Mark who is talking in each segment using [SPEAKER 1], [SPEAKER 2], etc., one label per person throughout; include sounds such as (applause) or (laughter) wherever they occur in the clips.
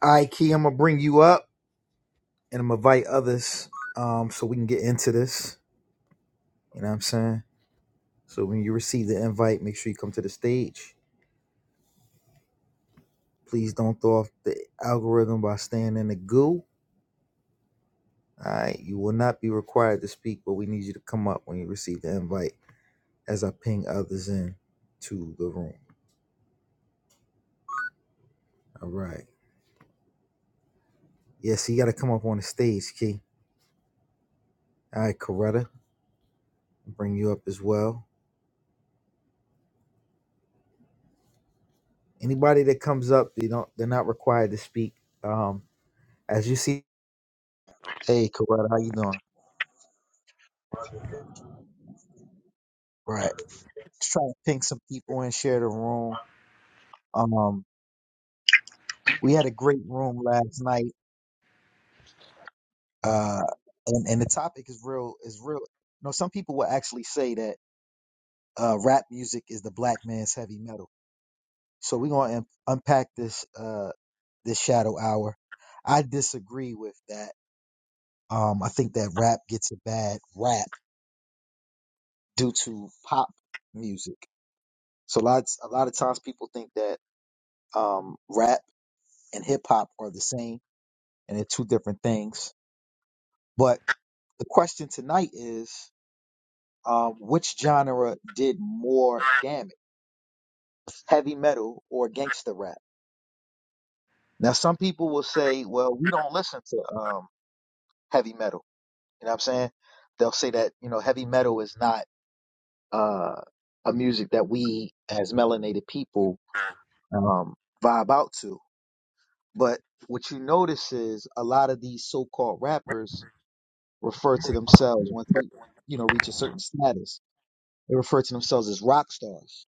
[SPEAKER 1] All right, Key, I'm gonna bring you up and I'm gonna invite others um so we can get into this. You know what I'm saying? So when you receive the invite, make sure you come to the stage. Please don't throw off the algorithm by staying in the goo. All right, you will not be required to speak, but we need you to come up when you receive the invite as I ping others in to the room. All right. Yes, you gotta come up on the stage, Key. All right, Coretta, bring you up as well. Anybody that comes up, they don't they're not required to speak. Um as you see Hey, Kawhi, how you doing? Right. Just trying to ping some people in, share the room. Um, we had a great room last night. Uh, and, and the topic is real, is real. You know, some people will actually say that, uh, rap music is the black man's heavy metal. So we're going to un unpack this, uh, this shadow hour. I disagree with that. Um, I think that rap gets a bad rap due to pop music. So lots, a lot of times people think that, um, rap and hip hop are the same and they're two different things. But the question tonight is um, which genre did more damage, heavy metal or gangster rap? Now, some people will say, well, we don't listen to um, heavy metal. You know what I'm saying? They'll say that, you know, heavy metal is not uh, a music that we as melanated people um, vibe out to. But what you notice is a lot of these so called rappers refer to
[SPEAKER 2] You
[SPEAKER 1] themselves once they, you know, reach a certain status. They refer to themselves as rock stars.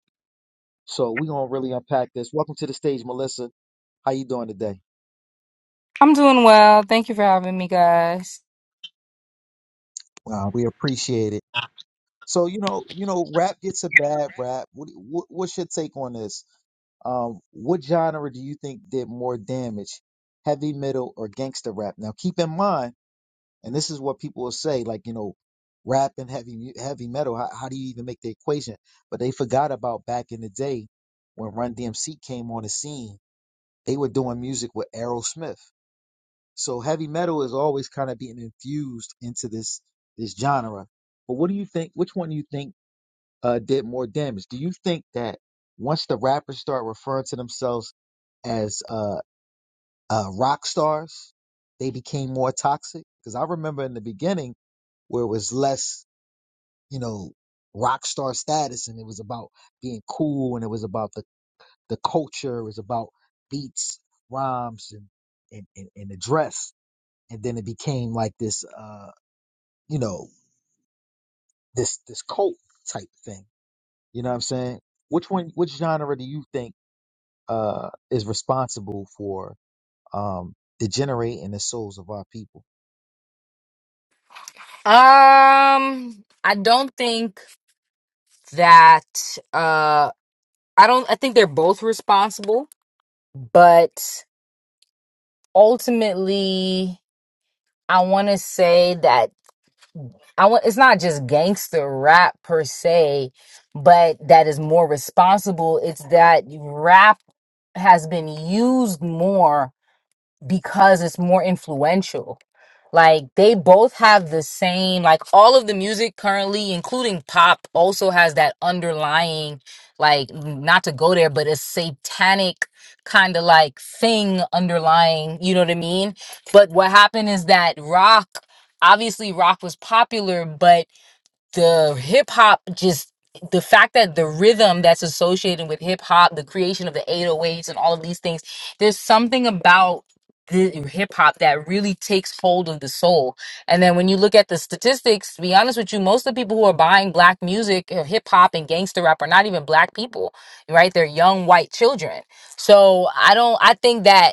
[SPEAKER 1] So we're gonna really unpack this. Welcome to the stage, Melissa. How you doing today?
[SPEAKER 3] I'm doing well. Thank you for having me, guys.
[SPEAKER 1] Uh, we appreciate it. So you know, you know, rap gets a
[SPEAKER 2] know,
[SPEAKER 1] bad
[SPEAKER 2] rap
[SPEAKER 1] rap. What, what what's your take on this? Um, what genre do you think did more damage, heavy metal or gangster rap? Now, keep in mind And this is what people will say, like, you know, rap and heavy mu- heavy metal. How, how do you even make the equation? But they forgot about back in the day when Run DMC came on the scene. They were doing music with Aerosmith. So heavy metal is always kind of being infused into this this genre. But what do you think? Which one do you think uh, did more damage? Do you think that once the rappers start referring to themselves as uh, uh, rock stars, they became more toxic? Because I remember in the beginning where it was less, you know, rock star status and it was about being cool and it was about the, the culture, it was about beats, rhymes and, and, and, and the dress. And then it became like this uh, you know, this this cult type thing. You know what I'm saying? Which one which genre do you think uh is responsible for um degenerating the souls of our people?
[SPEAKER 3] Um, I don't think that uh I don't I think they're both responsible, but ultimately I want to say that I want it's not just gangster rap per se, but that is more responsible. It's that rap has been used more because it's more influential Like they both have the same, like all of the music currently, including pop, also has that underlying, like not to go there, but a satanic kind of like thing underlying, you know what I mean? But what happened is that rock, obviously rock was popular, but the hip hop just the fact that the rhythm that's associated with hip hop, the creation of the 808s and all of these things, there's something about the hip hop that really takes hold of the soul. And then when you look at the statistics, to be honest with you, most of the people who are buying black music, uh, hip hop and gangster rap are not even black people, right? They're young white children. So I don't I think that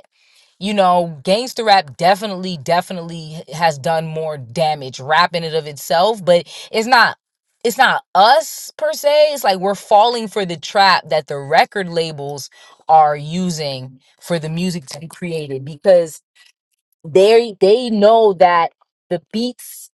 [SPEAKER 3] you know, gangster rap definitely, definitely has done more damage rapping it of itself, but it's not it's not us per se. It's like we're falling for the trap that the record labels are using for the music to be created because they they know that the beats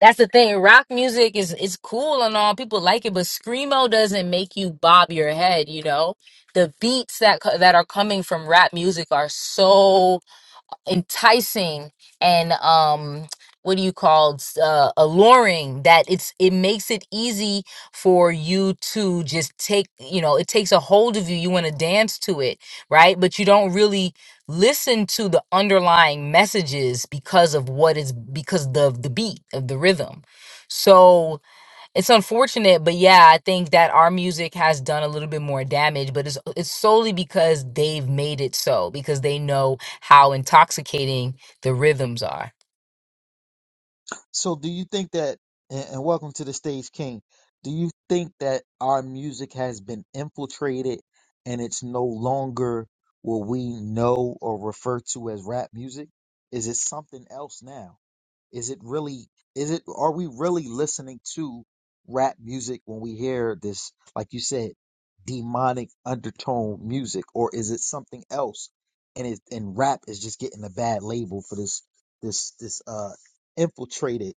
[SPEAKER 3] that's the thing. Rock music is is cool and all. People like it, but screamo doesn't make you bob your head, you know? The beats that co- that are coming from rap music are so enticing and um what do you call it? uh, alluring that it's it makes it easy for you to just take you know it takes a hold of you you want to dance to it right but you don't really listen to the underlying messages because of what is because the the beat of the rhythm so it's unfortunate, but yeah, I think that our music has done a little bit more damage, but it's it's solely because they've made it so because they know how intoxicating the rhythms are.
[SPEAKER 1] So do you think that and and welcome to the stage king. Do you think that our music has been infiltrated and it's no longer what we know or refer to as rap music? Is it something else now? Is it really is it are we really listening to rap music when we hear this like you said demonic undertone music or is it something else and it and rap is just getting a bad label for this this this uh infiltrated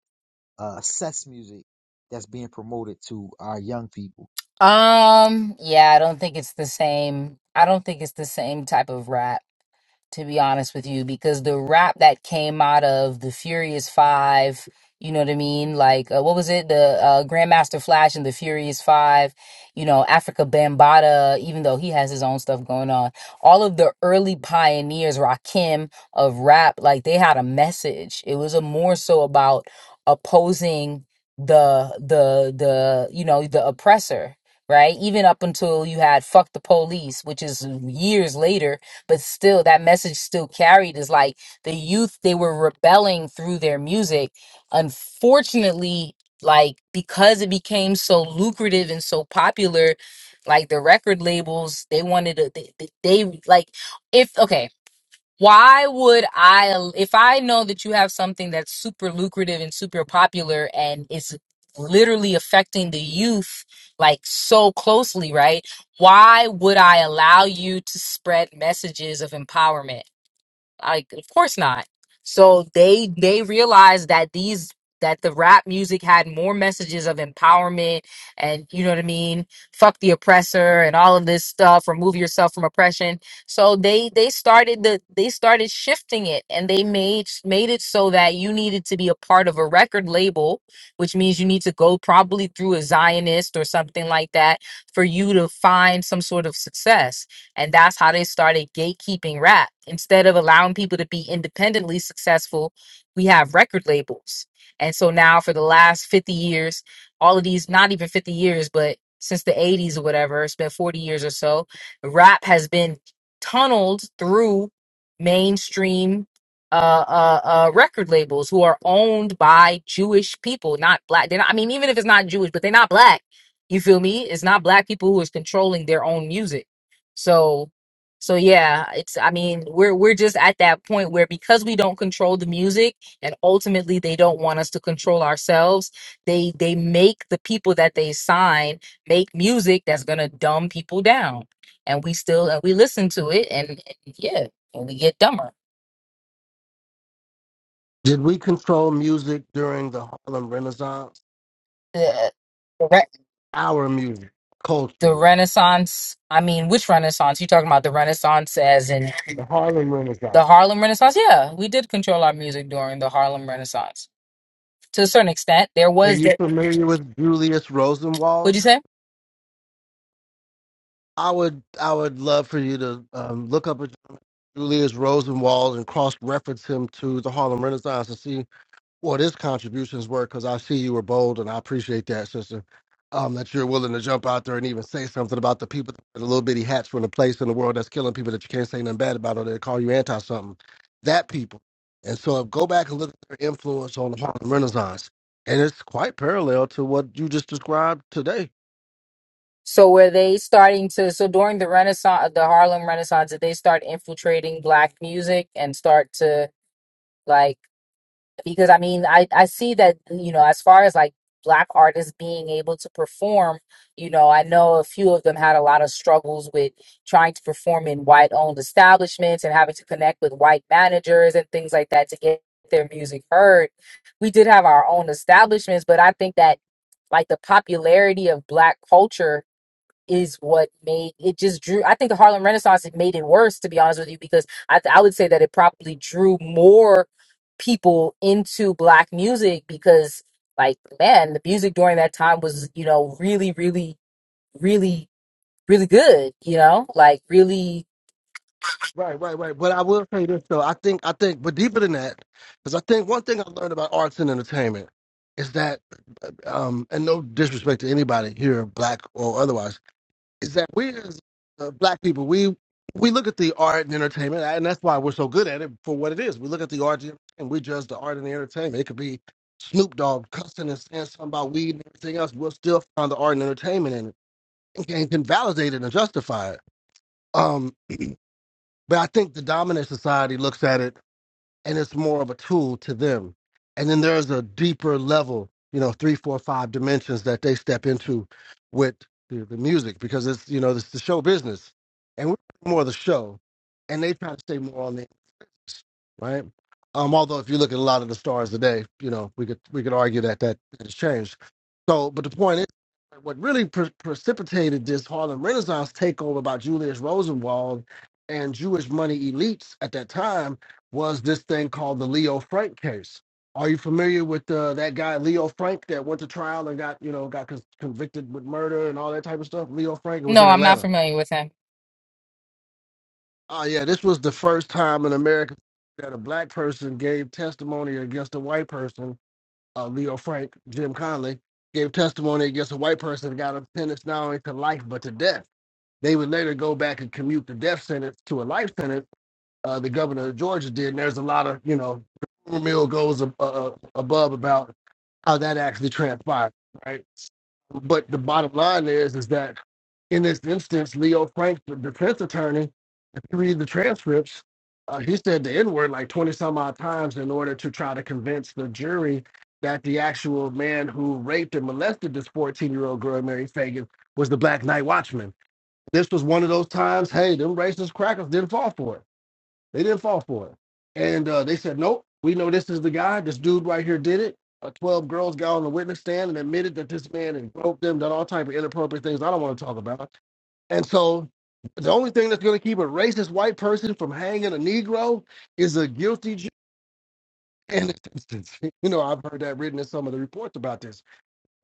[SPEAKER 1] uh, sets music that's being promoted to our young people.
[SPEAKER 3] Um, yeah, I don't think it's the same. I don't think it's the same type of rap. to be honest with you, because the rap that came out of the Furious Five, you know what I mean? Like, uh, what was it? The uh, Grandmaster Flash and the Furious Five, you know, Africa Bambaataa. even though he has his own stuff going on. All of the early pioneers, Rakim of rap, like they had a message. It was a more so about opposing the the the you know the oppressor right even up until you had fuck the police which is years later but still that message still carried is like the youth they were rebelling through their music unfortunately like because it became so lucrative and so popular like the record labels they wanted to they, they they, like if okay why would I, if I know that you have something that's super lucrative and super popular and is literally affecting the youth like so closely, right? Why would I allow you to spread messages of empowerment? like of course not so they they realized that these that the rap music had more messages of empowerment and you know what i mean fuck the oppressor and all of this stuff remove yourself from oppression so they they started the they started shifting it and they made made it so that you needed to be a part of a record label which means you need to go probably through a zionist or something like that for you to find some sort of success and that's how they started gatekeeping rap. Instead of allowing people to be independently successful, we have record labels. And so now for the last 50 years, all of these, not even 50 years, but since the 80s or whatever, it's been 40 years or so, rap has been tunneled through mainstream uh, uh, uh, record labels who are owned by Jewish people, not black. They're not, I mean, even if it's not Jewish, but they're not black. You feel me? It's not black people who is controlling their own music. So, so yeah, it's, I mean, we're, we're just at that point where because we don't control the music and ultimately they don't want us to control ourselves, they, they make the people that they sign make music that's going to dumb people down. And we still, and we listen to it and, and yeah, and we get dumber.
[SPEAKER 4] Did we control music during the Harlem Renaissance?
[SPEAKER 3] The, the, re-
[SPEAKER 4] Our music,
[SPEAKER 3] the
[SPEAKER 4] culturally.
[SPEAKER 3] Renaissance, I mean, which Renaissance? You talking about the Renaissance as in
[SPEAKER 4] The Harlem
[SPEAKER 3] the
[SPEAKER 4] Renaissance.
[SPEAKER 3] Harlem Renaissance? Yeah, we did control our music during the Harlem Renaissance to a certain extent. There
[SPEAKER 4] Are
[SPEAKER 3] was
[SPEAKER 4] you
[SPEAKER 3] that.
[SPEAKER 4] familiar with Julius
[SPEAKER 3] What'd you
[SPEAKER 4] Rosenwald?
[SPEAKER 3] say?
[SPEAKER 4] I would, I would love for you to um, look up a Julius Rosenwald and cross-reference him to the Harlem Renaissance to see what his contributions were because I see you were bold and I appreciate that, sister. Um, that you're willing to jump out there and even say something about the people, the little bitty hats from the place in the world that's killing people that you can't say nothing bad about or they call you anti something. That people. And so go back and look at their influence on the Harlem Renaissance. And it's quite parallel to what you just described today.
[SPEAKER 3] So were they starting to? So during the Renaissance, the Harlem Renaissance, did they start infiltrating black music and start to like? because I mean, I I see that you know, as far as like black artists being able to perform, you know, I know a few of them had a lot of struggles with trying to perform in white owned establishments and having to connect with white managers and things like that to get their music heard. We did have our own establishments, but I think that like the popularity of black culture is what made it just drew. I think the Harlem Renaissance it made it worse, to be honest with you, because I I would say that it probably drew more people into black music because, like, man, the music during that time was you know really, really, really, really good. You know, like really.
[SPEAKER 4] Right, right, right. But I will say this though. I think, I think, but deeper than that, because I think one thing I learned about arts and entertainment is that um, and no disrespect to anybody here, black or otherwise, is that we as uh, black people, we we look at the art and entertainment, and that's why we're so good at it for what it is. We look at the art and we judge the art and the entertainment. It could be Snoop Dogg cussing and saying something about weed and everything else. We'll still find the art and entertainment in it and can, can validate it and justify it. Um, but I think the dominant society looks at it and it's more of a tool to them. And then there's a deeper level, you know, three, four, five dimensions that they step into with the, the music because it's you know it's the show business, and we're more the show, and they try to stay more on the right? Um, although if you look at a lot of the stars today, you know, we could we could argue that that has changed. So, but the point is, what really pre- precipitated this Harlem Renaissance takeover by Julius Rosenwald and Jewish money elites at that time was this thing called the Leo Frank case. Are you familiar with uh, that guy Leo Frank that went to trial and got you know got con- convicted with murder and all that type of stuff? Leo Frank it was
[SPEAKER 3] No,
[SPEAKER 4] in
[SPEAKER 3] I'm not
[SPEAKER 4] Atlanta
[SPEAKER 3] familiar with him.
[SPEAKER 4] Oh yeah, this was the first time in America that a black person gave testimony against a white person. Uh, Leo Frank, Jim Conley gave testimony against a white person and got a sentence not only to life but to death. They would later go back and commute the death sentence to a life sentence uh, the governor of Georgia did. And there's a lot of, you know, the rumor mill goes ab- uh, above about how that actually transpired, right? But the bottom line is, is that in this instance, Leo Frank, the defense attorney, if you read the transcripts, uh, he said the N word like 20 some odd times in order to try to convince the jury that the actual man who raped and molested this 14 year old girl, Mary Fagan, was the Black Night Watchman. This was one of those times, hey, them racist crackers didn't fall for it they didn't fall for it. And uh, they said, nope, we know this is the guy. This dude right here did it. Uh, 12 girls got on the witness stand and admitted that this man had groped them, done all type of inappropriate things I don't want to talk about. And so the only thing that's going to keep a racist white person from hanging a Negro is a guilty Jew. in this instance. (laughs) you know, I've heard that written in some of the reports about this.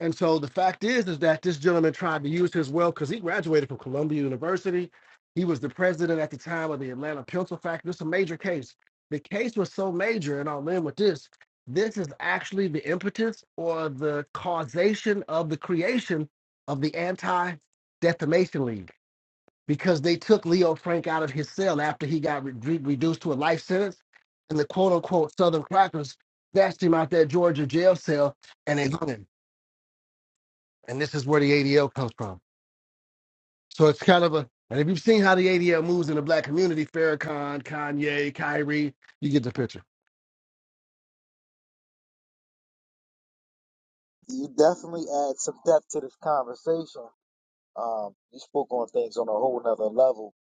[SPEAKER 4] And so the fact is, is that this gentleman tried to use his wealth because he graduated from Columbia University. He was the president at the time of the Atlanta Pencil Factory. It's a major case. The case was so major, and I'll end with this. This is actually the impetus or the causation of the creation of the Anti-Defamation League because they took Leo Frank out of his cell after he got re- re- reduced to a life sentence, and the quote-unquote Southern crackers dashed him out that Georgia jail cell and they hung him and this is where the ADL comes from. So it's kind of a, and if you've seen how the ADL moves in the black community, Farrakhan, Kanye, Kyrie, you get the picture.
[SPEAKER 1] You definitely add some depth to this conversation. Um, you spoke on things on a whole nother level.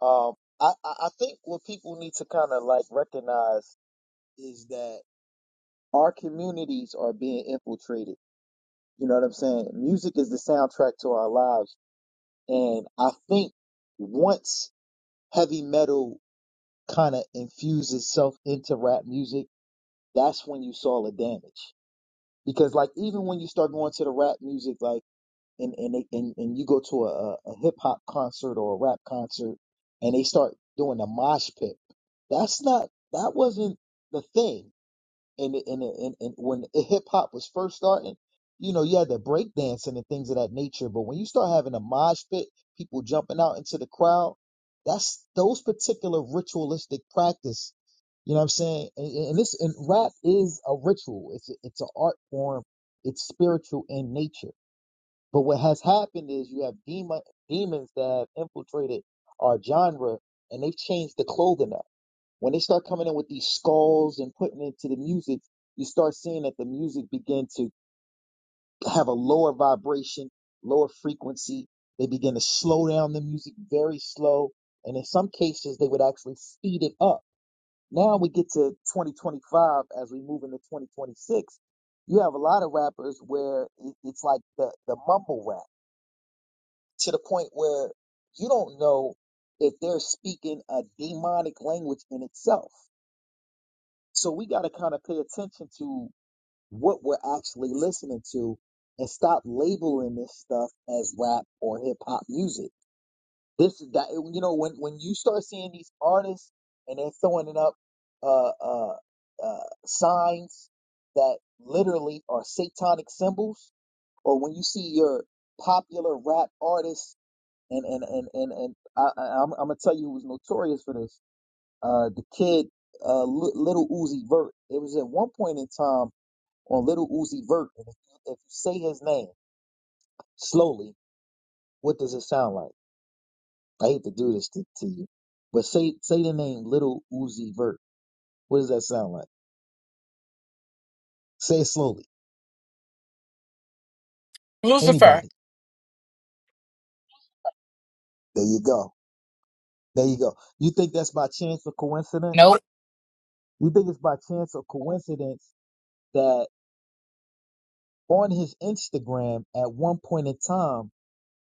[SPEAKER 1] Um, I, I I think what people need to kind of like recognize is that our communities are being infiltrated. You know what I'm saying? Music is the soundtrack to our lives. And I think once heavy metal kind of infuses itself into rap music, that's when you saw the damage because like even when you start going to the rap music like and and they, and, and you go to a, a hip hop concert or a rap concert and they start doing a mosh pit that's not that wasn't the thing and it- and it- and, and when hip hop was first starting, you know, you had the break dancing and things of that nature. But when you start having a mosh pit, people jumping out into the crowd, that's those particular ritualistic practice. You know what I'm saying? And, and and this and rap is a ritual. It's a, it's an art form. It's spiritual in nature. But what has happened is you have demon demons that have infiltrated our genre, and they've changed the clothing up. When they start coming in with these skulls and putting it to the music, you start seeing that the music begin to have a lower vibration, lower frequency. They begin to slow down the music very slow. And in some cases, they would actually speed it up. Now we get to 2025 as we move into 2026. You have a lot of rappers where it's like the, the mumble rap to the point where you don't know if they're speaking a demonic language in itself. So we got to kind of pay attention to what we're actually listening to and stop labeling this stuff as rap or hip hop music. This is that you know when when you start seeing these artists and they're throwing it up uh uh uh signs that literally are satanic symbols or when you see your popular rap artists and and and and, and I, I I'm I'm gonna tell you who's notorious for this uh, the kid, uh, Li- Little Uzi Vert. It was at one point in time on Little Uzi Vert, and if you, if you say his name slowly, what does it sound like? I hate to do this to, to you, but say say the name Little Uzi Vert. What does that sound like? Say it slowly.
[SPEAKER 3] Lucifer.
[SPEAKER 1] Anybody. There you go. There you go. You think that's by chance or coincidence?
[SPEAKER 3] Nope.
[SPEAKER 1] You think it's by chance or coincidence that? on his Instagram at one point in time,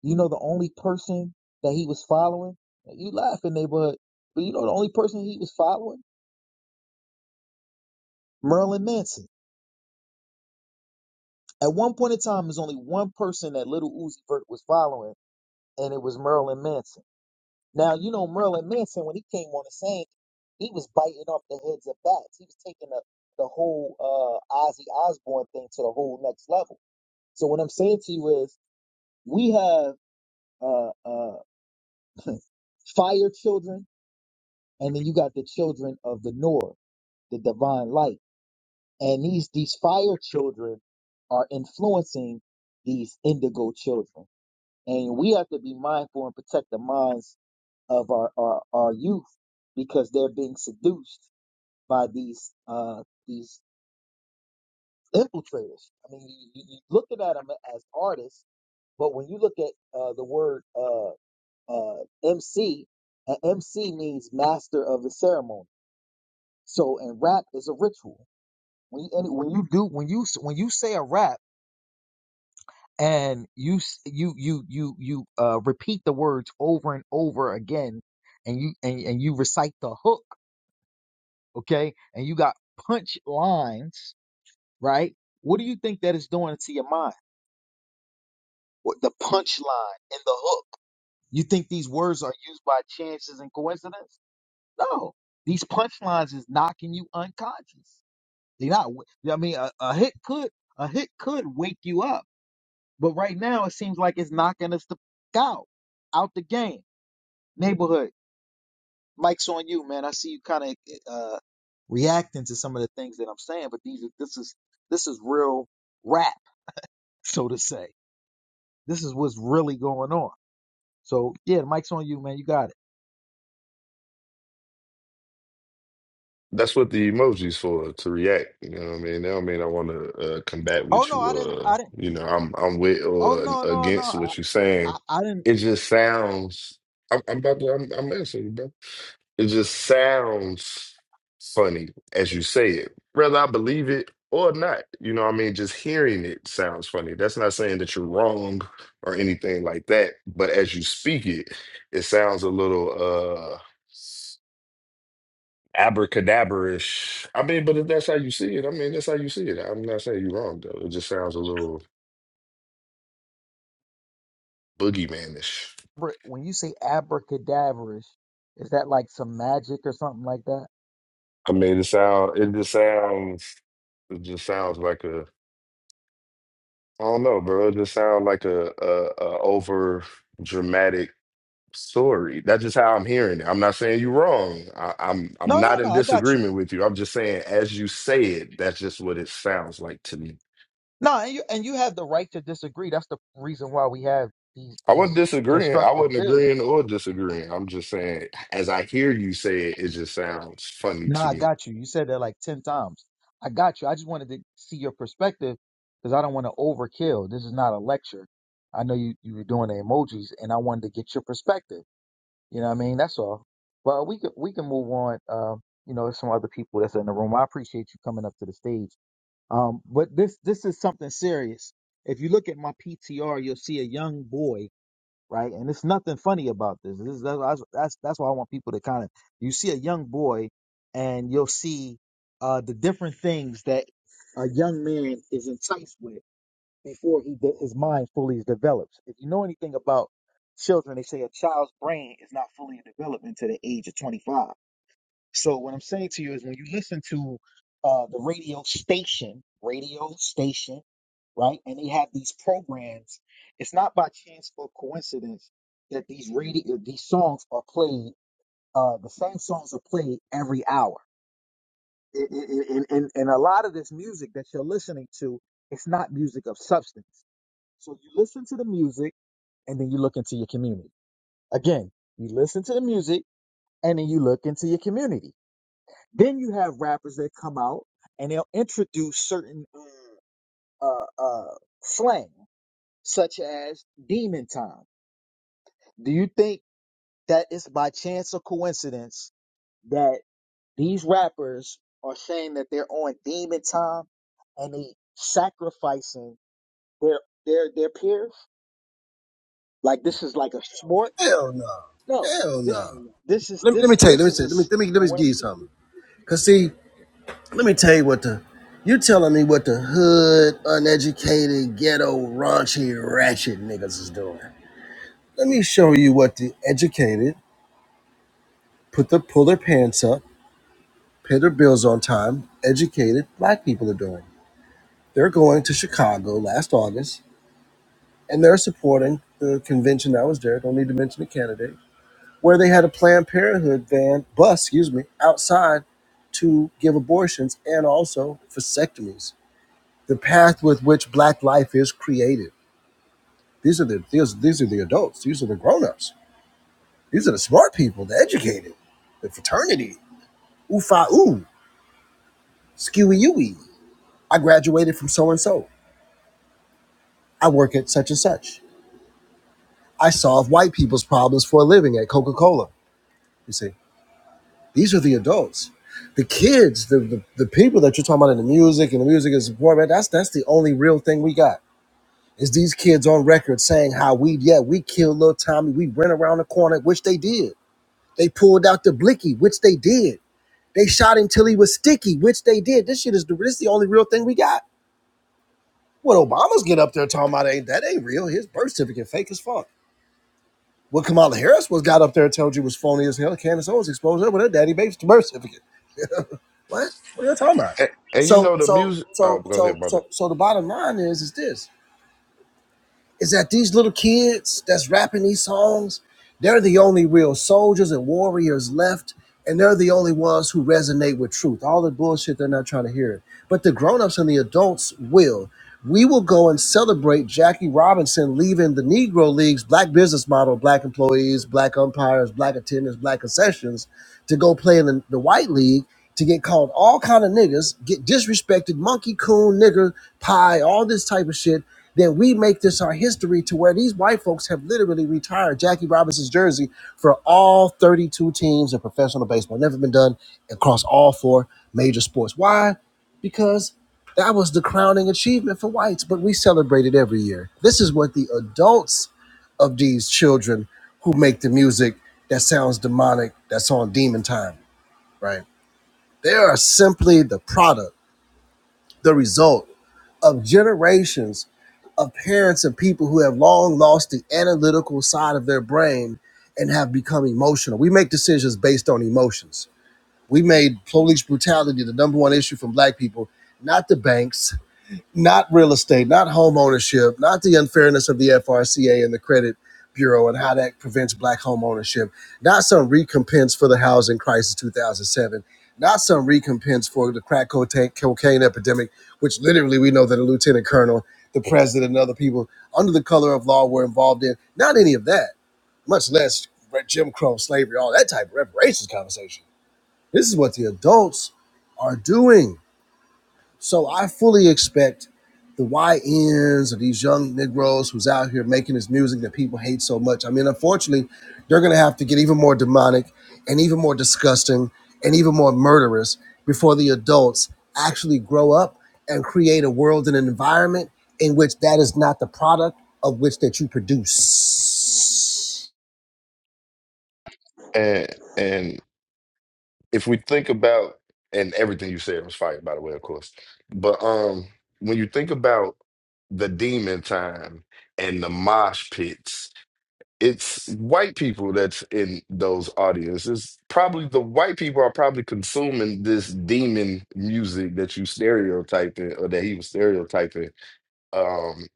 [SPEAKER 1] you know the only person that he was following? You laughing, neighborhood. But you know the only person he was following? Merlin Manson. At one point in time, there's only one person that little Uzi Vert was following, and it was Merlin Manson. Now, you know Merlin Manson, when he came on the scene, he was biting off the heads of bats. He was taking the, the whole uh, Ozzy Osbourne thing to the whole next level. So what I'm saying to you is, we have uh, uh, fire children, and then you got the children of the North, the divine light. And these these fire children are influencing these indigo children. And we have to be mindful and protect the minds of our, our, our youth because they're being seduced by these uh, these infiltrators. I mean, you, you you looking at them as artists, but when you look at uh, the word uh, uh, MC, an MC means master of the ceremony So, and rap is a ritual. When you, and when you do when you when you say a rap and you s- you you you you uh repeat the words over and over again, and you and, and you recite the hook, okay, and you got punch lines, right? What do you think that is doing to your mind? What the punch line and the hook? You think these words are used by chances and coincidence? No, these punch lines is knocking you unconscious. You're not. I mean, a, a hit could a hit could wake you up, but right now it seems like it's knocking us the f- out, out the game. Neighborhood, Mike's on you, man. I see you kind of uh, reacting to some of the things that I'm saying, but these are this is this is real rap, so to say. This is what's really going on. So yeah, the Mike's on you, man. You got it.
[SPEAKER 5] That's what the emojis for, to react. You know what I mean? That don't mean I want to uh, combat
[SPEAKER 1] Oh
[SPEAKER 5] with
[SPEAKER 1] no,
[SPEAKER 5] you.
[SPEAKER 1] I didn't.
[SPEAKER 5] Uh,
[SPEAKER 1] I didn't.
[SPEAKER 5] you know, I'm I'm with
[SPEAKER 1] Oh
[SPEAKER 5] or
[SPEAKER 1] no, no, no.
[SPEAKER 5] against
[SPEAKER 1] I,
[SPEAKER 5] what you're saying.
[SPEAKER 1] I, I didn't.
[SPEAKER 5] It just sounds. I'm, I'm about to. I'm, I'm answering you, bro. It just sounds funny as you say it, whether I believe it or not. You know what I mean? Just hearing it sounds funny. That's not saying that you're wrong or anything like that. But as you speak it, it sounds a little. uh abracadabra-ish. I mean, but if that's how you see it, I mean, that's how you see it. I'm not saying you're wrong though. It just sounds a little boogeyman-ish.
[SPEAKER 1] When you say abracadaverish, is that like some magic or something like that?
[SPEAKER 5] I mean, it sound it just sounds it just sounds like a I don't know, bro. It just sounds like a a, a over dramatic story. That's just how I'm hearing it. I'm not saying you're wrong. I, I'm I'm
[SPEAKER 1] No,
[SPEAKER 5] not
[SPEAKER 1] no, no.
[SPEAKER 5] in
[SPEAKER 1] I got you.
[SPEAKER 5] disagreement with you. I'm just saying as you say it, that's just what it sounds like to me.
[SPEAKER 1] No, and you and you have the right to disagree. That's the reason why we have these
[SPEAKER 5] I wasn't
[SPEAKER 1] these
[SPEAKER 5] disagreeing. I
[SPEAKER 1] constructive
[SPEAKER 5] wasn't
[SPEAKER 1] bills.
[SPEAKER 5] agreeing or disagreeing. I'm just saying, as I hear you say it, it just sounds funny
[SPEAKER 1] No,
[SPEAKER 5] to
[SPEAKER 1] I
[SPEAKER 5] me.
[SPEAKER 1] got you. You said that like ten times. I got you. I just wanted to see your perspective because I don't want to overkill. This is not a lecture. I know you you were doing the emojis, and I wanted to get your perspective. You know what I mean? That's all. Well, we can we can move on. Um, you know, there's some other people that's in the room. I appreciate you coming up to the stage. Um, but this this is something serious. If you look at my PTR, you'll see a young boy, right? And it's nothing funny about this. This is that's that's, that's why I want people to kind of you see a young boy, and you'll see uh, the different things that a young man is enticed with before he de- his mind fully develops. If you know anything about children, they say a child's brain is not fully developed until the age of 25 so what I'm saying to you is when you listen to uh, the radio station, radio station, right? And they have these programs. It's not by chance or coincidence that these radio these songs are played. Uh, the same songs are played every hour. And, and, and, and a lot of this music that you're listening to, it's not music of substance. So you listen to the music and then you look into your community. Again, you listen to the music and then you look into your community. Then you have rappers that come out and they'll introduce certain uh, uh, uh, slang, such as demon time. Do you think that it's by chance or coincidence that these rappers are saying that they're on demon time and they sacrificing their their their peers? Like this is like a sport?
[SPEAKER 4] Hell no.
[SPEAKER 1] No,
[SPEAKER 4] Hell
[SPEAKER 1] this
[SPEAKER 4] no.
[SPEAKER 1] this is
[SPEAKER 4] Let me, let me
[SPEAKER 1] this
[SPEAKER 4] tell you. Let
[SPEAKER 1] this
[SPEAKER 4] me
[SPEAKER 1] is
[SPEAKER 4] say.
[SPEAKER 1] a
[SPEAKER 4] Let me let
[SPEAKER 1] s-
[SPEAKER 4] me let
[SPEAKER 1] and
[SPEAKER 4] me
[SPEAKER 1] what
[SPEAKER 4] give
[SPEAKER 1] I'm
[SPEAKER 4] you
[SPEAKER 1] saying.
[SPEAKER 4] something. Cause see, let me tell you what the you telling me what the hood, uneducated, ghetto, raunchy, ratchet niggas is doing. Let me show you what the educated put the pull their pants up, pay their bills on time, educated black people are doing. They're going to Chicago last August and they're supporting the convention that was there. Don't need to mention the candidate, where they had a Planned Parenthood van bus, excuse me, outside to give abortions and also vasectomies. The path with which Black life is created. These are the these, these are the adults. These are the grown-ups. These are the smart people, the educated, the fraternity. Oofa ooh, skewy ooey. I graduated from so and so. I work at such and such. I solve white people's problems for a living at Coca-Cola. You see. These are the adults. The kids, the, the, the people that you're talking about in the music and the music is support, man, that's that's the only real thing we got. Is these kids on record saying how we yeah, we killed little Tommy, we ran around the corner, which they did. They pulled out the blicky, which they did. They shot him till he was sticky, which they did. This shit is the this is the only real thing we got. What Obama's get up there talking about ain't that ain't real. His birth certificate fake as fuck. What Kamala Harris was got up there and told you was phony as hell. Candace Owens exposed her with her daddy baby's birth certificate. What? What are you talking about?
[SPEAKER 5] And, and you
[SPEAKER 4] So
[SPEAKER 5] know the
[SPEAKER 4] so
[SPEAKER 5] music. Oh,
[SPEAKER 4] so
[SPEAKER 5] go
[SPEAKER 4] so
[SPEAKER 5] ahead, brother.
[SPEAKER 4] so so the bottom line is is this is that these little kids that's rapping these songs, they're the only real soldiers and warriors left, and they're the only ones who resonate with truth. All the bullshit, they're not trying to hear it. But the grown-ups and the adults will. We will go and celebrate Jackie Robinson leaving the Negro Leagues, black business model, black employees, black umpires, black attendants, black concessions, to go play in the, the white league to get called all kind of niggas, get disrespected, monkey coon, nigger, pie, all this type of shit that we make this our history to where these white folks have literally retired Jackie Robinson's jersey for all 32 teams in professional baseball. Never been done across all four major sports. Why? Because that was the crowning achievement for whites, but we celebrate it every year. This is what the adults of these children who make the music that sounds demonic, that's on demon time, right? They are simply the product, the result of generations of parents and people who have long lost the analytical side of their brain and have become emotional. We make decisions based on emotions. We made police brutality the number one issue from black people, not the banks, not real estate, not home ownership, not the unfairness of the FRCA and the credit bureau and how that prevents black home ownership, not some recompense for the housing crisis 2007, not some recompense for the crack cocaine epidemic, which literally we know that a lieutenant colonel, the president, and other people under the color of law were involved in, not any of that, much less Jim Crow, slavery, all that type of reparations conversation. This is what the adults are doing so I fully expect the YNs or these young Negroes who's out here making this music that people hate so much. I mean, unfortunately, they're going to have to get even more demonic and even more disgusting and even more murderous before the adults actually grow up and create a world and an environment in which that is not the product of which that you produce.
[SPEAKER 5] And and if we think about and everything you said was fire, by the way, of course. But um, when you think about the demon time and the mosh pits it's white people that's in those audiences. Probably the white people are probably consuming this demon music that you stereotyping or that he was stereotyping. Um,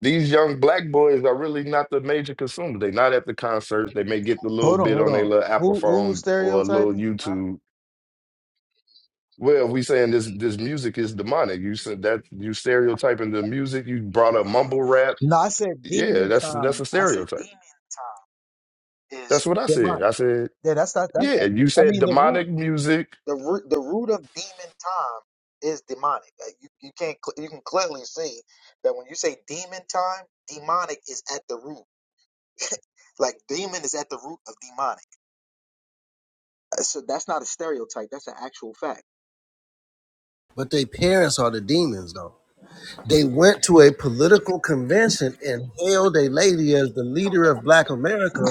[SPEAKER 5] these young black boys are really not the major consumer. They're not at the concerts. They may get the little
[SPEAKER 1] Hold on,
[SPEAKER 5] bit
[SPEAKER 1] hold
[SPEAKER 5] on their
[SPEAKER 1] on.
[SPEAKER 5] little Apple
[SPEAKER 1] Who who was
[SPEAKER 5] phone or a little
[SPEAKER 1] stereotyping?
[SPEAKER 5] YouTube. Well, we saying this this music is demonic. You said that you stereotyping the music. You brought up mumble rap.
[SPEAKER 1] No, I said
[SPEAKER 5] Yeah,
[SPEAKER 1] demon
[SPEAKER 5] that's that's
[SPEAKER 1] time.
[SPEAKER 5] a
[SPEAKER 1] I said
[SPEAKER 5] stereotype.
[SPEAKER 1] demon time is
[SPEAKER 5] That's what I said.
[SPEAKER 1] demonic.
[SPEAKER 5] I said
[SPEAKER 1] Yeah, that's not that.
[SPEAKER 5] Yeah, you
[SPEAKER 1] I
[SPEAKER 5] said
[SPEAKER 1] mean, the root,
[SPEAKER 5] demonic music.
[SPEAKER 1] the root, the root of demon time is demonic. Like, you you can't cl- you can clearly see that when you say demon time, demonic is at the root. Like demon is at the root of demonic. Uh, So that's not a stereotype. That's an actual fact.
[SPEAKER 4] But their parents are the demons, though. They went to a political convention and hailed a lady as the leader of Black America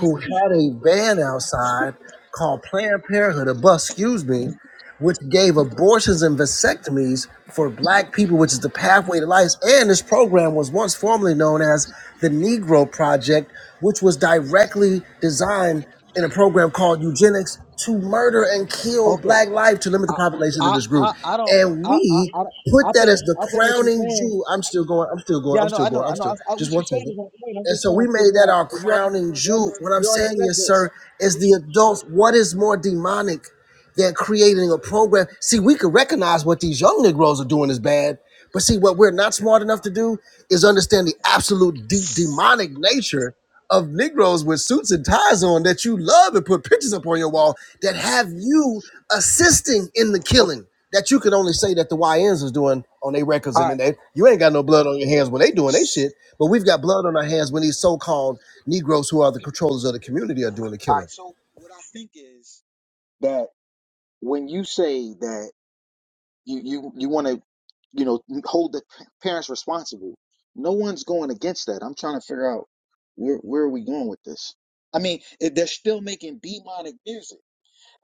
[SPEAKER 4] who had a band outside called Planned Parenthood, a bus, excuse me, which gave abortions and vasectomies for black people, which is the pathway to life. And this program was once formerly known as the Negro Project, which was directly designed in a program called eugenics to murder and kill
[SPEAKER 1] Okay,
[SPEAKER 4] black life to limit the
[SPEAKER 1] I
[SPEAKER 4] population of
[SPEAKER 1] I
[SPEAKER 4] this group.
[SPEAKER 1] I, I don't
[SPEAKER 4] And
[SPEAKER 1] I, I
[SPEAKER 4] we
[SPEAKER 1] I
[SPEAKER 4] put
[SPEAKER 1] I
[SPEAKER 4] that as
[SPEAKER 1] think
[SPEAKER 4] the
[SPEAKER 1] I think what you're
[SPEAKER 4] crowning
[SPEAKER 1] saying.
[SPEAKER 4] jewel. I'm still going, I'm still going,
[SPEAKER 1] Yeah, I
[SPEAKER 4] I'm
[SPEAKER 1] know,
[SPEAKER 4] still
[SPEAKER 1] I know,
[SPEAKER 4] going,
[SPEAKER 1] I
[SPEAKER 4] I'm
[SPEAKER 1] know. I,
[SPEAKER 4] still
[SPEAKER 1] I,
[SPEAKER 4] just
[SPEAKER 1] what you're
[SPEAKER 4] one
[SPEAKER 1] saying
[SPEAKER 4] second.
[SPEAKER 1] is on point. I'm
[SPEAKER 4] And
[SPEAKER 1] just
[SPEAKER 4] so
[SPEAKER 1] trying
[SPEAKER 4] we
[SPEAKER 1] to
[SPEAKER 4] made
[SPEAKER 1] figure
[SPEAKER 4] that
[SPEAKER 1] out.
[SPEAKER 4] our
[SPEAKER 1] 'cause You already,
[SPEAKER 4] crowning
[SPEAKER 1] you already,
[SPEAKER 4] jewel. What I'm
[SPEAKER 1] you already
[SPEAKER 4] saying
[SPEAKER 1] said
[SPEAKER 4] is,
[SPEAKER 1] this.
[SPEAKER 4] sir, is the adults, what is more demonic? They're creating a program. See, we can recognize what these young Negroes are doing is bad, but see, what we're not smart enough to do is understand the absolute deep demonic nature of Negroes with suits and ties on that you love and put pictures up on your wall that have you assisting in the
[SPEAKER 1] Okay.
[SPEAKER 4] killing that you can only say that the YNs is doing on their records
[SPEAKER 1] All
[SPEAKER 4] and
[SPEAKER 1] right,
[SPEAKER 4] then they you ain't got no blood on your hands when they doing they shit, but we've got blood on our hands when these so-called Negroes who are the controllers of the community are doing the
[SPEAKER 1] all
[SPEAKER 4] killing.
[SPEAKER 1] right. So what I think is that when you say that you you you want to, you know, hold the p- parents responsible, no one's going against that. I'm trying to figure out where where are we going with this. I mean, if they're still making demonic music.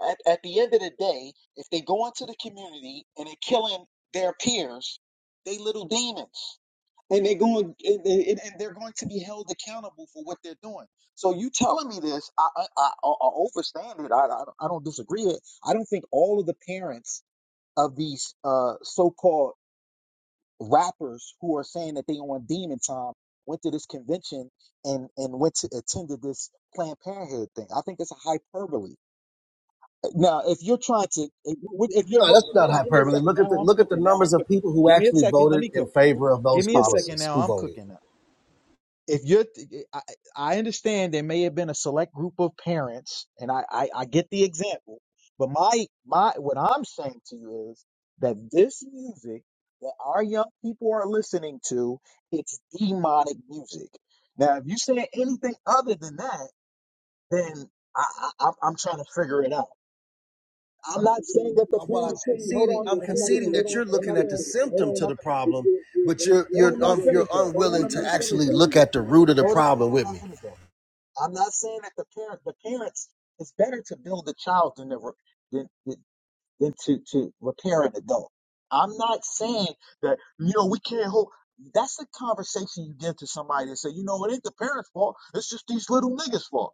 [SPEAKER 1] At, at the end of the day, if they go into the community and they're killing their peers, they little demons. and they're going and, and, and they're going to be held accountable for what they're doing. So you telling me this, I I, I, I I overstand it. I, I don't I don't disagree. with It. I don't think all of the parents of these uh, so-called rappers who are saying that they on demon time went to this convention and and went to attended this Planned Parenthood thing. I think it's a hyperbole. Now, if you're trying to, if if you're
[SPEAKER 4] No,
[SPEAKER 1] hold
[SPEAKER 4] that's
[SPEAKER 1] hold
[SPEAKER 4] not
[SPEAKER 1] on, give me a
[SPEAKER 4] hyperbole.
[SPEAKER 1] second.
[SPEAKER 4] Look at the
[SPEAKER 1] Now I'm
[SPEAKER 4] look at the
[SPEAKER 1] cooking. Now I'm
[SPEAKER 4] numbers of
[SPEAKER 1] cooking.
[SPEAKER 4] people who
[SPEAKER 1] Give me a
[SPEAKER 4] actually
[SPEAKER 1] second. Let
[SPEAKER 4] voted
[SPEAKER 1] me
[SPEAKER 4] in
[SPEAKER 1] cook.
[SPEAKER 4] favor of
[SPEAKER 1] Give
[SPEAKER 4] those
[SPEAKER 1] me a second.
[SPEAKER 4] policies.
[SPEAKER 1] Now
[SPEAKER 4] Who
[SPEAKER 1] I'm
[SPEAKER 4] voted?
[SPEAKER 1] cooking. if you're I, I understand there may have been a select group of parents and I, I i get the example but my my what i'm saying to you is that this music that our young people are listening to it's demonic music now if you say anything other than that then i, I i'm I'm trying to figure it out I'm not saying that the
[SPEAKER 4] Uh, Well, I'm
[SPEAKER 1] parents shouldn't hold
[SPEAKER 4] conceding.
[SPEAKER 1] on.
[SPEAKER 4] I'm
[SPEAKER 1] I'm not gonna
[SPEAKER 4] conceding
[SPEAKER 1] hold
[SPEAKER 4] that you're
[SPEAKER 1] on. I'm
[SPEAKER 4] looking
[SPEAKER 1] not
[SPEAKER 4] at the
[SPEAKER 1] gonna hold
[SPEAKER 4] symptom
[SPEAKER 1] on. I'm
[SPEAKER 4] to the
[SPEAKER 1] not
[SPEAKER 4] problem,
[SPEAKER 1] finished.
[SPEAKER 4] but you're
[SPEAKER 1] Hold on.
[SPEAKER 4] you're
[SPEAKER 1] I'm not
[SPEAKER 4] um, you're
[SPEAKER 1] finished though. Hold on.
[SPEAKER 4] unwilling
[SPEAKER 1] I'm
[SPEAKER 4] to
[SPEAKER 1] not finished
[SPEAKER 4] actually
[SPEAKER 1] though.
[SPEAKER 4] look at the root of the
[SPEAKER 1] Hold on. Hold on.
[SPEAKER 4] problem
[SPEAKER 1] I'm
[SPEAKER 4] with
[SPEAKER 1] not
[SPEAKER 4] me.
[SPEAKER 1] finished though. I'm not saying that the parent, the parents, it's better to build a child than to re- than than than to to repair an adult. I'm not saying that you know we can't hold. That's the conversation you give to somebody and say, you know, it ain't the parents' fault. It's just these little niggas' fault.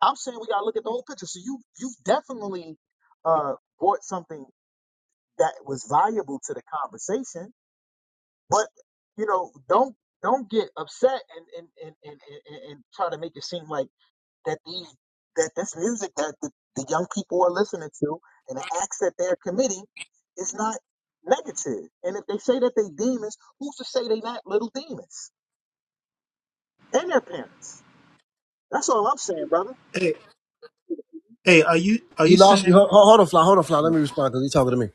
[SPEAKER 1] I'm saying we gotta look at the whole picture. So you you've definitely uh brought something that was valuable to the conversation, but you know, don't don't get upset and and and and, and, and try to make it seem like that these that this music that the, the young people are listening to and the acts that they're committing is not negative. And if they say that they demons, who's to say they not little demons and their parents? That's all I'm saying, brother.
[SPEAKER 6] Hey, hey, are you are you
[SPEAKER 4] You lost me.
[SPEAKER 6] saying?
[SPEAKER 4] Hold, hold on, fly. Hold on, fly. Let me respond because you're talking to me.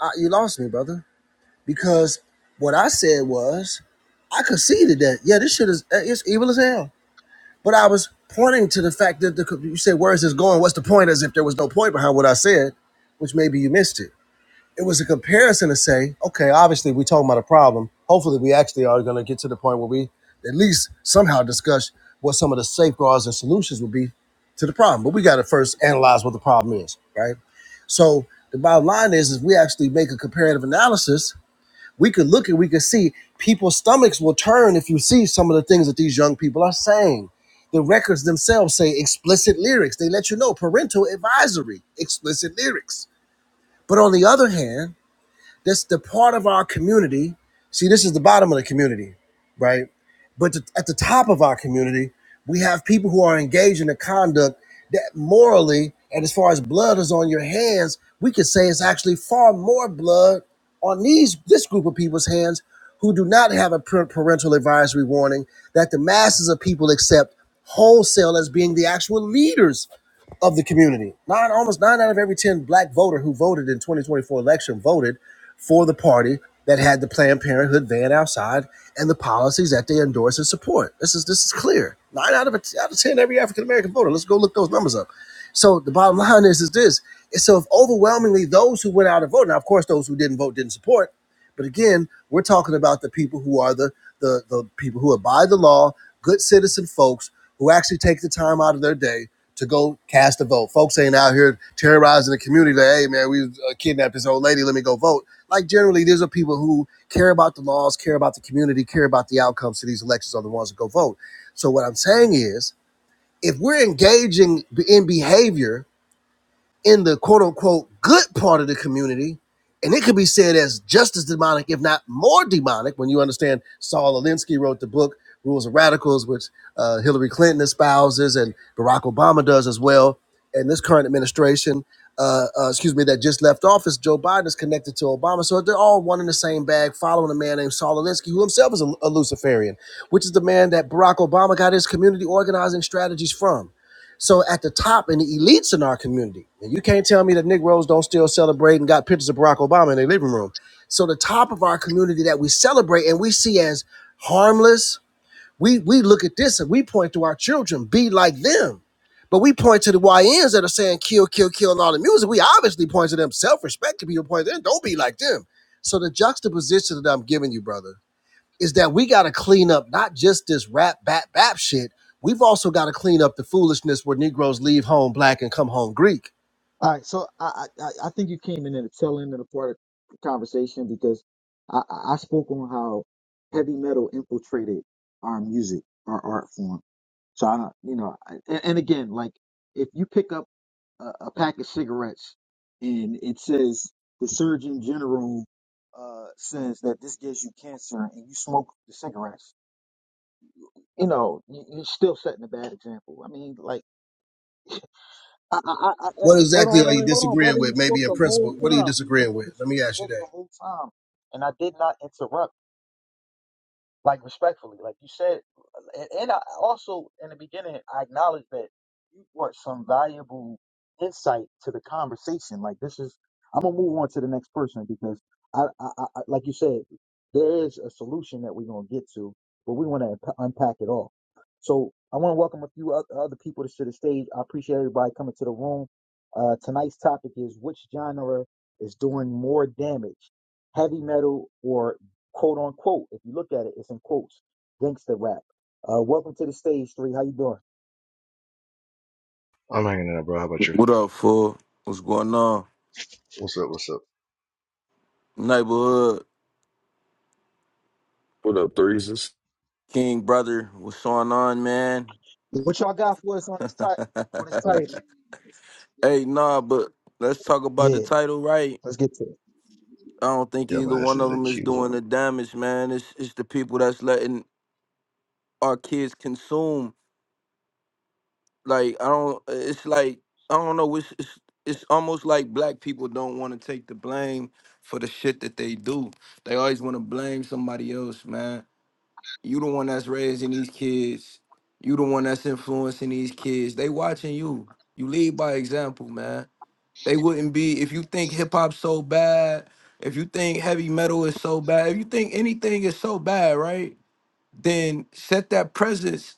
[SPEAKER 4] Uh, you lost me, brother. Because what I said was I conceded that yeah, this shit is uh, it's evil as hell. But I was pointing to the fact that the, you said, where is this going? What's the point? As if there was no point behind what I said, which maybe you missed it. It was a comparison to say, okay, obviously we're talking about a problem. Hopefully we actually are going to get to the point where we at least somehow discuss what some of the safeguards and solutions would be to the problem. But we got to first analyze what the problem is, right? So the bottom line is, is we actually make a comparative analysis we could look and we could see people's stomachs will turn if you see some of the things that these young people are saying. The records themselves say explicit lyrics. They let you know parental advisory, explicit lyrics. But on the other hand, that's the part of our community. See, this is the bottom of the community, right? But the, at the top of our community, we have people who are engaged in a conduct that morally, and as far as blood is on your hands, we could say it's actually far more blood on these this group of people's hands who do not have a par- parental advisory warning that the masses of people accept wholesale as being the actual leaders of the community. Nine, almost nine out of every 10 black voter who voted in 2024 election voted for the party that had the Planned Parenthood van outside and the policies that they endorse and support. This is this is clear. Nine out of out of 10 every African American voter. Let's go look those numbers up. So the bottom line is is this. And so if overwhelmingly those who went out and voted, now of course those who didn't vote didn't support, but again, we're talking about the people who are the the, the people who abide the law, good citizen folks who actually take the time out of their day to go cast a vote. Folks ain't out here terrorizing the community like, hey, man, we uh, kidnapped this old lady. Let me go vote. Like, generally, these are people who care about the laws, care about the community, care about the outcomes to these elections are the ones that go vote. So, what I'm saying is, if we're engaging in behavior in the quote unquote good part of the community. And it could be said as just as demonic, if not more demonic, when you understand Saul Alinsky wrote the book Rules of Radicals, which uh, Hillary Clinton espouses and Barack Obama does as well. And this current administration, uh, uh, excuse me, that just left office, Joe Biden is connected to Obama. So they're all one in the same bag, following a man named Saul Alinsky, who himself is a, a Luciferian, which is the man that Barack Obama got his community organizing strategies from. So at the top and the elites in our community, and you can't tell me that Negroes don't still celebrate and got pictures of Barack Obama in their living room. So the top of our community that we celebrate and we see as harmless, we we look at this and we point to our children, be like them. But we point to the YNs that are saying kill, kill, kill and all the music. We obviously point to them. Self-respected people point to them, don't be like them. So the juxtaposition that I'm giving you, brother is that we got to clean up not just this rap bap bap shit. We've also got to clean up the foolishness where Negroes leave home black and come home Greek.
[SPEAKER 1] All right, so I, I I I think you came in at the tail end of the part of the conversation because I, I I spoke on how heavy metal infiltrated our music, our art form. So I don't, you know, I, and, and again, like if you pick up a, a pack of cigarettes and it says the Surgeon General uh, says that this gives you cancer, and you smoke the cigarettes, you know, you, you're still setting a bad example. I mean, like. I, I, I, I,
[SPEAKER 4] What
[SPEAKER 1] I- hold on,
[SPEAKER 4] exactly
[SPEAKER 1] hold
[SPEAKER 4] are you
[SPEAKER 1] on, hold on,
[SPEAKER 4] disagreeing
[SPEAKER 1] brother. You
[SPEAKER 4] with? Maybe
[SPEAKER 1] spoke
[SPEAKER 4] in
[SPEAKER 1] the whole
[SPEAKER 4] principle, what are you
[SPEAKER 1] time. You,
[SPEAKER 4] disagreeing with?
[SPEAKER 1] you
[SPEAKER 4] Let me ask you
[SPEAKER 1] spoke
[SPEAKER 4] that.
[SPEAKER 1] the whole time, and I did not interrupt like respectfully, like you said, and, and I also in the beginning I acknowledge that you brought some valuable insight to the conversation. Like this is, I'm gonna move on to the next person because I, I, I I- like you said, there is a solution that we're gonna get to, but we want to unpack it all. So I want to welcome a few oth- other people to the stage. I appreciate everybody coming to the room. Uh, tonight's topic is which genre is doing more damage, heavy metal or quote unquote. If you look at it, it's in quotes, gangster rap. Uh, welcome to the stage, three. How you doing?
[SPEAKER 7] I'm hanging in there, bro. How about you?
[SPEAKER 8] What up, fool? What's going on?
[SPEAKER 7] What's up? What's up?
[SPEAKER 8] Neighborhood
[SPEAKER 5] What up, threeses?
[SPEAKER 8] King brother, what's going on, man?
[SPEAKER 1] What y'all got for us on
[SPEAKER 8] (laughs)
[SPEAKER 1] this type? On this
[SPEAKER 7] I'm,
[SPEAKER 1] type?
[SPEAKER 8] hey, nah, but let's talk about the
[SPEAKER 1] Yeah,
[SPEAKER 8] title, right?
[SPEAKER 1] let's get to it.
[SPEAKER 8] I don't think
[SPEAKER 7] yeah,
[SPEAKER 8] either
[SPEAKER 7] my ass
[SPEAKER 8] one of
[SPEAKER 7] is at
[SPEAKER 8] them is
[SPEAKER 7] Q. uh,
[SPEAKER 8] doing the damage, man. It's it's the people that's letting our kids consume. Like I don't. It's like I don't know. It's it's, it's almost like black people don't want to take the blame for the shit that they do. They always want to blame somebody else, man You the one that's raising these kids. You the one that's influencing these kids. They watching you. You lead by example, man. They wouldn't be if you think hip hop so bad, if you think heavy metal is so bad, if you think anything is so bad, right? Then set that presence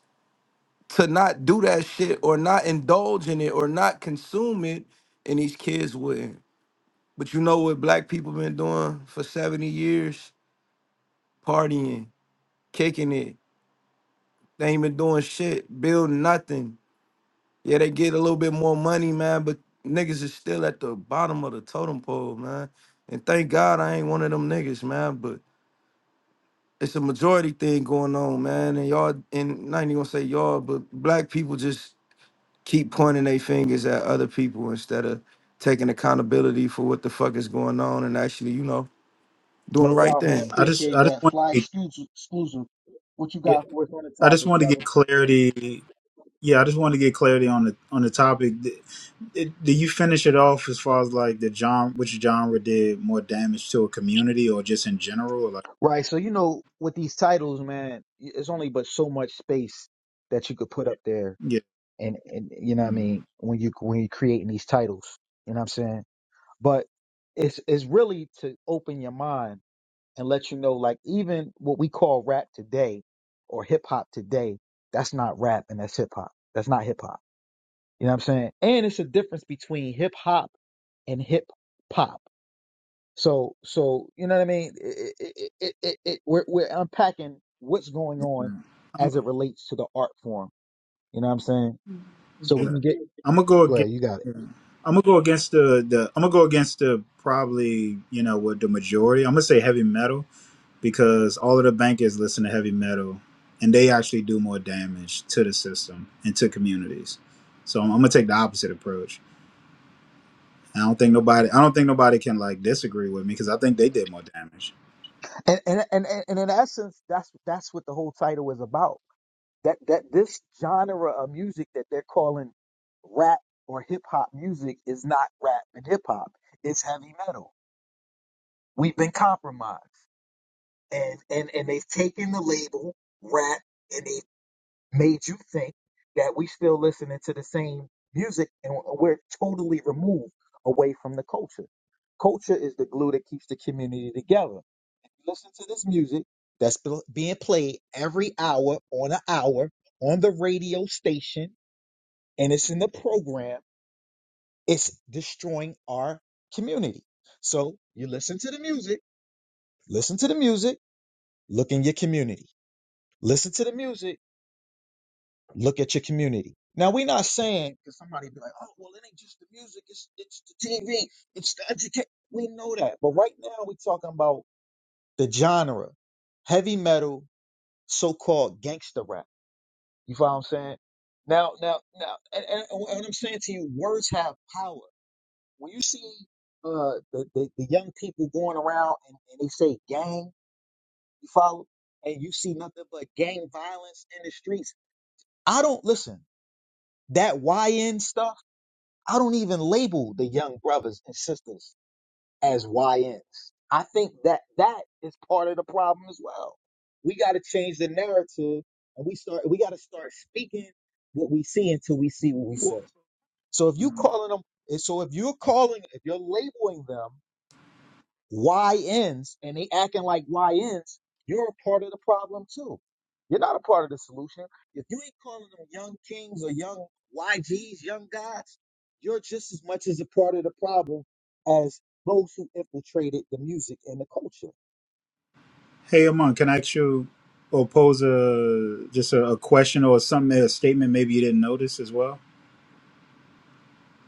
[SPEAKER 8] to not do that shit or not indulge in it or not consume it, and these kids wouldn't. But you know what black people been doing for 70 years? Partying, kicking it. They ain't been doing shit, building nothing Yeah, they get a little bit more money, man, but niggas is still at the bottom of the totem pole, man. And thank God I ain't one of them niggas, man. But it's a majority thing going on, man. And y'all, and not even gonna say y'all, but black people just keep pointing their fingers at other people instead of taking accountability for what the fuck is going on and actually, you know, doing the
[SPEAKER 1] No
[SPEAKER 8] right
[SPEAKER 1] doubt, man.
[SPEAKER 8] thing.
[SPEAKER 6] I just
[SPEAKER 1] Appreciate
[SPEAKER 6] I just
[SPEAKER 1] that.
[SPEAKER 6] want
[SPEAKER 1] Fly
[SPEAKER 6] to get
[SPEAKER 1] exclusive. exclusive. What you
[SPEAKER 6] get-
[SPEAKER 1] got for us on the
[SPEAKER 6] I just
[SPEAKER 1] topic,
[SPEAKER 6] want to
[SPEAKER 1] brother?
[SPEAKER 6] get clarity. Yeah, I just want to get clarity on the on the topic. Did, did, did you finish it off as far as like the genre, which genre did more damage to a community or just in general? Or like,
[SPEAKER 1] Right. So you know, with these titles, man, y- it's only but so much space that you could put up there,
[SPEAKER 6] yeah,
[SPEAKER 1] and and you know what I
[SPEAKER 6] mm,
[SPEAKER 1] mean when you when you're creating these titles. You know what I'm saying? But it's it's really to open your mind and let you know like even what we call rap today or hip hop today, that's not rap and that's hip hop. That's not hip hop. You know what I'm saying? And it's a difference between hip hop and hip pop. So so you know what I mean? It, it, it, it, it, it- we're we're unpacking what's going on
[SPEAKER 6] mm,
[SPEAKER 1] as it relates to the art form. You know what I'm saying? So we
[SPEAKER 6] yeah.
[SPEAKER 1] can get
[SPEAKER 6] I'm gonna go
[SPEAKER 1] go
[SPEAKER 6] against.
[SPEAKER 1] ahead, you got it.
[SPEAKER 6] Yeah. I'm gonna go against the the. I'm gonna go against the probably you know what the majority. I'm gonna say heavy metal because all of the bankers listen to heavy metal and they actually do more damage to the system and to communities. So I'm, I'm gonna take the opposite approach. I don't think nobody I don't think nobody can like disagree with me because I think they did more damage.
[SPEAKER 1] And and and, and and in essence, that's that's what the whole title is about that that this genre of music that they're calling rap or hip hop music is not rap and hip hop. It's heavy metal. We've been compromised, and and and they've taken the label rap and they made you think that we still listening to the same music and we're totally removed away from the culture. Culture is the glue that keeps the community together. Listen to this music that's bl- being played every hour on an hour on the radio station and it's in the program. It's destroying our community. So you listen to the music, listen to the music, look in your community. Listen to the music Look at your community. Now we're not saying because somebody be like, oh well, it ain't just the music, it's it's the TV, it's the education. We know that, but right now we're talking about the genre, heavy metal, so-called gangster rap. You follow what I'm saying? Now, now, now, and, and, and what I'm saying to you, words have power. When you see uh, the, the the young people going around and, and they say gang, you follow, and you see nothing but gang violence in the streets. I don't listen that YN stuff. I don't even label the young brothers and sisters as YNs. I think that that is part of the problem as well. We got to change the narrative and we start we got to start speaking what we see until we see what we
[SPEAKER 6] Wh-
[SPEAKER 1] say. So if you calling them so if you're calling if you're labeling them YNs and they acting like YNs, you're a part of the problem too. You're not a part of the solution. If you ain't calling them young kings or young YGs, young gods, you're just as much as a part of the problem as those who infiltrated the music and the culture.
[SPEAKER 6] Hey Amon, can I ask you or pose a just a, a question or something a statement maybe you didn't notice as well?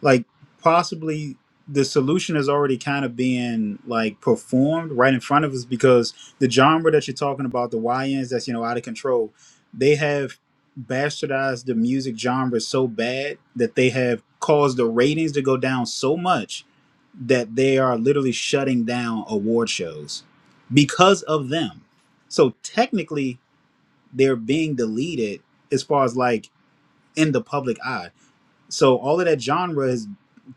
[SPEAKER 6] like possibly the solution is already kind of being like performed right in front of us because the genre that you're talking about, the YNs that's you know out of control, they have bastardized the music genre so bad that they have caused the ratings to go down so much that they are literally shutting down award shows because of them. So technically they're being deleted as far as like in the public eye so all of that genre has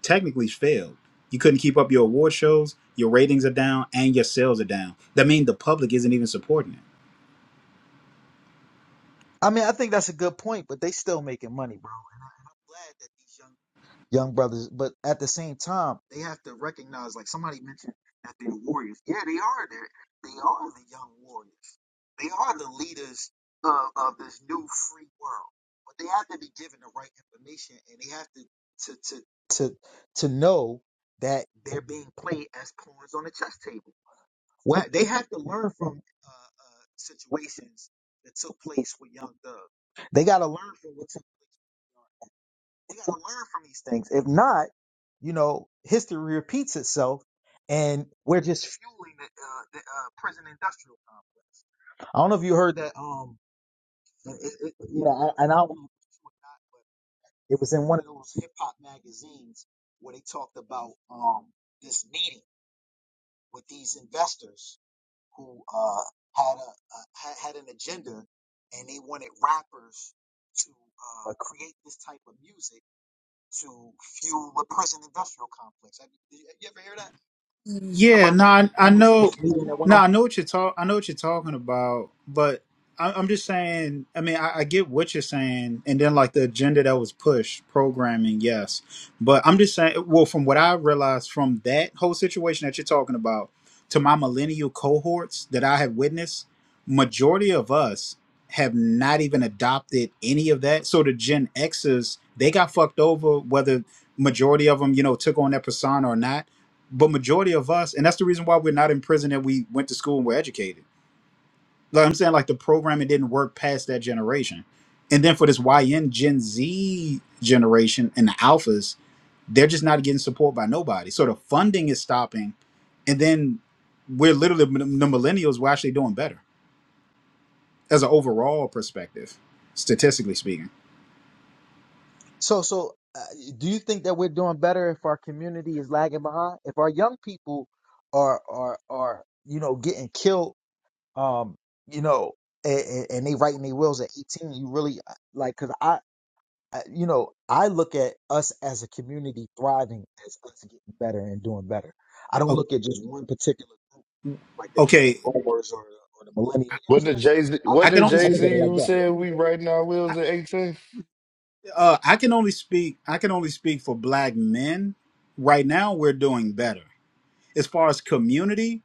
[SPEAKER 6] technically failed. You couldn't keep up your award shows, your ratings are down, and your sales are down. That means the public isn't even supporting it.
[SPEAKER 1] I mean, I think that's a good point, but they still making money, bro. And I- I'm glad that these young young brothers. But at the same time, they have to recognize, like somebody mentioned, that they're warriors. Yeah, they are. They're, they are the young warriors. They are the leaders of, of this new free world. But they have to be given the right information, and they have to to to to to know that they're being played as pawns on a chess table. What they have to learn from uh, uh, situations that took place with Young Thug. They got to learn from what took place. We gotta learn from these things. If not, you know, history repeats itself, and we're just fueling the, uh, the uh, prison industrial complex. I don't know if you heard that. Um, it, it, you know, I, and I don't know if it's true or but it was in one of those hip hop magazines where they talked about um this meeting with these investors who uh had a, a had, had an agenda, and they wanted rappers to uh, create this type of music to fuel a prison industrial complex. Have you, did you ever hear that? Did you hear
[SPEAKER 6] Yeah,
[SPEAKER 1] about
[SPEAKER 6] no,
[SPEAKER 1] that?
[SPEAKER 6] I,
[SPEAKER 1] that
[SPEAKER 6] I
[SPEAKER 1] this
[SPEAKER 6] know,
[SPEAKER 1] this meeting that went
[SPEAKER 6] no,
[SPEAKER 1] on.
[SPEAKER 6] I know what you're talk, I know what you're talking about, but I, I'm just saying. I mean, I, I get what you're saying, and then like the agenda that was pushed, programming, yes, but I'm just saying. Well, from what I realized from that whole situation that you're talking about to my millennial cohorts that I have witnessed, majority of us have not even adopted any of that. So the Gen X's, they got fucked over, whether majority of them, you know, took on that persona or not but majority of us and that's the reason why we're not in prison that we went to school and were educated like i'm saying like the programming didn't work past that generation and then for this yn gen z generation and the alphas they're just not getting support by nobody so the funding is stopping and then we're literally the millennials we're actually doing better as an overall perspective statistically speaking
[SPEAKER 1] So so, uh, do you think that we're doing better if our community is lagging behind? If our young people are are are you know getting killed, um, you know, and, and they writing their wills at eighteen, you really uh, like because I. I- You know, I look at us as a community thriving as us getting better and doing better. I don't
[SPEAKER 6] O-
[SPEAKER 1] look at just one particular. like the baby
[SPEAKER 6] okay
[SPEAKER 1] boomers or or the
[SPEAKER 6] i,
[SPEAKER 1] millennials. You know
[SPEAKER 5] What
[SPEAKER 1] what I'm
[SPEAKER 5] did
[SPEAKER 1] saying?
[SPEAKER 5] Jay Z?
[SPEAKER 1] I
[SPEAKER 6] I
[SPEAKER 5] What
[SPEAKER 1] look
[SPEAKER 6] can
[SPEAKER 1] I,
[SPEAKER 5] did
[SPEAKER 6] only
[SPEAKER 1] I
[SPEAKER 5] Jay
[SPEAKER 1] look at it
[SPEAKER 5] Z
[SPEAKER 1] like
[SPEAKER 5] who
[SPEAKER 1] that.
[SPEAKER 5] said we riding our
[SPEAKER 6] I-
[SPEAKER 5] wheels at eighteen?
[SPEAKER 6] uh, I can only speak I can only speak for black men. Right now we're doing better. as far as community,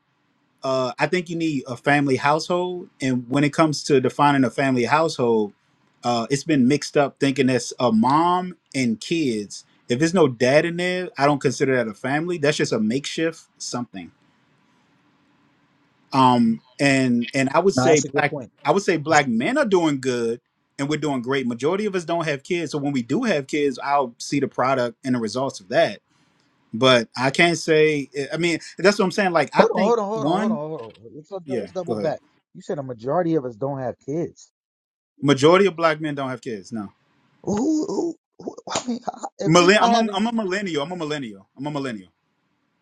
[SPEAKER 6] uh, I think you need a family household. And when it comes to defining a family household, uh, it's been mixed up thinking that's a mom and kids. If there's no dad in there, I don't consider that a family. That's just a makeshift something. Um, and and I would
[SPEAKER 1] No,
[SPEAKER 6] say
[SPEAKER 1] that's a good
[SPEAKER 6] black,
[SPEAKER 1] point.
[SPEAKER 6] I would say black men are doing good, and we're doing great. Majority of us don't have kids, so when we do have kids, I'll see the product and the results of that but I can't say. I mean, that's what I'm saying. Like, I think
[SPEAKER 1] Hold on, hold on, hold on, hold on,
[SPEAKER 6] one.
[SPEAKER 1] hold on. Let's, let's
[SPEAKER 6] Yeah,
[SPEAKER 1] double
[SPEAKER 6] go ahead.
[SPEAKER 1] back. You said a majority of us don't have kids.
[SPEAKER 6] Majority of black men don't have kids. No,
[SPEAKER 1] Well, Who, who, who (laughs) I mean, if we
[SPEAKER 6] Millen- I'm
[SPEAKER 1] not
[SPEAKER 6] a, I'm
[SPEAKER 1] having,
[SPEAKER 6] a millennial. I'm a millennial. I'm a millennial.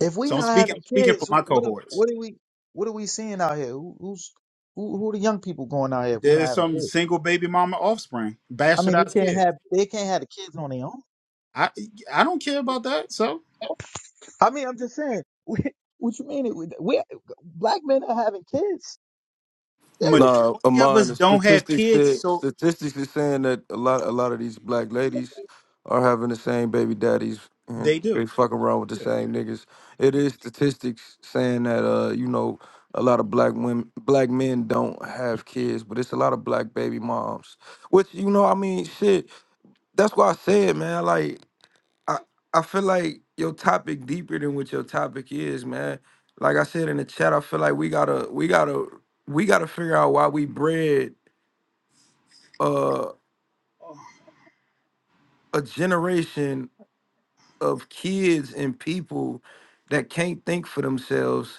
[SPEAKER 1] if we
[SPEAKER 6] So I'm
[SPEAKER 1] not
[SPEAKER 6] speaking.
[SPEAKER 1] having
[SPEAKER 6] I'm speaking
[SPEAKER 1] kids,
[SPEAKER 6] for
[SPEAKER 1] who-
[SPEAKER 6] my
[SPEAKER 1] what, are-
[SPEAKER 6] cohorts.
[SPEAKER 1] what are we, what are we seeing out here? Who, who's, who, who are the young people going out here if we not
[SPEAKER 6] There's
[SPEAKER 1] having
[SPEAKER 6] some
[SPEAKER 1] kids?
[SPEAKER 6] single baby mama offspring,
[SPEAKER 1] I mean,
[SPEAKER 6] bastardized
[SPEAKER 1] they can't
[SPEAKER 6] kids.
[SPEAKER 1] have, they can't have the kids on their own.
[SPEAKER 6] I I don't care about that. So
[SPEAKER 1] I mean, I'm just saying. (laughs) We, what you mean? We, we, black men are having kids. Yeah, they
[SPEAKER 8] Nah,
[SPEAKER 6] majority of
[SPEAKER 8] Amon,
[SPEAKER 6] us
[SPEAKER 8] the
[SPEAKER 6] don't have
[SPEAKER 8] statistics
[SPEAKER 6] kids.
[SPEAKER 8] said
[SPEAKER 6] So
[SPEAKER 8] statistics is saying that a lot a lot of these black ladies are having the same baby daddies and
[SPEAKER 6] they
[SPEAKER 8] they
[SPEAKER 6] do.
[SPEAKER 8] fucking around with the
[SPEAKER 6] Yeah.
[SPEAKER 8] same niggas. It is statistics saying that uh, you know, a lot of black women black men don't have kids, but it's a lot of black baby moms. Which, you know, I mean, shit, that's why I said, man, like I I feel like your topic deeper than what your topic is, man. Like I said in the chat, I feel like we gotta we gotta we gotta figure out why we bred uh, a generation of kids and people that can't think for themselves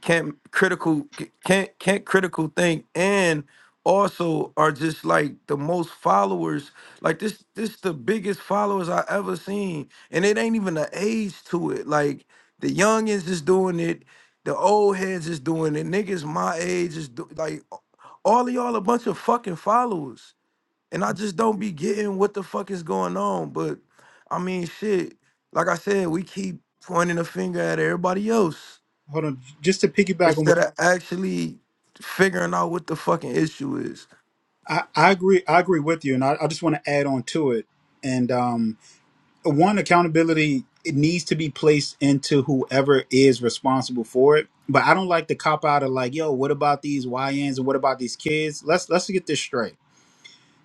[SPEAKER 8] can't critical can't can't critical think and also are just like the most followers like this this the biggest followers i ever seen and it ain't even an age to it like the youngins is doing it the old heads is doing it niggas my age is do, like all of y'all a bunch of fucking followers and i just don't be getting what the fuck is going on but i mean shit like i said we keep pointing a finger at everybody else
[SPEAKER 6] Hold on. Just to piggyback on what
[SPEAKER 8] instead of actually figuring out what the fucking issue is.
[SPEAKER 6] I, I agree. I agree with you, and I, I just want to add on to it. And um, one accountability it needs to be placed into whoever is responsible for it but i don't like to cop out of like yo what about these yns and what about these kids let's let's get this straight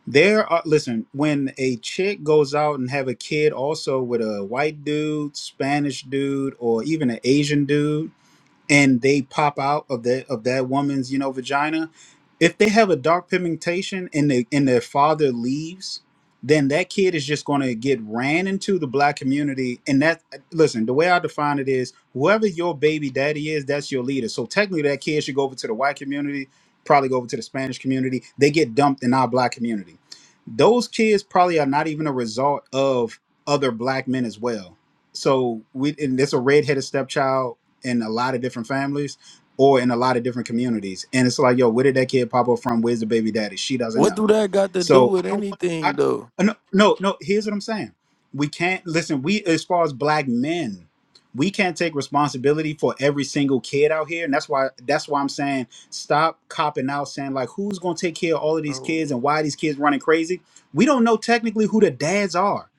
[SPEAKER 6] there are listen when a chick goes out and have a kid also with a white dude spanish dude or even an asian dude and they pop out of the of that woman's you know vagina if they have a dark pigmentation and the and their father leaves then that kid is just going to get ran into the black community and that listen the way i define it is whoever your baby daddy is that's your leader so technically that kid should go over to the white community probably go over to the spanish community they get dumped in our black community those kids probably are not even a result of other black men as well so we and it's a redheaded stepchild in a lot of different families or in a lot of different communities. And it's like, yo, where did that kid pop up from? Where's the baby daddy? She doesn't
[SPEAKER 8] What
[SPEAKER 6] know.
[SPEAKER 8] do that got to do
[SPEAKER 6] So I
[SPEAKER 8] with
[SPEAKER 6] don't want I
[SPEAKER 8] anything though?
[SPEAKER 6] uh, no no no here's what I'm saying. We can't listen, we as far as black men, we can't take responsibility for every single kid out here. And that's why that's why I'm saying stop copping out saying like who's gonna take care of all of these kids
[SPEAKER 8] Oh.
[SPEAKER 6] and why are these kids running crazy? We don't know technically who the dads are.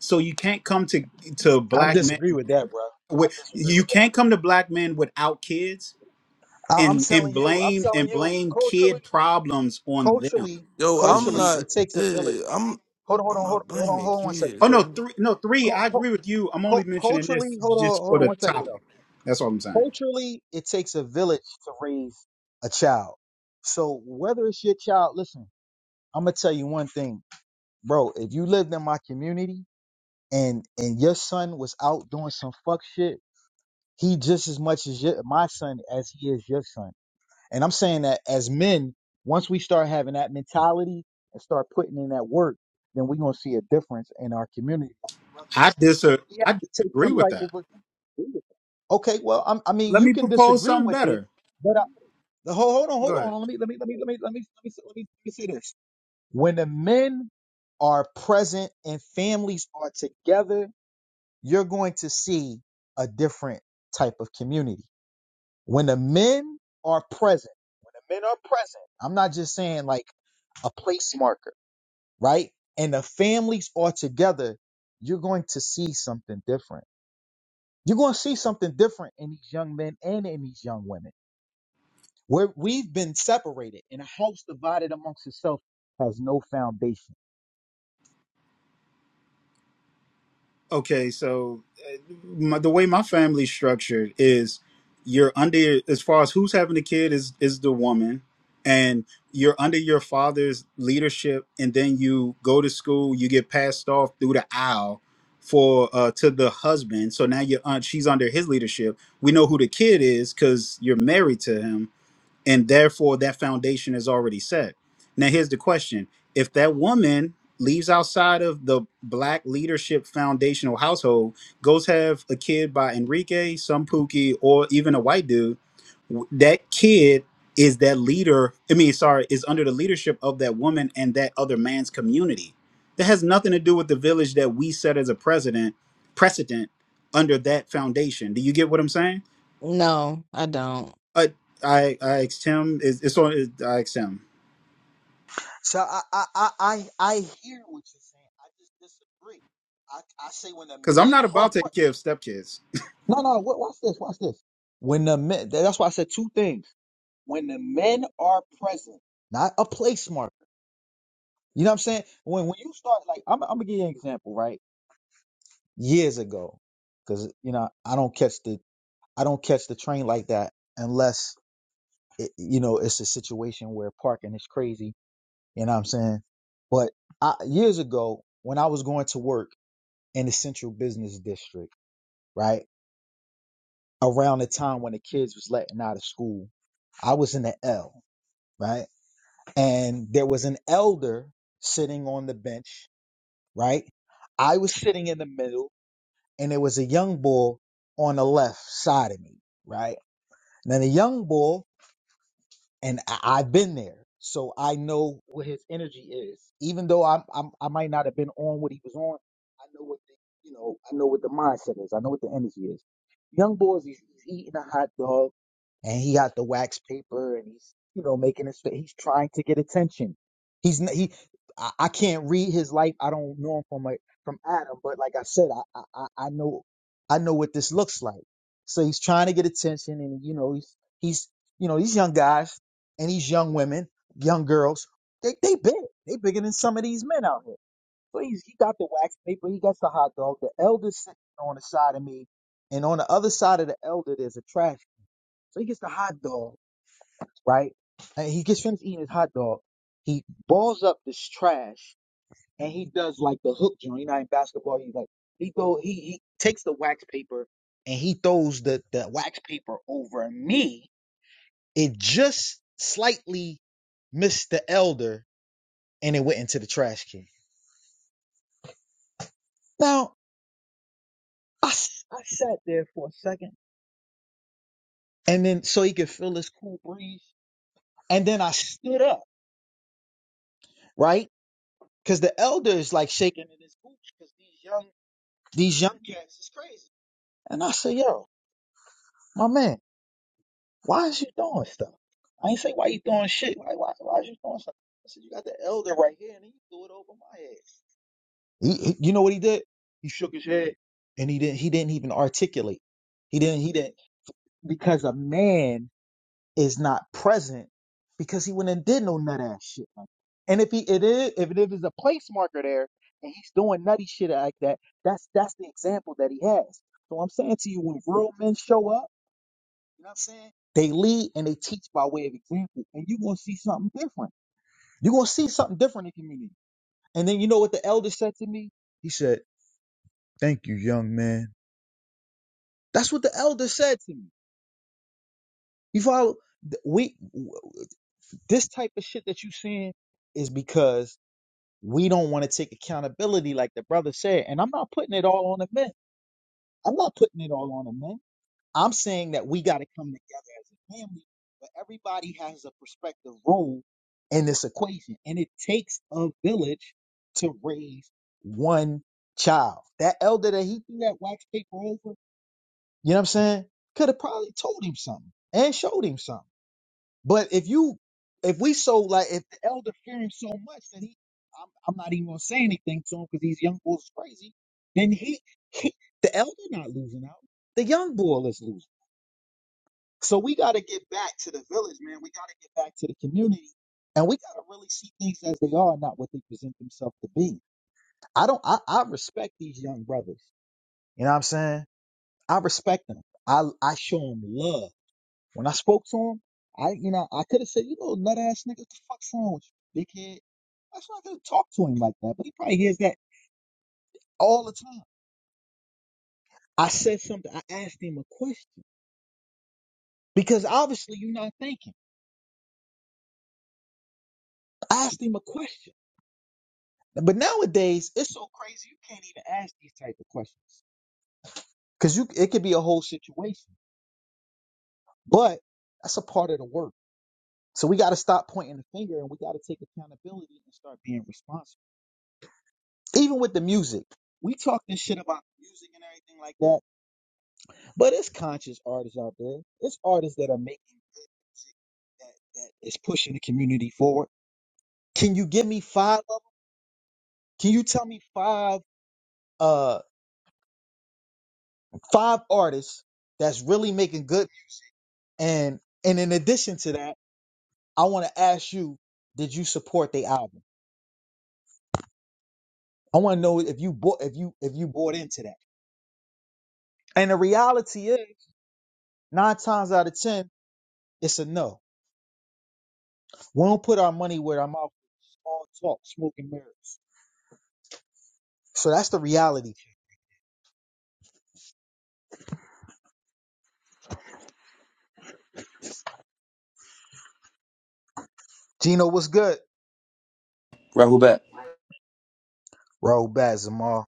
[SPEAKER 6] So you can't come to to
[SPEAKER 1] I
[SPEAKER 6] black men
[SPEAKER 1] disagree with that, bro.
[SPEAKER 6] wi-
[SPEAKER 1] I disagree
[SPEAKER 6] you
[SPEAKER 1] with
[SPEAKER 6] can't
[SPEAKER 1] that.
[SPEAKER 6] come to black men without kids
[SPEAKER 1] I, I'm
[SPEAKER 6] and and
[SPEAKER 1] telling you, I'm
[SPEAKER 6] blame
[SPEAKER 1] telling
[SPEAKER 6] and
[SPEAKER 1] you,
[SPEAKER 6] blame
[SPEAKER 1] culturally,
[SPEAKER 6] kid problems on them
[SPEAKER 1] culturally,
[SPEAKER 8] Yo,
[SPEAKER 6] is what
[SPEAKER 8] I'm
[SPEAKER 6] i'm
[SPEAKER 1] culturally,
[SPEAKER 6] saying
[SPEAKER 8] not.
[SPEAKER 1] it takes a village.
[SPEAKER 8] eh, I'm.
[SPEAKER 1] Hold on, hold
[SPEAKER 8] I'm
[SPEAKER 1] on, hold
[SPEAKER 8] not
[SPEAKER 1] on, hold on,
[SPEAKER 8] blaming
[SPEAKER 1] hold on one second,
[SPEAKER 6] oh
[SPEAKER 8] kids,
[SPEAKER 6] no
[SPEAKER 1] three.
[SPEAKER 8] bro.
[SPEAKER 6] three no three
[SPEAKER 1] Cul-
[SPEAKER 6] i
[SPEAKER 1] cul-
[SPEAKER 6] agree with you i'm only
[SPEAKER 1] cul-
[SPEAKER 6] mentioning
[SPEAKER 1] culturally,
[SPEAKER 6] this
[SPEAKER 1] hold on,
[SPEAKER 6] just for
[SPEAKER 1] hold on
[SPEAKER 6] the
[SPEAKER 1] one second
[SPEAKER 6] topic
[SPEAKER 1] though.
[SPEAKER 6] that's all i'm saying
[SPEAKER 1] Culturally, it takes a village to raise a child. So whether it's your child, listen, I'm gonna tell you one thing, bro. If you lived in my community and and your son was out doing some fuck shit, he just as much as your, my son as he is your son. And I'm saying that as men, once we start having that mentality and start putting in that work, then we're gonna see a difference in our community. Like the brother
[SPEAKER 6] i
[SPEAKER 1] is saying,
[SPEAKER 6] dis
[SPEAKER 1] we have
[SPEAKER 6] i
[SPEAKER 1] to take
[SPEAKER 6] disagree
[SPEAKER 1] some
[SPEAKER 6] with
[SPEAKER 1] type
[SPEAKER 6] that
[SPEAKER 1] of a- (laughs) okay. Well, I'm, I mean,
[SPEAKER 6] let
[SPEAKER 1] you
[SPEAKER 6] me
[SPEAKER 1] can
[SPEAKER 6] propose
[SPEAKER 1] disagree
[SPEAKER 6] something
[SPEAKER 1] with it,
[SPEAKER 6] better
[SPEAKER 1] but I, the whole, hold on,
[SPEAKER 6] go
[SPEAKER 1] hold
[SPEAKER 6] ahead
[SPEAKER 1] on. Let me, let me, let me, let me, let me, let me, let me, let me say this. When the men are present and families are together, you're going to see a different type of community when the men are present, when the men are present, I'm not just saying like a place marker, right? And the families are together, you're going to see something different. You're going to see something different in these young men and in these young women. Where we've been separated, and a house divided amongst itself has no foundation.
[SPEAKER 6] Okay, so uh, my, the way my family's structured is you're under as far as who's having the kid is is the woman and you're under your father's leadership and then you go to school, you get passed off through the aisle for uh to the husband. So now your aunt she's under his leadership. We know who the kid is cuz you're married to him and therefore that foundation is already set. Now, here's the question: If that woman leaves outside of the black leadership foundational household, goes have a kid by Enrique, some Pookie, or even a white dude, w- that kid is that leader. I mean, sorry, is under the leadership of that woman and that other man's community. That has nothing to do with the village that we set as a president precedent under that foundation. Do you get what I'm saying?
[SPEAKER 9] No, I don't.
[SPEAKER 6] I I I asked him. It's, it's on. It, I asked him
[SPEAKER 1] So I I I I, I hear what you're saying. I just disagree. I, I say when the
[SPEAKER 6] because I'm
[SPEAKER 1] men
[SPEAKER 6] not
[SPEAKER 1] are
[SPEAKER 6] about to
[SPEAKER 1] pre-
[SPEAKER 6] take care of stepkids.
[SPEAKER 1] no no wa- watch this watch this when the men that's why I said two things When the men are present, not a place marker. You know what I'm saying? When when you start like I'm, I'm gonna give you an example, right? Years ago, because you know I don't catch the I don't catch the train like that unless it, you know it's a situation where parking is crazy. You know what I'm saying? But I, years ago, when I was going to work in the central business district, right around the time when the kids was letting out of school, I was in the L, right? and there was an elder sitting on the bench, right? I was sitting in the middle, and there was a young bull on the left side of me, right? Now, the young bull and I- I've been there, so I know what his energy is. Even though I'm, I'm I might not have been on what he was on, I know what the you know I know what the mindset is. I know what the energy is. Young boys, he's, he's eating a hot dog, and he got the wax paper, and he's you know making his fa- he's trying to get attention. He's n- he. I I can't read his life. I don't know him from like from Adam, but like I said, I I, I I know I know what this looks like. So he's trying to get attention, and you know he's he's you know these young guys and these young women, young girls, they they big. They bigger than some of these men out here. So he's, he got the wax paper, he got the hot dog. The elder's sitting on the side of me, and on the other side of the elder, there's a trash. can. So he gets the hot dog, right? And he gets finished eating his hot dog. He balls up this trash, and he does like the hook joint. You know, how in basketball, He's like he go he he takes the wax paper and he throws the the wax paper over me it just slightly missed the elder and it went into the trash can. Now, I I sat there for a second and then so he could feel this cool breeze. And then I stood up, right? Because the elder is like shaking in his boots because these young, these young cats is crazy. And I said, yo, my man, why is you doing stuff? I ain't say why you doing shit. Why, why, why is you doing stuff? I said, you got the elder right here and he threw it over my head. He, he- you know what he did? He shook his head and he didn't he didn't even articulate. He didn't he didn't because a man is not present because he went and did no nut ass shit like that. And if he it is if it is a place marker there and he's doing nutty shit like that, that's that's the example that he has. So I'm saying to you, when real men show up, you know what I'm saying? They lead and they teach by way of example. And you're gonna see something different. You're gonna see something different in community. And then you know what the elder said to me? He said. Thank you, young man. That's what the elder said to me. You follow? Th- We this type of shit that you seeing is because we don't want to take accountability, like the brother said. And I'm not putting it all on the men. I'm not putting it all on the men. I'm saying that we got to come together as a family, but everybody has a prospective role in this equation, and it takes a village to raise one child. That elder that he threw that wax paper over, You know what I'm saying? Could have probably told him something and showed him something. But if you, if we so like, if the elder fear him so much that he, I'm, I'm not even gonna say anything to him because these young bulls is crazy. Then he, he, the elder not losing out. The young bull is losing. So we got to get back to the village, man. We got to get back to the community, and we got to really see things as they are, not what they present themselves to be. I don't. I, I respect these young brothers. You know what I'm saying? I respect them. I I show them love. When I spoke to him, I you know I could have said, you know, nut ass nigga, what the fuck's wrong with you, dickhead? That's not gonna talk to him like that, but he probably hears that all the time. I said something. I asked him a question because obviously you're not thinking. I asked him a question, but nowadays it's so crazy you can't even ask these type of questions because you it could be a whole situation. But that's a part of the work. So we got to stop pointing the finger and we got to take accountability and start being responsible. Even with the music, we talk this shit about music and everything like that, but it's conscious artists out there. It's artists that are making good music that, that is pushing the community forward. Can you give me five of them? Can you tell me five uh five artists that's really making good and and in addition to that, I want to ask you, did you support the album? I want to know if you bought if you if you bought into that. And the reality is, nine times out of ten, it's a no We don't put our money where our mouth is. All talk, smoke, and mirrors. So that's the reality. Gino, what's good?
[SPEAKER 10] Rahul back.
[SPEAKER 1] Roll back, Zamar.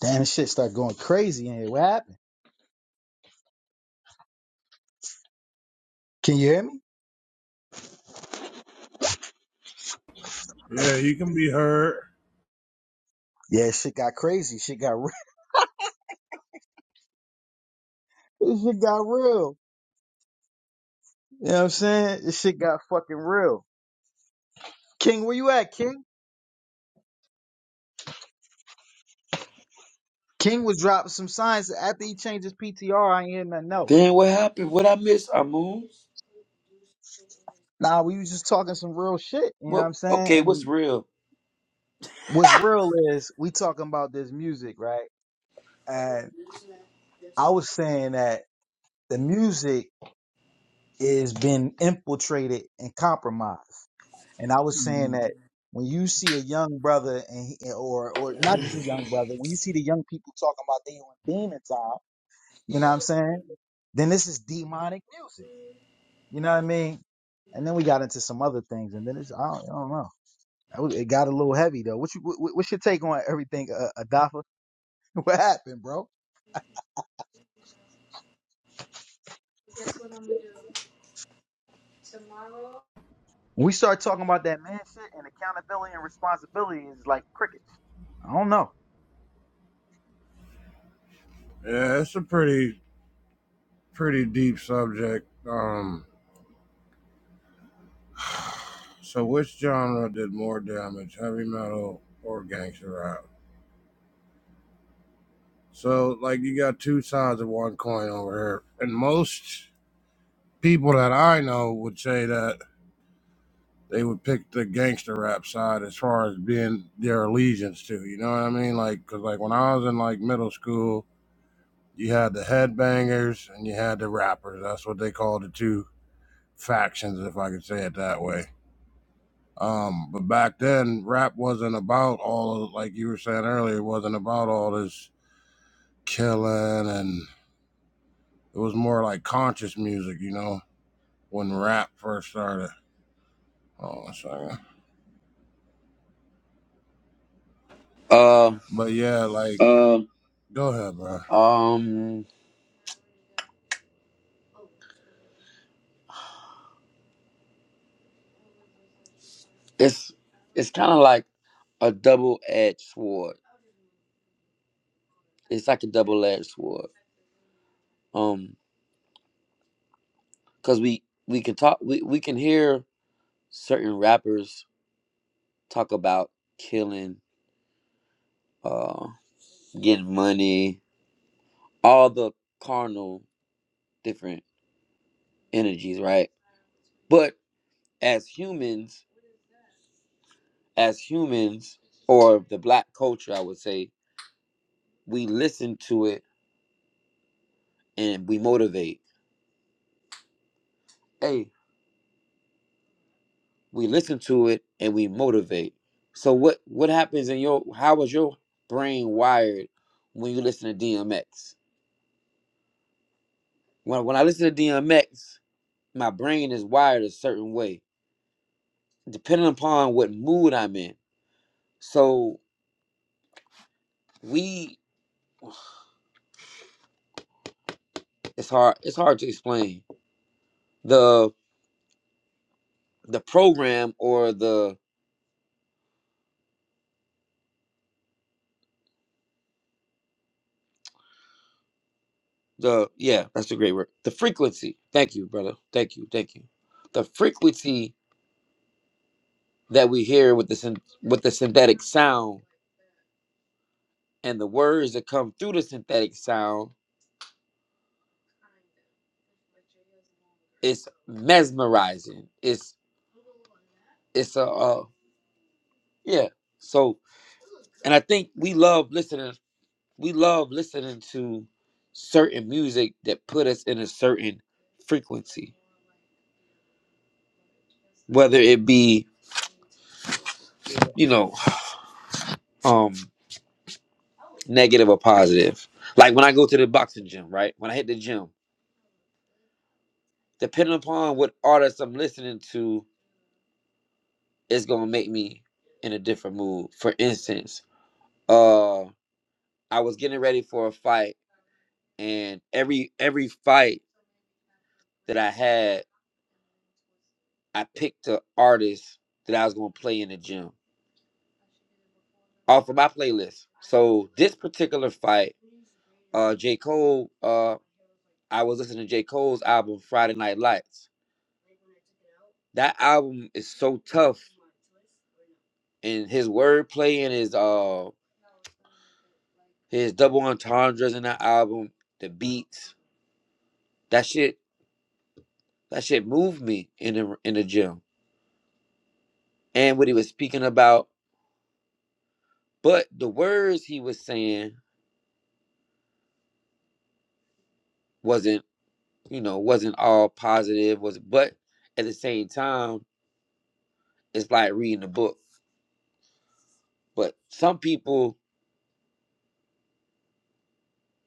[SPEAKER 1] Damn, this shit start going crazy in here. What happened? Can you hear me?
[SPEAKER 11] Yeah, you can be hurt.
[SPEAKER 1] Yeah, shit got crazy. Shit got real. (laughs) This shit got real. You know what I'm saying? This shit got fucking real. King, where you at, King? King was dropping some signs after he changed his PTR. I ain't hear nothing else.
[SPEAKER 10] Then what happened? What I missed? I moved.
[SPEAKER 1] Nah, we was just talking some real shit. You know what
[SPEAKER 10] What?
[SPEAKER 1] I'm saying?
[SPEAKER 10] Okay, what's
[SPEAKER 1] And
[SPEAKER 10] real?
[SPEAKER 1] what's real is we talking about this music, right? And I was saying that the music is been infiltrated and compromised. And I was saying that when you see a young brother and he, or or not just a young brother, when you see the young people talking about they on demon time, you know what I'm saying? Then this is demonic music. You know what I mean? And then we got into some other things, and then it's I don't, I don't know. That was- It got a little heavy though. What you what, what's your take on everything, uh, Adafa? (laughs) What happened, bro? When we start talking about that man shit and accountability and responsibility is like cricket. I don't know.
[SPEAKER 11] Yeah, it's a pretty pretty deep subject. Um so which genre did more damage, heavy metal or gangster rap? So like you got two sides of one coin over here. And most people that I know would say that they would pick the gangster rap side as far as being their allegiance to, you know what I mean? Like cuz like when I was in like middle school, you had the headbangers and you had the rappers. That's what they called the two factions, if I could say it that way. Um, but back then, rap wasn't about all like you were saying earlier, it wasn't about all this killing, and it was more like conscious music, you know, when rap first started. Oh, sorry.
[SPEAKER 10] Uh,
[SPEAKER 11] But yeah, like, Um, go ahead, bro.
[SPEAKER 10] um, it's it's kind of like a double edged sword. It's like a double edged sword. Um, cause we we can talk. We we can hear certain rappers talk about killing, uh, getting money, all the carnal different energies, right? But as humans, as humans or the black culture, I would say, we listen to it and we motivate. Hey, we listen to it and we motivate. So what what happens in your how was your brain wired when you listen to DMX? When when I listen to DMX, my brain is wired a certain way, depending upon what mood I'm in. So we it's hard it's hard to explain. The the program or the the yeah, that's a great word. The frequency. Thank you, brother. Thank you, thank you. The frequency that we hear with the syn- with the synthetic sound and the words that come through the synthetic sound is mesmerizing. It's it's a uh, yeah. So and I think we love listening. We love listening to certain music that put us in a certain frequency, whether it be
[SPEAKER 12] Yeah.
[SPEAKER 10] you know um. negative or positive. Like when I go to the boxing gym, right? When I hit the gym, depending upon what artist I'm listening to, it's gonna make me in a different mood. For instance, uh I was getting ready for a fight and every every fight that I had, I picked an artist that I was gonna play in the gym off of my playlist. So this particular fight, uh J. Cole, uh I was listening to J. Cole's album Friday Night Lights. That album is so tough and his wordplay and his uh his double entendres in that album, the beats, that shit that shit moved me in the in the gym. And what he was speaking about, but the words he was saying wasn't, you know, wasn't all positive, was but at the same time, it's like reading a book. But some people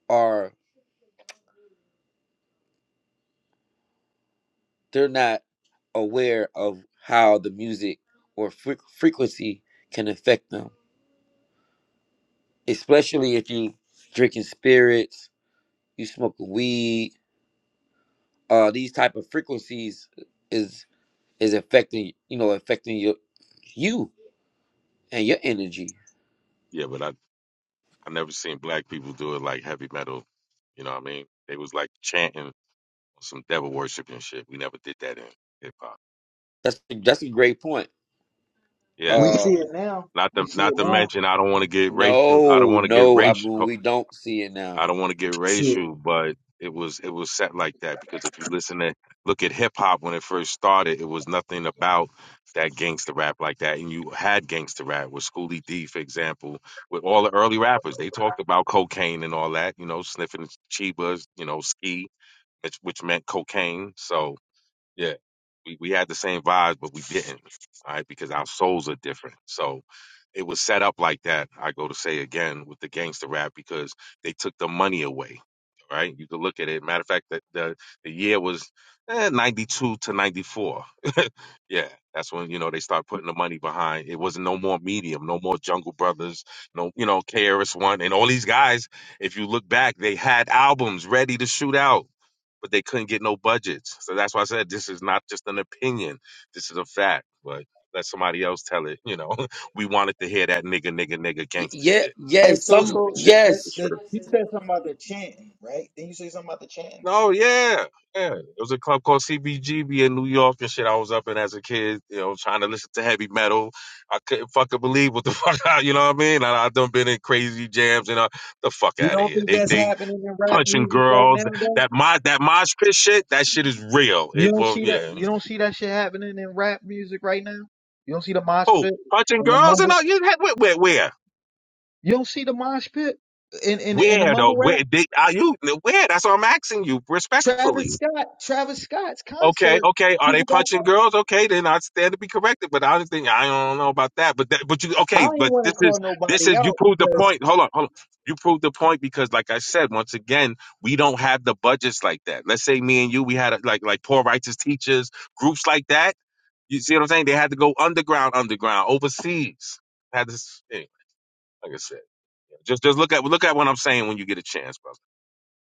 [SPEAKER 10] are they're not aware of how the music or fre- frequency can affect them, especially if you drinking spirits you smoke weed, uh, these type of frequencies is is affecting you know affecting your you and your energy.
[SPEAKER 12] Yeah, but I I never seen black people do it like heavy metal. You know what I mean? They was like chanting some devil worship and shit. We never did that in hip hop.
[SPEAKER 10] That's that's a great point.
[SPEAKER 12] Yeah.
[SPEAKER 1] We
[SPEAKER 10] Uh,
[SPEAKER 1] see
[SPEAKER 12] yeah.
[SPEAKER 1] it now.
[SPEAKER 12] Not
[SPEAKER 1] We
[SPEAKER 12] to
[SPEAKER 1] see it
[SPEAKER 12] not to
[SPEAKER 1] now.
[SPEAKER 12] mention, I don't want to get racial. I don't
[SPEAKER 10] no,
[SPEAKER 12] want to get
[SPEAKER 10] no, I
[SPEAKER 12] racial.
[SPEAKER 10] mean we don't see it
[SPEAKER 12] I
[SPEAKER 10] now.
[SPEAKER 12] don't want to get
[SPEAKER 1] Shit.
[SPEAKER 12] racial, but it was it was set like that because if you listen to look at hip hop when it first started, it was nothing about that gangster rap like that. And you had gangster rap with Schoolie D, for example, with all the early rappers. They talked about cocaine and all that, you know, sniffing chibas, you know, ski, which, which meant cocaine. So yeah, we, we had the same vibes, but we didn't. All right, because our souls are different. So it was set up like that. I go to say again with the gangster rap because they took the money away. Right, you could look at it. Matter of fact, that the the year was eh, ninety two to ninety four. Yeah, that's when you know they start putting the money behind. It was no more Medium, no more Jungle Brothers, no you know KRS One, and all these guys. If you look back, they had albums ready to shoot out, but they couldn't get no budgets. So that's why I said this is not just an opinion. This is a fact. But let somebody else tell it. You know, (laughs) we wanted to hear that nigga, nigga, nigga,
[SPEAKER 10] Y-
[SPEAKER 12] gangster
[SPEAKER 10] yeah,
[SPEAKER 12] shit.
[SPEAKER 1] Hey,
[SPEAKER 10] yes,
[SPEAKER 1] so
[SPEAKER 12] You
[SPEAKER 10] some,
[SPEAKER 12] know, it
[SPEAKER 1] so
[SPEAKER 12] should.
[SPEAKER 1] that,
[SPEAKER 10] yes,
[SPEAKER 1] that
[SPEAKER 12] shouldn't.
[SPEAKER 1] you said something about the chanting, right? Then you say something about the chanting.
[SPEAKER 12] Oh yeah, yeah. It was a club called CBGB in New York and shit. I was up in as a kid, you know, trying to listen to heavy metal. I couldn't fucking believe what the (laughs) fuck, I, you know what I mean? And I done been in crazy jams and uh, the fuck
[SPEAKER 1] You
[SPEAKER 12] out of
[SPEAKER 1] don't
[SPEAKER 12] here.
[SPEAKER 1] think
[SPEAKER 12] They
[SPEAKER 1] that's
[SPEAKER 12] they
[SPEAKER 1] happening in rap
[SPEAKER 12] punching
[SPEAKER 1] music right now,
[SPEAKER 12] girls.
[SPEAKER 1] though?
[SPEAKER 12] That mod that mosh pit shit. That shit is real.
[SPEAKER 1] You
[SPEAKER 12] It
[SPEAKER 1] don't
[SPEAKER 12] well,
[SPEAKER 1] see
[SPEAKER 12] yeah.
[SPEAKER 1] that.
[SPEAKER 12] anyway.
[SPEAKER 1] You don't see that shit happening in rap music right now. You don't see the mosh
[SPEAKER 12] Who
[SPEAKER 1] pit
[SPEAKER 12] punching
[SPEAKER 1] and the
[SPEAKER 12] girls and
[SPEAKER 1] mumble.
[SPEAKER 12] all? You where where where?
[SPEAKER 1] You don't see the mosh pit in in in the
[SPEAKER 12] Where though?
[SPEAKER 1] mumble rap.
[SPEAKER 12] Where they, are you? Where? That's what I'm asking you respectfully.
[SPEAKER 1] Travis Scott, Travis Scott's
[SPEAKER 12] Okay,
[SPEAKER 1] concert.
[SPEAKER 12] okay. Are they
[SPEAKER 1] People got
[SPEAKER 12] punching
[SPEAKER 1] chanting.
[SPEAKER 12] girls? Okay, then I stand to be corrected. But I don't think I don't know about that. But that, but you
[SPEAKER 1] I
[SPEAKER 12] okay?
[SPEAKER 1] don't even
[SPEAKER 12] But
[SPEAKER 1] want to
[SPEAKER 12] this
[SPEAKER 1] call
[SPEAKER 12] is this
[SPEAKER 1] nobody
[SPEAKER 12] is you
[SPEAKER 1] out
[SPEAKER 12] proved the
[SPEAKER 1] because.
[SPEAKER 12] point. Hold on, hold on. You proved the point because, like I said, once again, we don't have the budgets like that. Let's say me and you, we had a, like like poor righteous teachers groups like that. You see what I'm saying? They had to go underground, underground, overseas. Had this anyway, like I said. Just just look at look at what I'm saying when you get a chance, brother.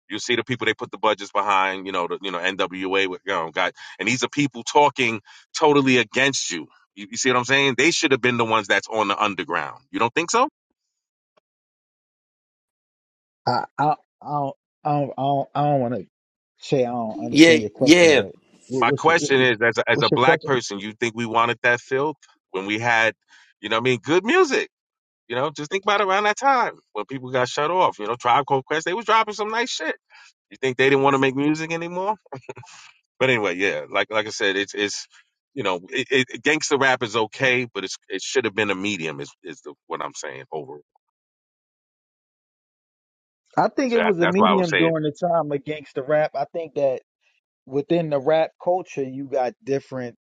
[SPEAKER 12] You see the people they put the budgets behind, you know, the, you know NWA with you know got, and these are people talking totally against you. You, you see what I'm saying? They should have been the ones that's on the underground. You don't think so?
[SPEAKER 1] I I I don't I don't, I don't, I don't want to say I don't
[SPEAKER 10] yeah,
[SPEAKER 1] understand your question,
[SPEAKER 10] yeah.
[SPEAKER 1] but what,
[SPEAKER 12] My
[SPEAKER 1] what's your what's
[SPEAKER 12] question
[SPEAKER 1] your
[SPEAKER 12] is, as a, as
[SPEAKER 1] what's
[SPEAKER 12] a
[SPEAKER 1] your
[SPEAKER 12] black
[SPEAKER 1] question?
[SPEAKER 12] person, you think we wanted that filth when we had, you know, what I mean, good music. You know, just think about around that time when people got shut off. You know, Tribe Called Quest, they was dropping some nice shit. You think they didn't want to make music anymore? But anyway, yeah, like like I said, it's it's you know, it, it, it- gangster rap is okay, but it's it should have been a medium is is the, what I'm saying overall.
[SPEAKER 1] I think
[SPEAKER 12] So
[SPEAKER 1] it
[SPEAKER 12] that,
[SPEAKER 1] was a
[SPEAKER 12] that's why I was
[SPEAKER 1] medium
[SPEAKER 12] saying
[SPEAKER 1] during the time of gangster rap. I think that within the rap culture, you got different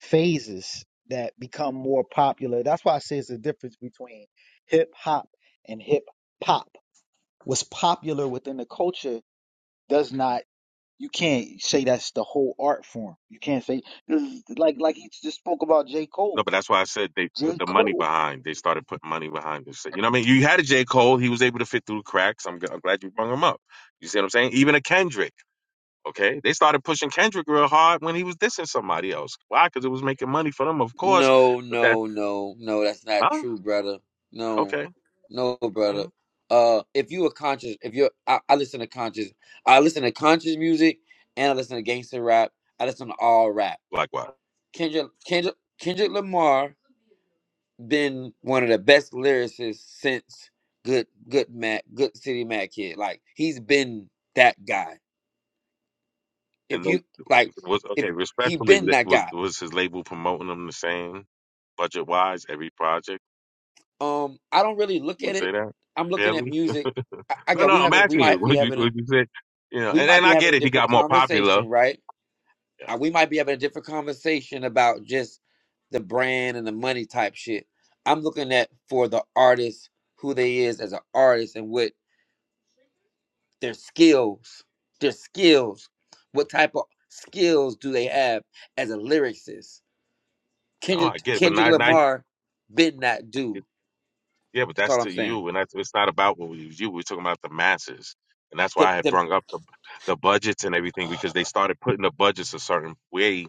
[SPEAKER 1] phases that become more popular. That's why I say it's the difference between hip hop and hip pop. What's popular within the culture does not You can't say that's the whole art form. You can't say this is like like he just spoke about J.
[SPEAKER 12] no,
[SPEAKER 1] Cole.
[SPEAKER 12] but that's why I said they put
[SPEAKER 1] J.
[SPEAKER 12] the money
[SPEAKER 1] Cole.
[SPEAKER 12] behind. They started putting money behind this. You know what I mean? You had a J Cole, he was able to fit through the cracks. I'm, g- I'm glad you brought him up. You see what I'm saying? Even a Kendrick. Okay, they started pushing Kendrick real hard when he was dissing somebody else. Why? Because it was making money for them, of course.
[SPEAKER 10] No,
[SPEAKER 12] But that's
[SPEAKER 10] no, no, no, that's not
[SPEAKER 12] huh?
[SPEAKER 10] true, brother. No,
[SPEAKER 12] Okay,
[SPEAKER 10] no,
[SPEAKER 12] all right.
[SPEAKER 10] brother. Uh, if you a conscious, if you're, I, I listen to conscious, I listen to conscious music, and I listen to gangster rap. I listen to all rap.
[SPEAKER 12] likewise.
[SPEAKER 10] Kendrick, Kendrick, Kendrick Lamar been one of the best lyricists since Good, Good Mac, Good City Mac Kid. Like he's been that guy. If
[SPEAKER 12] And
[SPEAKER 10] you
[SPEAKER 12] they
[SPEAKER 10] like,
[SPEAKER 12] was
[SPEAKER 10] if
[SPEAKER 12] okay.
[SPEAKER 10] he
[SPEAKER 12] Respectfully,
[SPEAKER 10] been
[SPEAKER 12] th-
[SPEAKER 10] that
[SPEAKER 12] was
[SPEAKER 10] guy.
[SPEAKER 12] was his label promoting them the same budget wise every project?
[SPEAKER 10] Um, I don't really look
[SPEAKER 12] You would
[SPEAKER 10] at
[SPEAKER 12] say
[SPEAKER 10] it.
[SPEAKER 12] that
[SPEAKER 10] I'm looking at
[SPEAKER 12] fairly?
[SPEAKER 10] music. I, I
[SPEAKER 12] No,
[SPEAKER 10] got
[SPEAKER 12] no.
[SPEAKER 10] we
[SPEAKER 12] I'm
[SPEAKER 10] have it. We
[SPEAKER 12] asking you. (laughs)
[SPEAKER 10] might be
[SPEAKER 12] Would you
[SPEAKER 10] having a
[SPEAKER 12] would you say you know?
[SPEAKER 10] we
[SPEAKER 12] And
[SPEAKER 10] might
[SPEAKER 12] and
[SPEAKER 10] be
[SPEAKER 12] I
[SPEAKER 10] having a
[SPEAKER 12] get it. He
[SPEAKER 10] different
[SPEAKER 12] got more popular.
[SPEAKER 10] conversation, right?
[SPEAKER 12] Yeah.
[SPEAKER 10] Uh, we might be having a different conversation about just the brand and the money type shit. I'm looking at for the artist who they is as an artist and what their skills, their skills, what type of skills do they have as a lyricist?
[SPEAKER 12] No, I
[SPEAKER 10] Kendrick
[SPEAKER 12] get it. But
[SPEAKER 10] Kendrick
[SPEAKER 12] now, now
[SPEAKER 10] Lamar did not do.
[SPEAKER 12] Yeah, but
[SPEAKER 10] That's
[SPEAKER 12] that's
[SPEAKER 10] all I'm
[SPEAKER 12] to
[SPEAKER 10] saying
[SPEAKER 12] you, and that's it's not about what we, you. We're talking about the masses, and that's
[SPEAKER 10] The
[SPEAKER 12] why I had
[SPEAKER 10] the
[SPEAKER 12] brung up the the budgets and everything because they started putting the budgets a certain way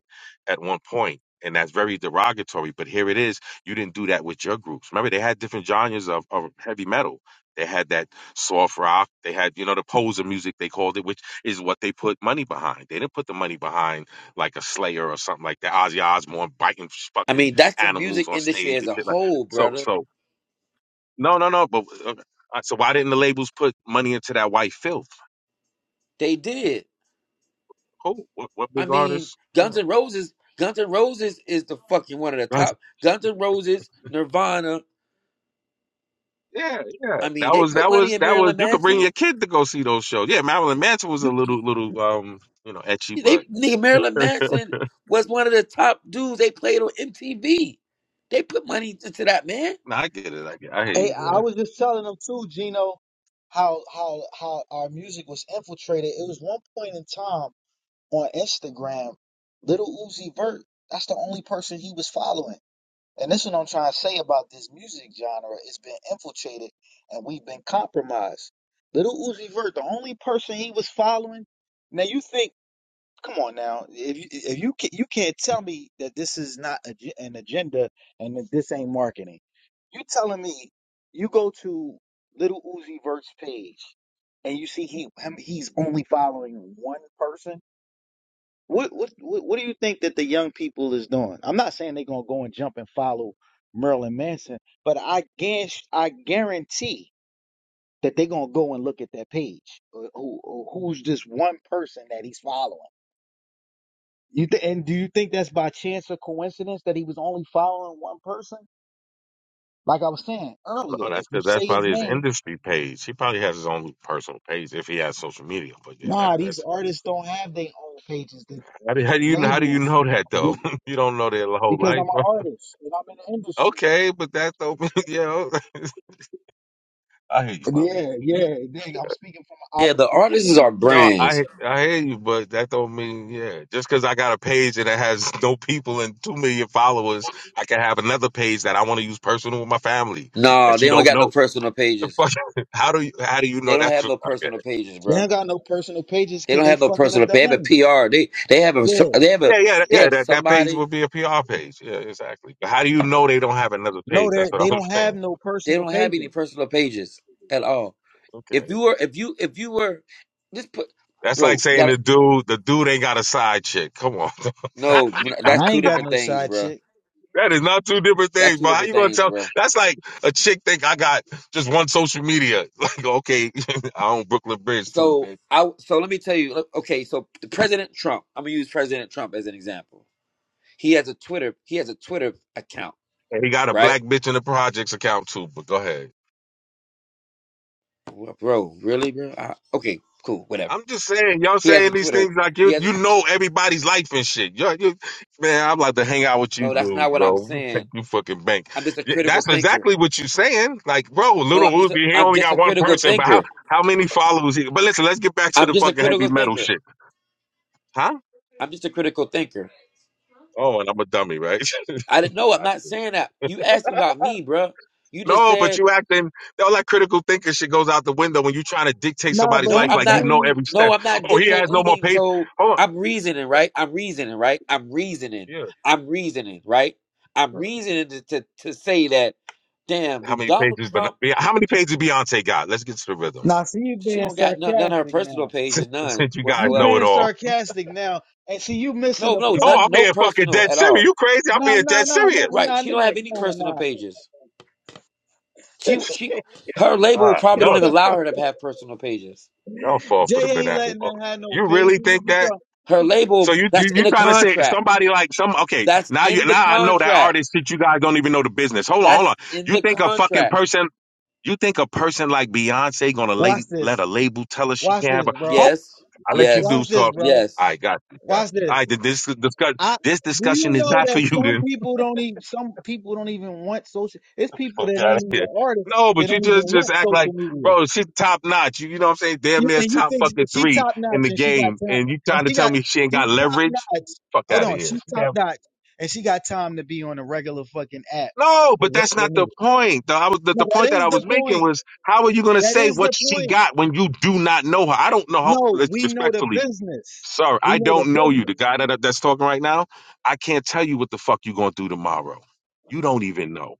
[SPEAKER 12] at one point, and that's very derogatory. But here it is. You didn't do that with your groups. Remember, they had different genres of, of heavy metal. They had that soft rock. They had you know the poser music they called it, which is what they put money behind. They didn't put the money behind like a Slayer or something like that. Ozzy Osbourne biting
[SPEAKER 10] I
[SPEAKER 12] fucking
[SPEAKER 10] mean, that's the music
[SPEAKER 12] animals on
[SPEAKER 10] industry
[SPEAKER 12] stage
[SPEAKER 10] as
[SPEAKER 12] and
[SPEAKER 10] a
[SPEAKER 12] shit like
[SPEAKER 10] whole,
[SPEAKER 12] so.
[SPEAKER 10] brother.
[SPEAKER 12] So no, no, no. But okay. Uh, so why didn't the labels put money into that white filth?
[SPEAKER 10] They did.
[SPEAKER 12] Cool. What, what
[SPEAKER 10] I
[SPEAKER 12] big
[SPEAKER 10] mean,
[SPEAKER 12] artists? Yeah.
[SPEAKER 10] Guns N' Roses, Guns N' Roses is the fucking one of the
[SPEAKER 12] (laughs) That's-
[SPEAKER 10] top. Guns N' Roses, Nirvana.
[SPEAKER 12] yeah, yeah.
[SPEAKER 10] I mean,
[SPEAKER 12] That
[SPEAKER 10] they
[SPEAKER 12] was
[SPEAKER 10] put
[SPEAKER 12] that
[SPEAKER 10] money
[SPEAKER 12] was
[SPEAKER 10] in
[SPEAKER 12] that was.
[SPEAKER 10] Marilyn
[SPEAKER 12] You could bring
[SPEAKER 10] Manson.
[SPEAKER 12] your kid to go see those shows. Yeah, Marilyn Manson was a
[SPEAKER 10] You,
[SPEAKER 12] little
[SPEAKER 10] you
[SPEAKER 12] little um you know etchy,
[SPEAKER 10] they
[SPEAKER 12] but
[SPEAKER 10] nigga Marilyn Manson was one of the top dudes they played on MTV. They put money into that man.
[SPEAKER 12] no, I get it. I get. I hear
[SPEAKER 1] Hey,
[SPEAKER 12] you,
[SPEAKER 1] I
[SPEAKER 12] man.
[SPEAKER 1] was just telling him too, Gino, how how how our music was infiltrated. It was one point in time on Instagram, little Uzi Vert, that's the only person he was following. And this is what I'm trying to say about this music genre. It's been infiltrated and we've been compromised. Little Uzi Vert, the only person he was following. Now you think Come on now. If you if you can, you can't tell me that this is not a, ge- an agenda and that this ain't marketing. You telling me you go to Little Uzi Vert's page and you see he him, he's only following one person? What what what what do you think that the young people is doing? I'm not saying they're going to go and jump and follow Merlin Manson, but I guess I guarantee that they're going to go and look at that page. Uh, Who, who- who's this one person that he's following? You th- and do you think that's by chance or coincidence that he was only following one person? Like I was saying earlier,
[SPEAKER 12] No,
[SPEAKER 1] if
[SPEAKER 12] that's
[SPEAKER 1] you
[SPEAKER 12] because that's
[SPEAKER 1] say his
[SPEAKER 12] probably his
[SPEAKER 1] name,
[SPEAKER 12] industry page. He probably has his own personal page if he has social media. But yeah, that,
[SPEAKER 1] nah, these
[SPEAKER 12] that's yeah.
[SPEAKER 1] artists don't have their own pages. The,
[SPEAKER 12] how
[SPEAKER 1] the,
[SPEAKER 12] do, how
[SPEAKER 1] the
[SPEAKER 12] do you how do you
[SPEAKER 1] labels,
[SPEAKER 12] know that
[SPEAKER 1] the-
[SPEAKER 12] though? (laughs) you don't know their whole
[SPEAKER 1] because I'm
[SPEAKER 12] life.
[SPEAKER 1] an artist and I'm in the
[SPEAKER 12] (laughs)
[SPEAKER 1] industry.
[SPEAKER 12] okay, but that's open. (laughs) Yeah, I hear you.
[SPEAKER 1] Yeah, yeah, dang, I'm speaking from an
[SPEAKER 10] Yeah, the
[SPEAKER 1] operative point of
[SPEAKER 10] artists are
[SPEAKER 1] view.
[SPEAKER 12] No,
[SPEAKER 10] brands.
[SPEAKER 12] I I hear you, but that don't mean yeah. Just because I got a page and it has (laughs) no people and two million followers, I can have another page that I want to use personal with my family
[SPEAKER 10] No,
[SPEAKER 12] that
[SPEAKER 10] they
[SPEAKER 12] you
[SPEAKER 10] don't
[SPEAKER 12] don't
[SPEAKER 10] got no
[SPEAKER 12] know.
[SPEAKER 10] personal
[SPEAKER 12] (laughs)
[SPEAKER 10] pages.
[SPEAKER 12] Fuck, how do you how do you know
[SPEAKER 10] They don't
[SPEAKER 12] that's
[SPEAKER 10] have
[SPEAKER 12] a
[SPEAKER 10] no personal
[SPEAKER 12] podcast?
[SPEAKER 10] pages,
[SPEAKER 1] They
[SPEAKER 10] bro.
[SPEAKER 1] don't got no personal pages
[SPEAKER 10] They
[SPEAKER 1] because
[SPEAKER 10] don't
[SPEAKER 1] they
[SPEAKER 10] have no
[SPEAKER 1] fucking up
[SPEAKER 10] personal
[SPEAKER 1] their
[SPEAKER 10] page. They have a
[SPEAKER 1] money.
[SPEAKER 10] PR. They they have a
[SPEAKER 1] Yeah,
[SPEAKER 10] they have a
[SPEAKER 12] Yeah, yeah,
[SPEAKER 10] they
[SPEAKER 12] yeah.
[SPEAKER 10] have
[SPEAKER 12] That that page
[SPEAKER 10] somebody.
[SPEAKER 12] would be a PR page. Yeah, exactly. But how do you know they don't have another
[SPEAKER 1] no,
[SPEAKER 12] page?
[SPEAKER 1] they
[SPEAKER 12] That's what I
[SPEAKER 1] they
[SPEAKER 12] was
[SPEAKER 1] don't
[SPEAKER 12] (laughs)
[SPEAKER 1] have
[SPEAKER 12] saying.
[SPEAKER 1] no
[SPEAKER 10] They
[SPEAKER 1] personal
[SPEAKER 10] don't have any
[SPEAKER 1] pages.
[SPEAKER 10] personal pages at all. If
[SPEAKER 12] Okay,
[SPEAKER 10] you were if you if you were just put
[SPEAKER 12] that's like
[SPEAKER 10] bro, you
[SPEAKER 12] saying
[SPEAKER 10] gotta
[SPEAKER 12] the dude the dude ain't got a side chick. Come on, (laughs)
[SPEAKER 10] no. That's
[SPEAKER 1] I
[SPEAKER 10] two
[SPEAKER 1] ain't got
[SPEAKER 10] different
[SPEAKER 1] no
[SPEAKER 10] things,
[SPEAKER 1] side
[SPEAKER 10] bro.
[SPEAKER 1] chick.
[SPEAKER 12] That is not two different
[SPEAKER 10] That's
[SPEAKER 12] things,
[SPEAKER 10] two
[SPEAKER 12] bro. How
[SPEAKER 10] different
[SPEAKER 12] you gonna
[SPEAKER 10] things,
[SPEAKER 12] tell?
[SPEAKER 10] bro.
[SPEAKER 12] That's like a chick think I got just one social media. (laughs) Like, okay, (laughs) I own Brooklyn Bridge too,
[SPEAKER 10] So
[SPEAKER 12] babe.
[SPEAKER 10] I so let me tell you. look, Okay, so the President Trump. I'm gonna use President Trump as an example. He has a Twitter. He has a Twitter account,
[SPEAKER 12] And he got a
[SPEAKER 10] right?
[SPEAKER 12] black bitch in the projects account too. But go ahead.
[SPEAKER 10] Well, Bro, really, bro? I, okay, cool, whatever.
[SPEAKER 12] I'm just saying, y'all
[SPEAKER 10] He has a
[SPEAKER 12] saying these
[SPEAKER 10] Twitter.
[SPEAKER 12] things like
[SPEAKER 10] He
[SPEAKER 12] you
[SPEAKER 10] has a
[SPEAKER 12] you know everybody's life and shit. You, you, man, I'm like to hang out with you,
[SPEAKER 10] no. That's not
[SPEAKER 12] dude,
[SPEAKER 10] what I'm
[SPEAKER 12] bro. I'll
[SPEAKER 10] saying.
[SPEAKER 12] Take you fucking bank.
[SPEAKER 10] I'm just a
[SPEAKER 12] Yeah,
[SPEAKER 10] critical
[SPEAKER 12] That's
[SPEAKER 10] thinker.
[SPEAKER 12] exactly what you're saying. Like, bro,
[SPEAKER 10] No,
[SPEAKER 12] little
[SPEAKER 10] I'm just a,
[SPEAKER 12] Uzi, he
[SPEAKER 10] I'm
[SPEAKER 12] only
[SPEAKER 10] just a
[SPEAKER 12] got one
[SPEAKER 10] critical
[SPEAKER 12] person, but how
[SPEAKER 10] thinker.
[SPEAKER 12] how many followers? He, but listen, let's get back to
[SPEAKER 10] I'm
[SPEAKER 12] the
[SPEAKER 10] just a
[SPEAKER 12] fucking heavy
[SPEAKER 10] critical
[SPEAKER 12] metal
[SPEAKER 10] thinker.
[SPEAKER 12] shit, huh?
[SPEAKER 10] I'm just a critical thinker.
[SPEAKER 12] Oh, and I'm a dummy, right? (laughs)
[SPEAKER 10] I didn't know. I'm
[SPEAKER 12] Got
[SPEAKER 10] not
[SPEAKER 12] you.
[SPEAKER 10] saying that. You asked me about me, bruh. You just
[SPEAKER 12] No, but
[SPEAKER 10] said
[SPEAKER 12] you acting all that critical thinking shit goes out the window when you trying to dictate
[SPEAKER 1] Nah, but
[SPEAKER 12] somebody's
[SPEAKER 10] no.
[SPEAKER 12] life
[SPEAKER 1] he
[SPEAKER 10] I'm
[SPEAKER 12] like you
[SPEAKER 10] not.
[SPEAKER 1] telling
[SPEAKER 12] know
[SPEAKER 1] you.
[SPEAKER 12] every
[SPEAKER 10] No,
[SPEAKER 12] step.
[SPEAKER 10] I'm not
[SPEAKER 12] Oh, he
[SPEAKER 10] dictating
[SPEAKER 12] has no more
[SPEAKER 10] anything.
[SPEAKER 12] pages.
[SPEAKER 10] So
[SPEAKER 12] Hold on.
[SPEAKER 10] I'm reasoning, right? I'm reasoning, right? I'm reasoning.
[SPEAKER 12] Yeah.
[SPEAKER 10] I'm reasoning, right? I'm
[SPEAKER 12] yeah.
[SPEAKER 10] reasoning to to, to say that. Damn,
[SPEAKER 12] How
[SPEAKER 10] do
[SPEAKER 12] many
[SPEAKER 10] Donald
[SPEAKER 12] pages? But
[SPEAKER 10] Trump?
[SPEAKER 12] how many pages Beyonce got? Let's get to the rhythm.
[SPEAKER 1] Nah, see, you
[SPEAKER 10] She
[SPEAKER 1] being
[SPEAKER 10] don't got none, none of her
[SPEAKER 1] sarcastic
[SPEAKER 10] personal
[SPEAKER 1] now.
[SPEAKER 10] pages, none
[SPEAKER 12] Since you guys
[SPEAKER 1] You
[SPEAKER 12] know
[SPEAKER 10] whatsoever.
[SPEAKER 12] it
[SPEAKER 1] being
[SPEAKER 12] all. (laughs)
[SPEAKER 1] sarcastic now, and see you missing
[SPEAKER 10] No,
[SPEAKER 1] a
[SPEAKER 10] no,
[SPEAKER 12] No,
[SPEAKER 1] point.
[SPEAKER 12] I'm
[SPEAKER 10] none, no
[SPEAKER 12] being fucking
[SPEAKER 10] personal
[SPEAKER 12] dead
[SPEAKER 10] at
[SPEAKER 12] serious.
[SPEAKER 10] all.
[SPEAKER 12] You crazy? I'm
[SPEAKER 1] Nah,
[SPEAKER 12] being
[SPEAKER 1] nah,
[SPEAKER 12] dead
[SPEAKER 1] nah, nah,
[SPEAKER 12] serious.
[SPEAKER 10] Right?
[SPEAKER 1] nah,
[SPEAKER 10] She don't
[SPEAKER 1] nah,
[SPEAKER 10] have any personal
[SPEAKER 1] nah,
[SPEAKER 10] pages.
[SPEAKER 1] nah.
[SPEAKER 10] She she her label
[SPEAKER 12] God,
[SPEAKER 10] probably don't
[SPEAKER 12] y'all,
[SPEAKER 10] even allow her to have personal pages.
[SPEAKER 12] y'all
[SPEAKER 1] (laughs)
[SPEAKER 12] fall for the
[SPEAKER 1] Jay ain't
[SPEAKER 12] banana.
[SPEAKER 1] letting
[SPEAKER 12] Oh,
[SPEAKER 1] them have no
[SPEAKER 12] You
[SPEAKER 1] pages.
[SPEAKER 12] really
[SPEAKER 1] What
[SPEAKER 12] think
[SPEAKER 1] you
[SPEAKER 12] that?
[SPEAKER 1] talking-
[SPEAKER 10] Her
[SPEAKER 12] So
[SPEAKER 10] label
[SPEAKER 12] you you
[SPEAKER 10] that's in
[SPEAKER 12] you
[SPEAKER 10] the
[SPEAKER 12] trying to say
[SPEAKER 10] contract.
[SPEAKER 12] somebody like some okay
[SPEAKER 10] That's
[SPEAKER 12] now you
[SPEAKER 10] in the
[SPEAKER 12] now I know that
[SPEAKER 10] contract.
[SPEAKER 12] artist that you guys don't even know the business. Hold on, hold on.
[SPEAKER 10] That's in
[SPEAKER 12] You
[SPEAKER 10] the
[SPEAKER 12] think a fucking
[SPEAKER 10] contract.
[SPEAKER 12] person you think a person like Beyonce gonna
[SPEAKER 1] Watch
[SPEAKER 12] lay, let
[SPEAKER 1] this.
[SPEAKER 12] a label tell her she
[SPEAKER 1] Watch
[SPEAKER 12] can't have
[SPEAKER 1] this,
[SPEAKER 12] a
[SPEAKER 1] bro.
[SPEAKER 12] hope?
[SPEAKER 10] Yes.
[SPEAKER 12] I let you do
[SPEAKER 10] Yes.
[SPEAKER 1] Watch this,
[SPEAKER 12] so.
[SPEAKER 1] bro.
[SPEAKER 10] Yes.
[SPEAKER 12] I got you, got
[SPEAKER 1] Watch
[SPEAKER 12] you. I
[SPEAKER 1] this.
[SPEAKER 12] did this discuss
[SPEAKER 1] I
[SPEAKER 12] this
[SPEAKER 1] do you
[SPEAKER 12] discussion is
[SPEAKER 1] know
[SPEAKER 12] not for
[SPEAKER 1] that
[SPEAKER 12] you
[SPEAKER 1] some
[SPEAKER 12] then.
[SPEAKER 1] people don't even some people don't even want social. It's
[SPEAKER 12] (laughs)
[SPEAKER 1] people
[SPEAKER 12] Fuck
[SPEAKER 1] that
[SPEAKER 12] out of
[SPEAKER 1] ain't
[SPEAKER 12] here.
[SPEAKER 1] even artists.
[SPEAKER 12] No,
[SPEAKER 1] They
[SPEAKER 12] but you
[SPEAKER 1] don't even
[SPEAKER 12] just just
[SPEAKER 1] want
[SPEAKER 12] act
[SPEAKER 1] social
[SPEAKER 12] like
[SPEAKER 1] media.
[SPEAKER 12] bro, she top notch. You, you know what I'm saying? Damn
[SPEAKER 1] You
[SPEAKER 12] near
[SPEAKER 1] and you
[SPEAKER 12] top
[SPEAKER 1] think
[SPEAKER 12] fucking
[SPEAKER 1] she
[SPEAKER 12] three
[SPEAKER 1] top
[SPEAKER 12] in
[SPEAKER 1] notch
[SPEAKER 12] the
[SPEAKER 1] and she got
[SPEAKER 12] game,
[SPEAKER 1] time
[SPEAKER 12] and you
[SPEAKER 1] and
[SPEAKER 12] trying to
[SPEAKER 1] she
[SPEAKER 12] tell
[SPEAKER 1] got
[SPEAKER 12] me she ain't
[SPEAKER 1] she's
[SPEAKER 12] got
[SPEAKER 1] top
[SPEAKER 12] leverage?
[SPEAKER 1] notch.
[SPEAKER 12] Fuck
[SPEAKER 1] Hold
[SPEAKER 12] out
[SPEAKER 1] on,
[SPEAKER 12] of
[SPEAKER 1] she top
[SPEAKER 12] here.
[SPEAKER 1] notch and she got time to be on a regular fucking app
[SPEAKER 12] No, but
[SPEAKER 1] with
[SPEAKER 12] that's
[SPEAKER 1] regular
[SPEAKER 12] not the
[SPEAKER 1] niggas.
[SPEAKER 12] point. The, I was, the,
[SPEAKER 1] No,
[SPEAKER 12] the point
[SPEAKER 1] that
[SPEAKER 12] that
[SPEAKER 1] is
[SPEAKER 12] I
[SPEAKER 1] the
[SPEAKER 12] was making
[SPEAKER 1] point.
[SPEAKER 12] was how are you going to
[SPEAKER 1] That
[SPEAKER 12] say
[SPEAKER 1] is the
[SPEAKER 12] what she
[SPEAKER 1] point.
[SPEAKER 12] got when you do not know her? I don't know how,
[SPEAKER 1] No,
[SPEAKER 12] res-
[SPEAKER 1] we know the
[SPEAKER 12] respectfully,
[SPEAKER 1] business.
[SPEAKER 12] sir,
[SPEAKER 1] We
[SPEAKER 12] I
[SPEAKER 1] know the
[SPEAKER 12] don't know you. The
[SPEAKER 1] business.
[SPEAKER 12] guy that that's talking right now, I can't tell you what the fuck you going to do tomorrow. You don't even know.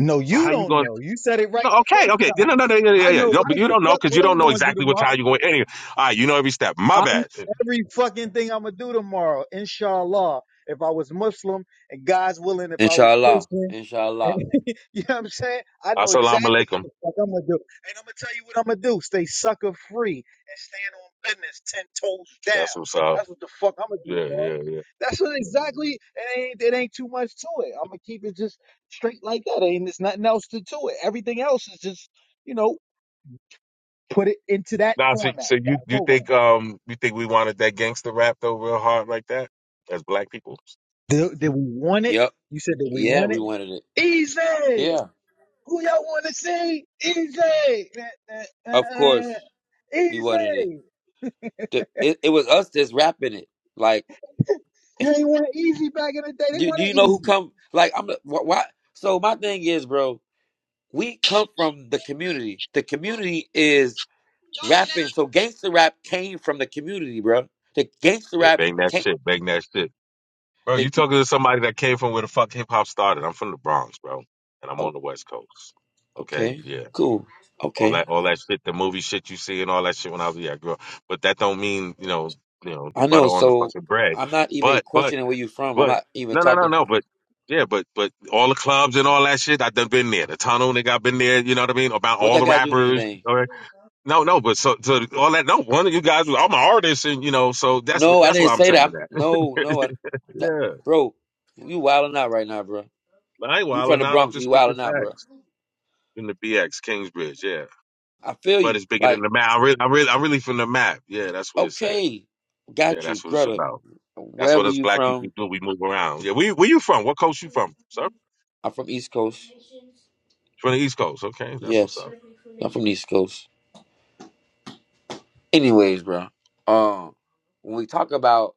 [SPEAKER 1] No,
[SPEAKER 12] So
[SPEAKER 1] you
[SPEAKER 12] how you
[SPEAKER 1] don't
[SPEAKER 12] going? to
[SPEAKER 1] know. You said it right
[SPEAKER 12] No,
[SPEAKER 1] the
[SPEAKER 12] okay,
[SPEAKER 1] first
[SPEAKER 12] okay. No,
[SPEAKER 1] time.
[SPEAKER 12] no, no, yeah, yeah,
[SPEAKER 1] I
[SPEAKER 12] yeah.
[SPEAKER 1] know
[SPEAKER 12] No, but
[SPEAKER 1] right
[SPEAKER 12] you
[SPEAKER 1] the
[SPEAKER 12] don't know
[SPEAKER 1] fuck
[SPEAKER 12] because you
[SPEAKER 1] what
[SPEAKER 12] don't
[SPEAKER 1] I'm
[SPEAKER 12] know
[SPEAKER 1] gonna do
[SPEAKER 12] exactly what time
[SPEAKER 1] tomorrow.
[SPEAKER 12] you're going. Anyway, all right, you know every step. My
[SPEAKER 1] I
[SPEAKER 12] bad.
[SPEAKER 1] know every fucking thing I'm gonna do tomorrow, inshallah. If I was Muslim and God's willing, if I was
[SPEAKER 10] Inshallah.
[SPEAKER 1] Christian.
[SPEAKER 10] Inshallah.
[SPEAKER 1] And, (laughs) you know what I'm saying? I know
[SPEAKER 12] Assalamu
[SPEAKER 1] exactly what
[SPEAKER 12] alaikum.
[SPEAKER 1] the fuck I'm gonna do. And I'm gonna tell you what I'm gonna do. Stay sucker free and stand on business ten toes
[SPEAKER 12] That's
[SPEAKER 1] down.
[SPEAKER 12] what's up.
[SPEAKER 1] That's what the fuck I'm gonna do
[SPEAKER 12] Yeah,
[SPEAKER 1] tomorrow.
[SPEAKER 12] yeah, yeah.
[SPEAKER 1] That's what exactly it ain't it ain't too much to it. I'm gonna keep it just straight like that. Ain't there's nothing else to to it. Everything else is just, you know, put it into that
[SPEAKER 12] Now, so,
[SPEAKER 1] format,
[SPEAKER 12] so
[SPEAKER 1] that
[SPEAKER 12] you you
[SPEAKER 1] program.
[SPEAKER 12] think um you think we wanted that gangster rap though real hard like that as black people?
[SPEAKER 1] Did, did we want it?
[SPEAKER 10] Yep.
[SPEAKER 1] You said that we
[SPEAKER 10] Yeah,
[SPEAKER 1] want
[SPEAKER 10] we
[SPEAKER 1] it?
[SPEAKER 10] wanted it.
[SPEAKER 1] Easy!
[SPEAKER 10] Yeah.
[SPEAKER 1] Who y'all wanna see? Easy!
[SPEAKER 10] Of course we wanted it.
[SPEAKER 1] Easy.
[SPEAKER 10] The- It, it was us that's rapping it. Like
[SPEAKER 1] You ain't want it easy back in the day. They
[SPEAKER 10] do, do
[SPEAKER 1] want it
[SPEAKER 10] you know who
[SPEAKER 1] easy.
[SPEAKER 10] come like I'm the- wh- why so my thing is, bro, we come from the community. The community is
[SPEAKER 13] talking
[SPEAKER 10] rapping. So gangster rap came from the community, bro. The gangster
[SPEAKER 12] Yeah,
[SPEAKER 10] rap
[SPEAKER 12] bang that
[SPEAKER 10] came.
[SPEAKER 12] shit, bang that shit, bro. You
[SPEAKER 10] They, they
[SPEAKER 12] talking to somebody that came from where the fuck hip hop started? I'm from the Bronx, bro, and I'm
[SPEAKER 10] oh
[SPEAKER 12] on the West Coast. Okay,
[SPEAKER 10] okay
[SPEAKER 12] yeah,
[SPEAKER 10] cool
[SPEAKER 12] all
[SPEAKER 10] okay
[SPEAKER 12] that all that shit, the movie shit you see and all that shit when I was a yeah, girl. But that don't mean you know you know the
[SPEAKER 10] I
[SPEAKER 12] butter
[SPEAKER 10] know.
[SPEAKER 12] on the
[SPEAKER 10] So
[SPEAKER 12] fucking bread.
[SPEAKER 10] I'm not even
[SPEAKER 12] But but
[SPEAKER 10] questioning where you from. I'm
[SPEAKER 12] but
[SPEAKER 10] not even
[SPEAKER 12] no no no
[SPEAKER 10] talking.
[SPEAKER 12] no. But yeah, but but all the clubs and all that shit, I done been there. The tunnel, nigga, I been there. You know what I mean? About
[SPEAKER 10] What
[SPEAKER 12] all
[SPEAKER 10] that
[SPEAKER 12] the
[SPEAKER 10] got to do with
[SPEAKER 12] rappers.
[SPEAKER 10] anything?
[SPEAKER 12] No, no, but so, so all that. No, one of you guys. was- I'm an artist, and you know, so that's wh-
[SPEAKER 10] No, I
[SPEAKER 12] that's
[SPEAKER 10] didn't
[SPEAKER 12] why I'm
[SPEAKER 10] say
[SPEAKER 12] saying
[SPEAKER 10] that. I'm, no, no, I,
[SPEAKER 12] that. (laughs)
[SPEAKER 10] that
[SPEAKER 12] yeah,
[SPEAKER 10] bro, you wilding out right now, bro.
[SPEAKER 12] I ain't
[SPEAKER 10] You from the
[SPEAKER 12] wilding out. I'm
[SPEAKER 10] Bronx,
[SPEAKER 12] just
[SPEAKER 10] you
[SPEAKER 12] speaking
[SPEAKER 10] wilding out, bro.
[SPEAKER 12] facts in the BX Kingsbridge. Yeah,
[SPEAKER 10] I feel
[SPEAKER 12] but
[SPEAKER 10] you.
[SPEAKER 12] it's bigger than
[SPEAKER 10] Like
[SPEAKER 12] the map. I really, I really, I'm really from the map. Yeah, that's where it's at.
[SPEAKER 10] okay,
[SPEAKER 12] Yeah,
[SPEAKER 10] got you,
[SPEAKER 12] that's what it's
[SPEAKER 10] brother.
[SPEAKER 12] about. That's what
[SPEAKER 10] Wherever
[SPEAKER 12] us
[SPEAKER 10] you
[SPEAKER 12] black people
[SPEAKER 10] from,
[SPEAKER 12] do. We move around. Yeah, where, where you from? What coast you from, sir?
[SPEAKER 10] I'm from East Coast.
[SPEAKER 12] From the East Coast. Okay, that's what's
[SPEAKER 10] Yes,
[SPEAKER 12] up.
[SPEAKER 10] I'm from the East Coast. Anyways, bro. Um, when we talk about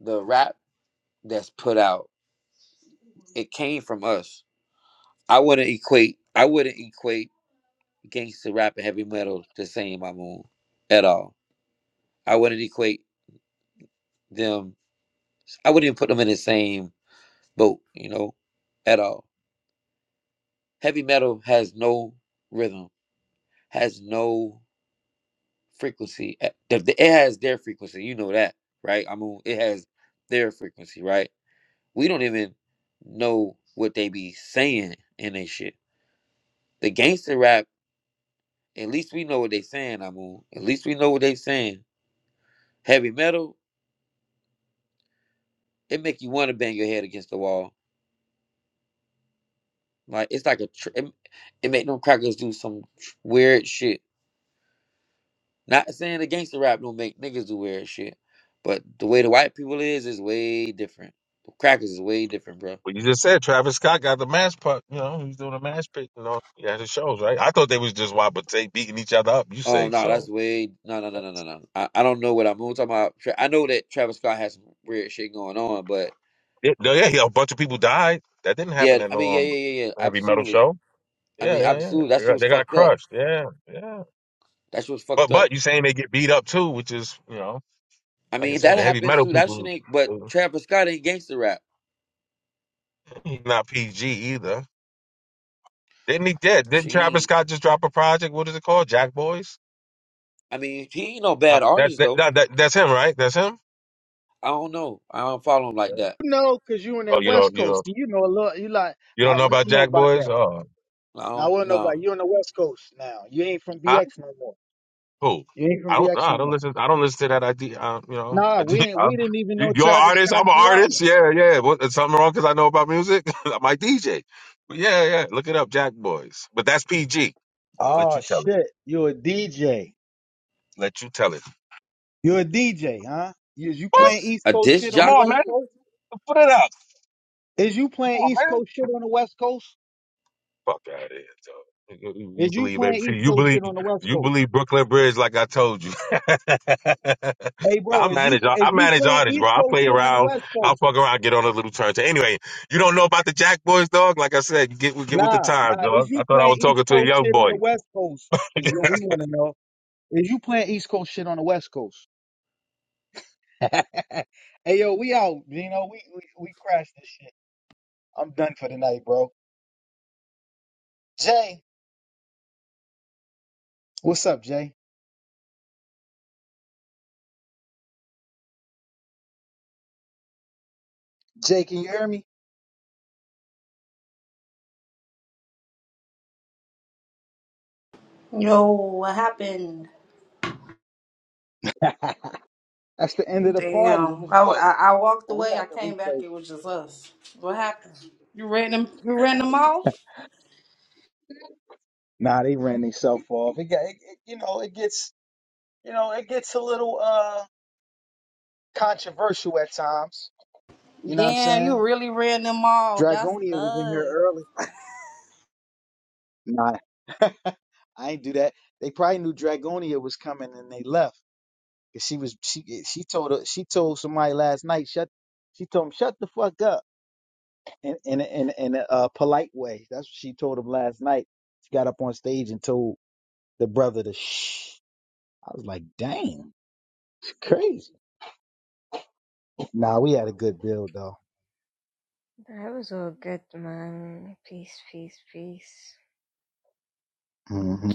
[SPEAKER 10] the rap that's put out, it came from us. I wouldn't equate. I wouldn't equate gangster rap and heavy metal the same. I'm on at all. I wouldn't equate them. I wouldn't even put them in the same boat. You know, at all. Heavy metal has no rhythm. Has no frequency. eh, the- It has their frequency. You know that, right? I mean, it has their frequency, right? We don't even know what they be saying in they shit. The gangster rap, at least we know what they saying, I mean. At least we know what they saying. Heavy metal, it make you want to bang your head against the wall. Like it's like a tr- it, it make them crackers do some tr- weird shit. Not saying the gangster rap don't make niggas do weird shit, but the way the white people is is way different. The crackers is way different, bro.
[SPEAKER 12] Well, you just said Travis Scott got the mask part. You know, he's doing a mask pit. You know, he had his shows, right? I thought they was just wabate beating each other up. You
[SPEAKER 10] Oh
[SPEAKER 12] say
[SPEAKER 10] no,
[SPEAKER 12] so.
[SPEAKER 10] that's way no no no no no no. I, I don't know what I'm, I'm talking about. Tra- I know that Travis Scott has some weird shit going on, but
[SPEAKER 12] Yeah, no, yeah, yeah, a bunch of people died. That didn't
[SPEAKER 10] Yeah,
[SPEAKER 12] happen at
[SPEAKER 10] I
[SPEAKER 12] no
[SPEAKER 10] mean, yeah,
[SPEAKER 12] um
[SPEAKER 10] yeah, yeah, yeah.
[SPEAKER 12] heavy metal
[SPEAKER 10] Absolutely.
[SPEAKER 12] show.
[SPEAKER 10] I
[SPEAKER 12] Yeah,
[SPEAKER 10] mean,
[SPEAKER 12] yeah, yeah.
[SPEAKER 10] absolutely.
[SPEAKER 12] They
[SPEAKER 10] That shit
[SPEAKER 12] got,
[SPEAKER 10] was
[SPEAKER 12] they got
[SPEAKER 10] fucked up.
[SPEAKER 12] crushed. Yeah, yeah.
[SPEAKER 10] That shit was fucked
[SPEAKER 12] But
[SPEAKER 10] up.
[SPEAKER 12] but you saying they get beat up too, which is you know,
[SPEAKER 10] I
[SPEAKER 12] like
[SPEAKER 10] mean,
[SPEAKER 12] I
[SPEAKER 10] if
[SPEAKER 12] said,
[SPEAKER 10] that
[SPEAKER 12] the heavy
[SPEAKER 10] happens
[SPEAKER 12] metal
[SPEAKER 10] too, that shit
[SPEAKER 12] people.
[SPEAKER 10] ain't. But Travis Scott ain't gangster rap.
[SPEAKER 12] He's not PG either. Didn't he? Did
[SPEAKER 10] She
[SPEAKER 12] didn't Travis
[SPEAKER 10] ain't.
[SPEAKER 12] Scott just drop a project? What is it called? Jack Boys.
[SPEAKER 10] I mean, he ain't no
[SPEAKER 12] Uh,
[SPEAKER 10] bad
[SPEAKER 12] that,
[SPEAKER 10] artist
[SPEAKER 12] that
[SPEAKER 10] though.
[SPEAKER 12] that that that's him, right? That's him.
[SPEAKER 10] I don't know. I don't follow him like that.
[SPEAKER 1] You know, cause you in
[SPEAKER 12] Oh,
[SPEAKER 1] that
[SPEAKER 12] you
[SPEAKER 1] West
[SPEAKER 12] don't you
[SPEAKER 1] Coast.
[SPEAKER 12] don't,
[SPEAKER 1] See, You know a little. You like,
[SPEAKER 12] you
[SPEAKER 1] I,
[SPEAKER 12] don't know
[SPEAKER 1] we don't
[SPEAKER 12] about
[SPEAKER 1] know
[SPEAKER 12] Jack
[SPEAKER 1] about
[SPEAKER 12] Boys?
[SPEAKER 1] that.
[SPEAKER 12] Oh,
[SPEAKER 10] I
[SPEAKER 1] Now
[SPEAKER 10] don't
[SPEAKER 1] we don't know about
[SPEAKER 10] know.
[SPEAKER 1] you on the West Coast. Now you ain't from
[SPEAKER 12] huh?
[SPEAKER 1] BX no more.
[SPEAKER 12] Who?
[SPEAKER 1] You ain't
[SPEAKER 12] I
[SPEAKER 1] from
[SPEAKER 12] don't know.
[SPEAKER 1] BX
[SPEAKER 12] I
[SPEAKER 1] no
[SPEAKER 12] don't
[SPEAKER 1] more.
[SPEAKER 12] listen. I don't listen to that idea. Um, you know, (laughs)
[SPEAKER 1] Nah,
[SPEAKER 12] I do,
[SPEAKER 1] we ain't. We
[SPEAKER 12] I'm,
[SPEAKER 1] didn't even
[SPEAKER 12] you,
[SPEAKER 1] know
[SPEAKER 12] you're an
[SPEAKER 1] Travis
[SPEAKER 12] artist. I'm
[SPEAKER 1] Scott's
[SPEAKER 12] an
[SPEAKER 1] new album.
[SPEAKER 12] artist. Yeah, yeah. What, is something wrong because I know about music? (laughs) I'm like DJ. But yeah, yeah. Look it up, Jack Boys. But that's PG. Let
[SPEAKER 1] Oh
[SPEAKER 12] you tell it.
[SPEAKER 1] shit, you a DJ?
[SPEAKER 12] Let you tell it.
[SPEAKER 1] You a DJ, huh? Is you
[SPEAKER 10] A,
[SPEAKER 12] Woo!
[SPEAKER 1] playing East
[SPEAKER 10] a
[SPEAKER 1] Coast
[SPEAKER 10] disc
[SPEAKER 1] shit on
[SPEAKER 12] Come
[SPEAKER 1] the
[SPEAKER 12] on,
[SPEAKER 10] jockey?
[SPEAKER 1] West
[SPEAKER 12] man.
[SPEAKER 1] Coast?
[SPEAKER 12] Put it up.
[SPEAKER 1] Is you
[SPEAKER 12] Come
[SPEAKER 1] playing
[SPEAKER 12] on,
[SPEAKER 1] East
[SPEAKER 12] man.
[SPEAKER 1] Coast shit on the West Coast?
[SPEAKER 12] Fuck out of here, dog. You you
[SPEAKER 1] Is you
[SPEAKER 12] believe
[SPEAKER 1] playing
[SPEAKER 12] everything.
[SPEAKER 1] East
[SPEAKER 12] You
[SPEAKER 1] Coast
[SPEAKER 12] believe
[SPEAKER 1] shit on the West
[SPEAKER 12] you
[SPEAKER 1] Coast?
[SPEAKER 12] believe Brooklyn Bridge, like I told you.
[SPEAKER 1] Hey,
[SPEAKER 12] (laughs) I
[SPEAKER 1] bro, is you
[SPEAKER 12] manage
[SPEAKER 1] is
[SPEAKER 12] I
[SPEAKER 1] you
[SPEAKER 12] manage
[SPEAKER 1] playing
[SPEAKER 12] artists, bro.
[SPEAKER 1] East
[SPEAKER 12] I
[SPEAKER 1] Coast
[SPEAKER 12] play
[SPEAKER 1] shit on the
[SPEAKER 12] around.
[SPEAKER 1] West
[SPEAKER 12] I
[SPEAKER 1] Coast?
[SPEAKER 12] fuck around, get on a little turntable. Anyway, you don't know about the Jack Boys, dog. Like I said, you get get with the
[SPEAKER 1] Nah,
[SPEAKER 12] times,
[SPEAKER 1] nah. Is
[SPEAKER 12] dog.
[SPEAKER 1] you
[SPEAKER 12] I thought I
[SPEAKER 1] playing
[SPEAKER 12] was
[SPEAKER 1] East
[SPEAKER 12] talking to a
[SPEAKER 1] Coast
[SPEAKER 12] young
[SPEAKER 1] shit on the
[SPEAKER 12] boy.
[SPEAKER 1] West Coast?
[SPEAKER 12] (laughs)
[SPEAKER 1] Is what we want to know. Is you playing East Coast shit on the West Coast? (laughs) hey, yo, we out. You know, we, we we crashed this shit. I'm done for the night, bro. Jay, what's up, Jay? Jay, can you hear me?
[SPEAKER 14] Yo, what happened?
[SPEAKER 1] (laughs) That's the end of the party. It
[SPEAKER 14] Damn.
[SPEAKER 1] was
[SPEAKER 14] I,
[SPEAKER 1] lit,
[SPEAKER 14] I, I walked
[SPEAKER 1] but we
[SPEAKER 14] away.
[SPEAKER 1] got
[SPEAKER 14] I
[SPEAKER 1] the
[SPEAKER 14] came back.
[SPEAKER 1] replay.
[SPEAKER 14] It was just us. What happened? You ran them. You ran them off.
[SPEAKER 1] Nah, they ran themselves off. It got, it, it, you know, it gets, you know, it gets a little uh controversial at times. You know what I'm
[SPEAKER 14] Damn, you
[SPEAKER 1] saying?
[SPEAKER 14] really ran them off. That's
[SPEAKER 1] Dragonia was in here
[SPEAKER 14] nuts.
[SPEAKER 1] early. Nah, I ain't do that. They probably knew Dragonia was coming and they left. 'Cause she was she she told her, she told somebody last night shut she told him shut the fuck up in in in in a uh, polite way. That's what she told him last night. She got up on stage and told the brother to shh. I was like, damn, it's crazy. Nah, we had a good build though.
[SPEAKER 15] That was all good, man. Peace, peace, peace.
[SPEAKER 1] hmm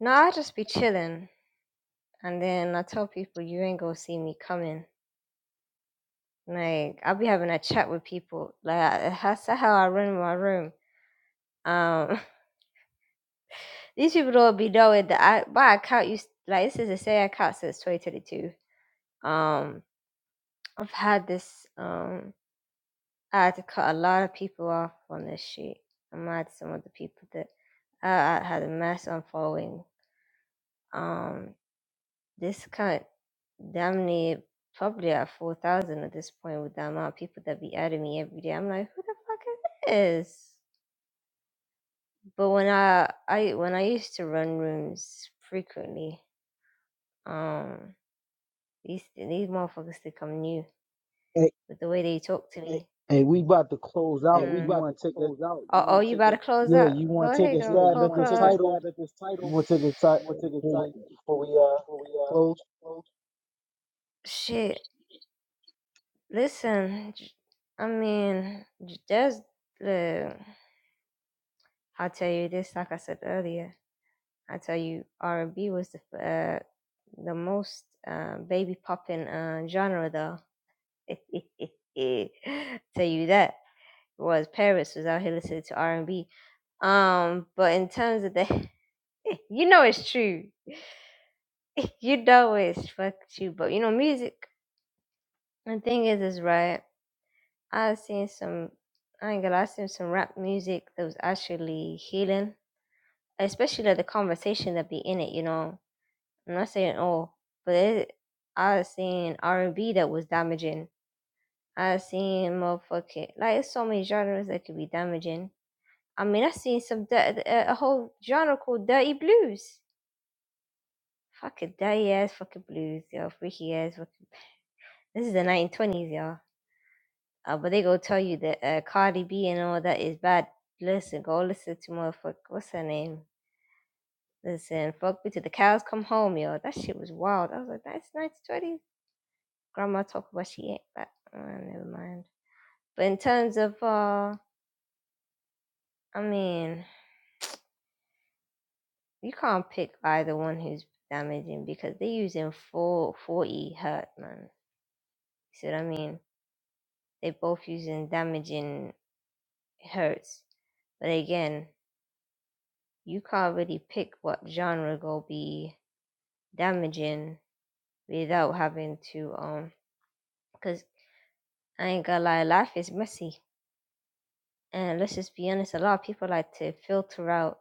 [SPEAKER 15] No, I'll just be chilling. And then I tell people, you ain't gonna see me coming. Like, I'll be having a chat with people. Like, that's how I run my room. Um, (laughs) these people don't be knowing that I, my account used, like, this is the same account since 2022. Um, I've had this, um, I had to cut a lot of people off on this shit. I'm mad at some of the people that I, I had a mass unfollowing. Um, discount damn near probably at 4,000 at this point with the amount of people that be adding me every day. I'm like, who the fuck is this? But when I, I when I used to run rooms frequently, um, these these motherfuckers think come new
[SPEAKER 1] Hey,
[SPEAKER 15] with the way they talk to Hey, me.
[SPEAKER 1] hey, we about to close
[SPEAKER 15] hey,
[SPEAKER 1] out.
[SPEAKER 15] mm. we Mm.
[SPEAKER 1] You
[SPEAKER 15] about to
[SPEAKER 1] want to take a
[SPEAKER 15] close out. Oh, oh, you about to close
[SPEAKER 1] yeah? You
[SPEAKER 15] out?
[SPEAKER 1] want
[SPEAKER 15] Go
[SPEAKER 1] to take
[SPEAKER 15] ahead,
[SPEAKER 1] a
[SPEAKER 15] yeah? go Yeah, You
[SPEAKER 1] stab at
[SPEAKER 15] want to
[SPEAKER 1] this
[SPEAKER 15] take a
[SPEAKER 1] title?
[SPEAKER 15] stab at this
[SPEAKER 1] You
[SPEAKER 15] title?
[SPEAKER 1] want to take it
[SPEAKER 15] You want to
[SPEAKER 1] si-
[SPEAKER 15] take a
[SPEAKER 1] before
[SPEAKER 15] title
[SPEAKER 1] we before
[SPEAKER 15] before
[SPEAKER 1] we
[SPEAKER 15] we
[SPEAKER 1] uh
[SPEAKER 15] before we uh
[SPEAKER 1] close?
[SPEAKER 15] close? Shit. Listen, j- I mean, j- just uh, I'll tell you this. Like I said earlier, I tell you, R and B was the f- uh, the most uh, baby popping uh, genre, though. (gasps) (laughs) tell you that was Paris was out here listening to R and B. Um, but in terms of the, (laughs) you know, it's true. (laughs) you know, it's fuck you. But you know, music. The thing is, is right. I seen some. I ain't gonna. lie, I seen some rap music that was actually healing, especially like the conversation that be in it. You know, I'm not saying all, but it, I seen R and B that was damaging. I seen motherfucking like it's so many genres that could be damaging. I mean, I seen some di- a a whole genre called dirty blues. Fucking dirty ass fucking blues, yo. Freaky ass fucking. This is the 1920s, yo. Uh, but they go tell you that uh, Cardi B and all that is bad. Listen, go listen to motherfucker. What's her name? Listen, fuck me till the cows come home, yo. That shit was wild. I was like, that's nice twenty. Grandma talk about she ain't but uh, never mind. But in terms of uh I mean, you can't pick either one who's damaging because they are using full forty hurt, man. You see what I mean? They both using damaging hurts. But again, you can't really pick what genre go be damaging without having to um because I ain't gonna lie, life is messy. And let's just be honest, a lot of people like to filter out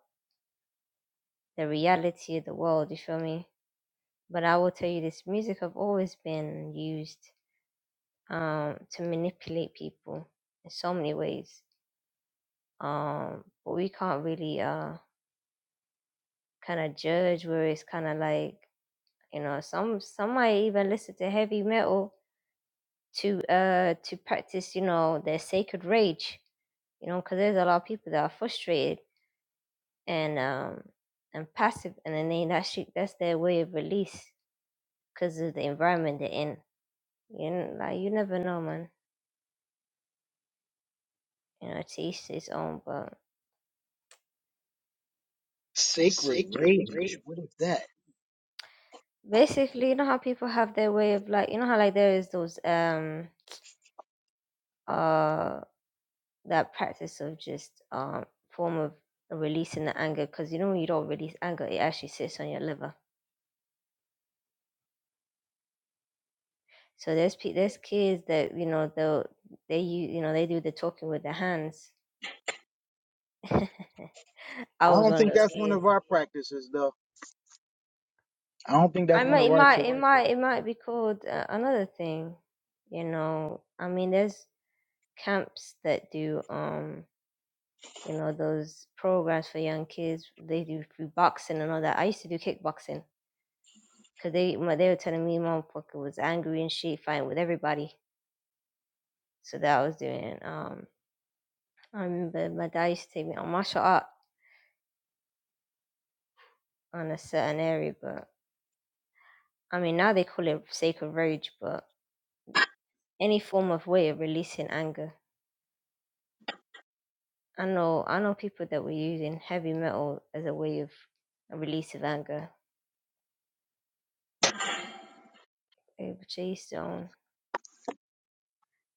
[SPEAKER 15] the reality of the world, you feel me? But I will tell you this music have always been used um to manipulate people in so many ways. Um but we can't really uh kinda judge where it's kinda like, you know, some some might even listen to heavy metal to uh to practice you know their sacred rage you know because there's a lot of people that are frustrated and um and passive and then they that's that's their way of release because of the environment they're in you know like you never know man you know to each his own but
[SPEAKER 1] Sacred
[SPEAKER 15] Sacred
[SPEAKER 1] rage.
[SPEAKER 15] rage.
[SPEAKER 1] What is that?
[SPEAKER 15] basically you know how people have their way of like you know how like there is those um uh that practice of just um form of releasing the anger because you know when you don't release anger it actually sits on your liver So there's pe- there's kids that you know they they u- you know they do the talking with their hands. (laughs) I
[SPEAKER 1] I
[SPEAKER 15] was
[SPEAKER 1] don't
[SPEAKER 15] one of
[SPEAKER 1] think
[SPEAKER 15] those
[SPEAKER 1] that's one of
[SPEAKER 15] kids.
[SPEAKER 1] our practices though. I don't think that's
[SPEAKER 15] I
[SPEAKER 1] one of
[SPEAKER 15] might it
[SPEAKER 1] our
[SPEAKER 15] might
[SPEAKER 1] sacred
[SPEAKER 15] it might it might be called uh, another thing, you know. I mean, there's camps that do um you know those programs for young kids. They do do boxing and all that. I used to do kickboxing because they my, they were telling me mom fucking was angry and she fighting with everybody. So that I was doing. Um, I remember my dad used to take me on martial art on a certain area, but I mean now they call it sacred rage, but any form of way of releasing anger. I know I know people that were using heavy metal as a way of a release of anger. Eh, But yeah, each their own.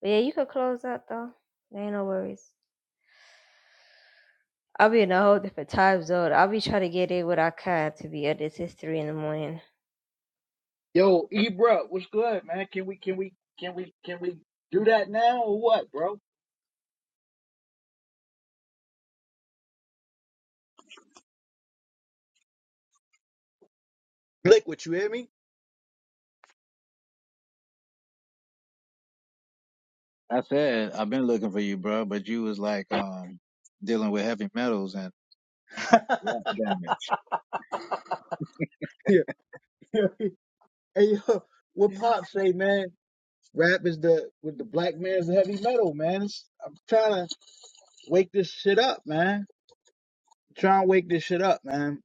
[SPEAKER 15] But yeah, you could close that though. There ain't no worries. I'll be in a whole different time zone. I'll be trying to get in what I can to be at this history in the morning.
[SPEAKER 1] Yo, Ebro, what's good, man? Can we can we can we can we do that now or what, bro? Liquid, you hear me?
[SPEAKER 16] I said I've been looking for you, bro, but you was like um dealing with heavy metals and
[SPEAKER 1] (laughs)
[SPEAKER 16] rock damage.
[SPEAKER 1] yeah. (laughs) Hey yo, what
[SPEAKER 16] Yeah.
[SPEAKER 1] Pop say, man? Rap is the with the black man's heavy metal, man. It's, I'm trying to wake this shit up, man. Trying to wake this shit up, man.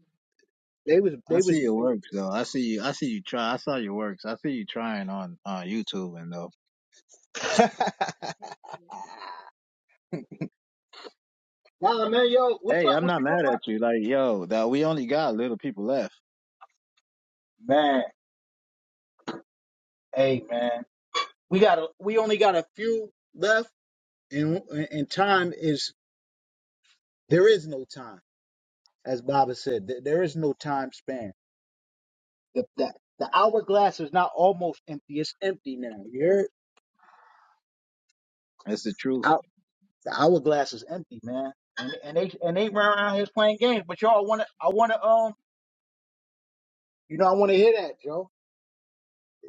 [SPEAKER 1] They was
[SPEAKER 16] I
[SPEAKER 1] they was
[SPEAKER 16] see your works though. I see you. I see you try. I saw your works. I see you trying on on YouTube and though.
[SPEAKER 1] (laughs) nah, man, yo, what's
[SPEAKER 16] Hey,
[SPEAKER 1] up?
[SPEAKER 16] I'm
[SPEAKER 1] What
[SPEAKER 16] not
[SPEAKER 1] you doing
[SPEAKER 16] mad
[SPEAKER 1] right?
[SPEAKER 16] at you. Like yo, that we only got little people left.
[SPEAKER 1] Man, hey, man, we got a, we only got a few left, and and time is there is no time, as Baba said, There there is no time span. The, the the hourglass is not almost empty; it's empty now. You heard?
[SPEAKER 16] That's the truth.
[SPEAKER 1] Out, the hourglass is empty, man. And, and they and they run around here playing games. But y'all want to, I want to, um, you know, I want to hear that, Joe.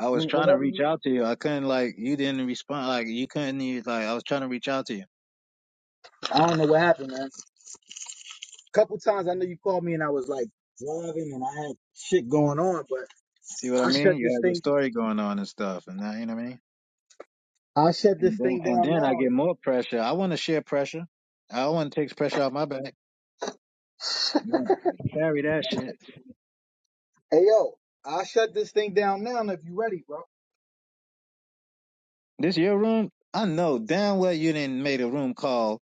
[SPEAKER 16] I was
[SPEAKER 1] When,
[SPEAKER 16] trying to
[SPEAKER 1] whenever
[SPEAKER 16] reach
[SPEAKER 1] you,
[SPEAKER 16] out to you. I couldn't like you didn't respond. Like you couldn't even like I was trying to reach out to you.
[SPEAKER 1] I don't know what happened, man. couple times I know you called me and I was like driving and I had shit going on, but
[SPEAKER 16] See what I
[SPEAKER 1] I shut
[SPEAKER 16] mean? You
[SPEAKER 1] this
[SPEAKER 16] have a
[SPEAKER 1] thing
[SPEAKER 16] story going on and stuff, and that you know what I mean.
[SPEAKER 1] I shut
[SPEAKER 16] And
[SPEAKER 1] this
[SPEAKER 16] then
[SPEAKER 1] thing
[SPEAKER 16] and
[SPEAKER 1] down
[SPEAKER 16] then I
[SPEAKER 1] now.
[SPEAKER 16] get more pressure. I want to share pressure. I want to take pressure off my back.
[SPEAKER 1] (laughs)
[SPEAKER 16] Yeah, carry that shit.
[SPEAKER 1] Hey yo, I shut this thing down now if you ready, bro.
[SPEAKER 16] This your room? I know damn well you didn't made a room call.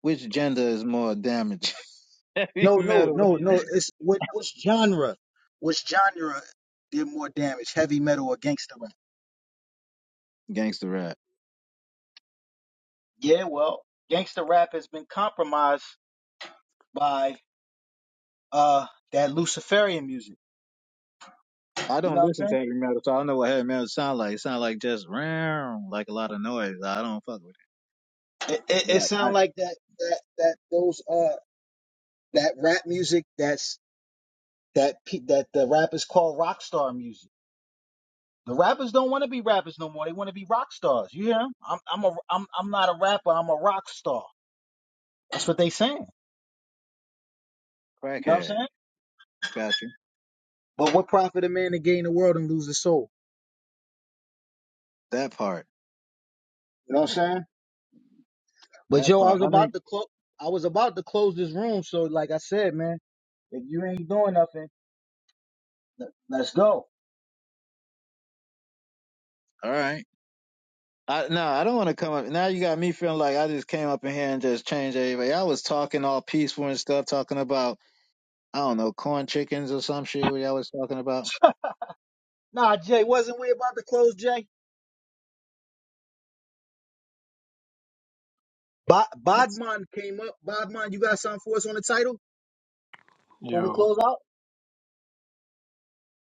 [SPEAKER 16] Which gender is more damaged? (laughs) heavy
[SPEAKER 1] No, no,
[SPEAKER 16] metal,
[SPEAKER 1] no, no. It's what what's genre? What's genre did more damage, heavy metal or gangster rap?
[SPEAKER 16] gangster rap.
[SPEAKER 1] Yeah, well, gangster rap has been compromised by uh that Luciferian music.
[SPEAKER 16] I
[SPEAKER 1] You know
[SPEAKER 16] don't
[SPEAKER 1] what
[SPEAKER 16] listen to
[SPEAKER 1] I'm
[SPEAKER 16] heavy metal, so I don't know what heavy metal sound like. It sound like just round, like a lot of noise. I don't fuck with
[SPEAKER 1] saying? It
[SPEAKER 16] it.
[SPEAKER 1] it,
[SPEAKER 16] But
[SPEAKER 1] it sound like that that that those uh that rap music that's that pe- that the rappers call rock star music. The rappers don't want to be rappers no more. They want to be rock stars. You hear 'em? I'm I'm a I'm I'm not a rapper. I'm a rock star. That's what they saying.
[SPEAKER 16] I, I
[SPEAKER 1] You know what I'm
[SPEAKER 16] crackhead.
[SPEAKER 1] saying?
[SPEAKER 16] I got you.
[SPEAKER 1] But what profit a man to gain the world and lose his soul?
[SPEAKER 16] That part.
[SPEAKER 1] You know what I'm saying? But
[SPEAKER 16] That
[SPEAKER 1] yo, I
[SPEAKER 16] part.
[SPEAKER 1] was
[SPEAKER 16] How many?
[SPEAKER 1] about to close. I was about to close this room. So like I said, man, if you ain't doing nothing, let- let's go.
[SPEAKER 16] All right. I no, I don't want to come up. Now you got me feeling like I just came up in here and just changed everybody. I was talking all peaceful and stuff, talking about I don't know corn chickens or some shit. What y'all was talking about?
[SPEAKER 1] Nah, Jay, wasn't we about to close, Jay? Bo-
[SPEAKER 16] That's-
[SPEAKER 1] Bodman came up. Bodman, you got something for us on the title? When we
[SPEAKER 17] Yo,
[SPEAKER 1] close out?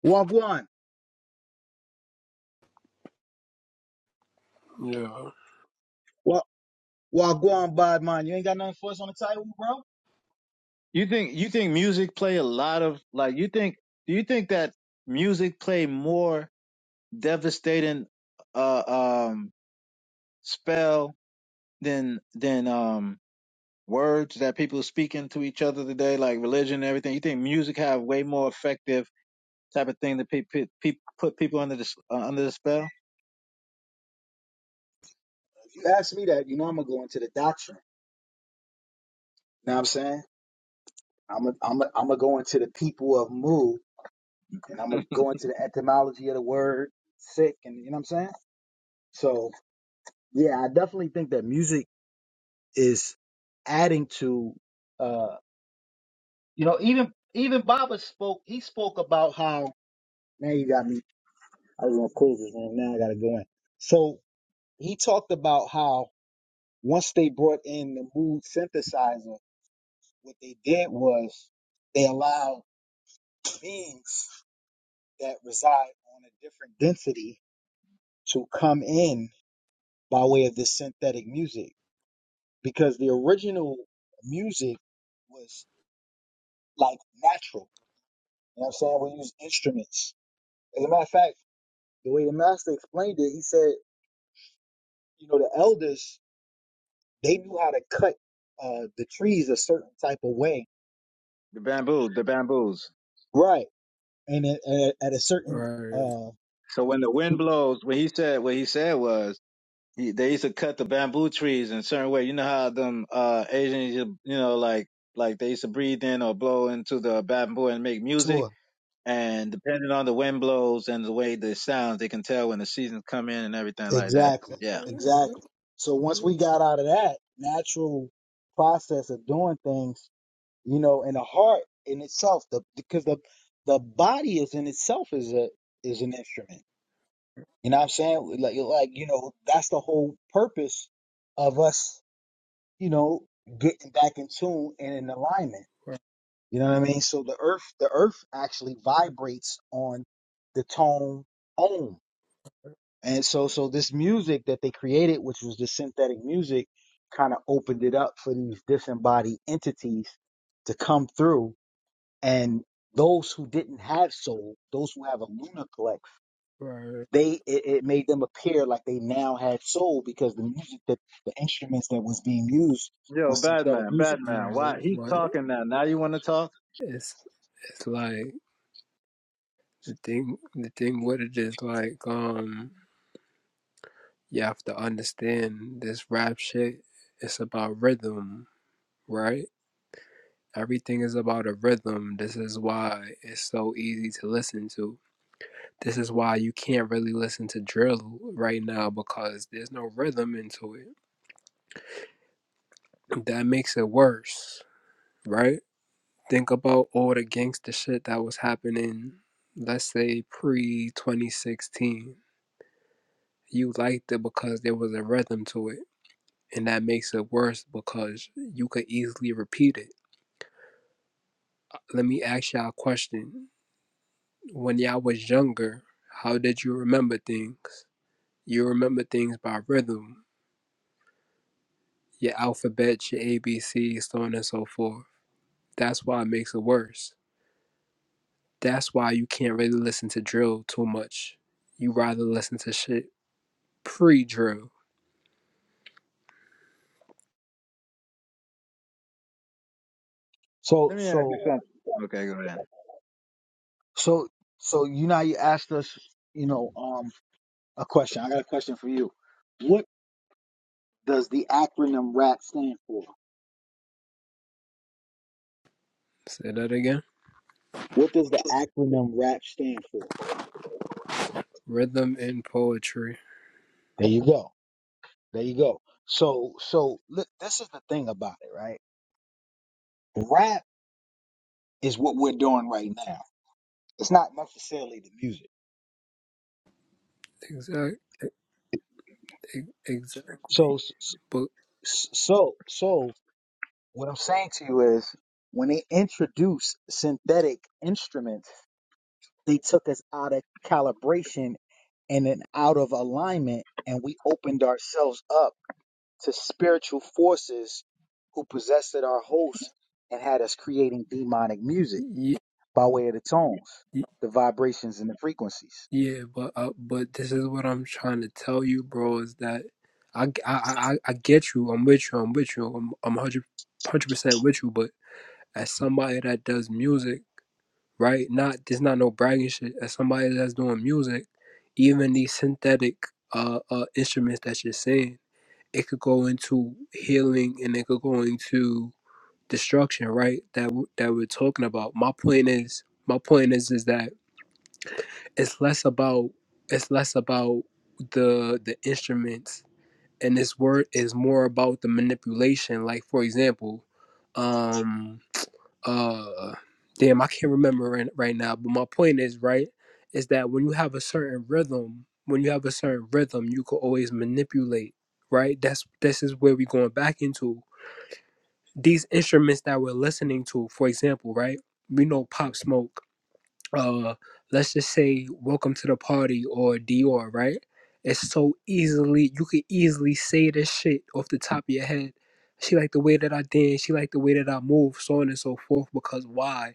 [SPEAKER 1] Wagwan.
[SPEAKER 17] yo,
[SPEAKER 1] Well, go on, bud, man. You ain't got nothing for us on the title, bro?
[SPEAKER 16] you think you think music play a lot of like you think do you think that music play more devastating uh um spell than than um words that people speaking to each other today like religion and everything? You think music have way more effective? type of thing to pe- pe- pe- put people under the uh, under the spell.
[SPEAKER 1] If you ask me that, you know I'm going to go into the doctrine. You know what I'm saying? I'm going I'm to I'm go into the people of Mu, and
[SPEAKER 16] (laughs)
[SPEAKER 1] I'm going
[SPEAKER 16] the
[SPEAKER 1] to go into the etymology of the word sick, and you know what I'm saying? So, yeah, I definitely think that music is adding to, uh, you know, even even Baba spoke, he spoke about how, man, you got me. I was going to close this room. Now I got to go in. So he talked about how once they brought in the mood synthesizer, What they did was they allowed beings that reside on a different density to come in by way of this synthetic music because the original music was like natural. You know what I'm saying? We use instruments. As a matter of fact, the way the master explained it, he said, you know, the elders, they knew how to cut uh, the trees a certain type of way.
[SPEAKER 16] bamboo, the bamboos.
[SPEAKER 1] Right. And at, at a certain
[SPEAKER 17] Right.
[SPEAKER 1] uh,
[SPEAKER 16] So when the wind blows, what he said, what he said was he, they used to cut the bamboo trees in a certain way. You know how them uh Asians, you you know, like like they used to breathe in or blow into the bamboo and make
[SPEAKER 1] tour.
[SPEAKER 16] music. And depending on the wind blows and the way the sounds, they can tell when the seasons come in and everything like that.
[SPEAKER 1] Exactly.
[SPEAKER 16] Yeah.
[SPEAKER 1] Exactly. So once we got out of that natural process of doing things, you know, and the heart in itself, the because the the body is in itself is a is an instrument. You know what I'm saying? Like like like, you know, that's the whole purpose of us, you know, getting back in tune and in alignment.
[SPEAKER 17] Right.
[SPEAKER 1] You know what I mean? So the earth the earth actually vibrates on the tone om. And so, so this music that they created, which was the synthetic music, kind of opened it up for these disembodied entities to come through. And those who didn't have soul, those who have a lunar collect,
[SPEAKER 17] Right.
[SPEAKER 1] they it, it made them appear like they now had soul because the music that the instruments that was being used
[SPEAKER 16] Yo,
[SPEAKER 1] was synthetic
[SPEAKER 16] Batman,
[SPEAKER 1] music.
[SPEAKER 16] Batman,
[SPEAKER 17] Right.
[SPEAKER 16] why he's
[SPEAKER 17] But
[SPEAKER 16] talking now? Now you want to talk?
[SPEAKER 17] it's it's like the thing the thing with it is like um you have to understand this rap shit it's about rhythm, right? Everything is about a rhythm. This is why it's so easy to listen to. This is why you can't really listen to drill right now because there's no rhythm into it. That makes it worse, right? Think about all the gangster shit that was happening, let's say pre 2016. You liked it because there was a rhythm to it. And that makes it worse because you could easily repeat it. Let me ask y'all a question. When y'all was younger, how did you remember things? You remember things by rhythm, your alphabet, your ABCs, so on and so forth. That's why it makes it worse. That's why you can't really listen to drill too much. You rather listen to shit pre drew
[SPEAKER 1] So,
[SPEAKER 16] Let me ask you
[SPEAKER 1] so,
[SPEAKER 16] something. Okay, go ahead.
[SPEAKER 1] so, so you now you asked us, you know, um, a question. I got a question for you. What does the acronym RAP stand for?
[SPEAKER 17] Say that again.
[SPEAKER 1] What does the acronym RAP stand for?
[SPEAKER 17] Rhythm and poetry.
[SPEAKER 1] There you go. There you go. So, so look, this is the thing about it, right? Rap is what we're doing right now. It's not necessarily the music.
[SPEAKER 17] Exact. Exactly.
[SPEAKER 1] So, s-
[SPEAKER 17] But
[SPEAKER 1] s- so, so what I'm saying to you is when they introduced synthetic instruments, they took us out of calibration and then out of alignment and we opened ourselves up to spiritual forces who possessed our hosts and had us creating demonic music
[SPEAKER 17] yeah,
[SPEAKER 1] by way of the tones, the vibrations, and the frequencies.
[SPEAKER 17] yeah, but uh, but this is what I'm trying to tell you, bro. Is that I I I, I get you. I'm with you. I'm with you. I'm I'm hundred hundred percent with you. But as somebody that does music, right? Not there's not no bragging shit. As somebody that's doing music, even these synthetic uh, uh instruments that you're saying, it could go into healing and it could go into destruction, right? That w- that we're talking about. My point is, my point is, is that it's less about it's less about the the instruments, and this word is more about the manipulation. Like for example, um, uh, damn, I can't remember right, right now, but my point is, right, is that when you have a certain rhythm, when you have a certain rhythm, you can always manipulate, right? That's this is where we're going back into these instruments that we're listening to, for example, right? We know Pop Smoke uh let's just say welcome to the party or Dior, right? It's so easily you could easily say this shit off the top of your head. She liked the way that I dance, she liked the way that I move, so on and so forth, because why?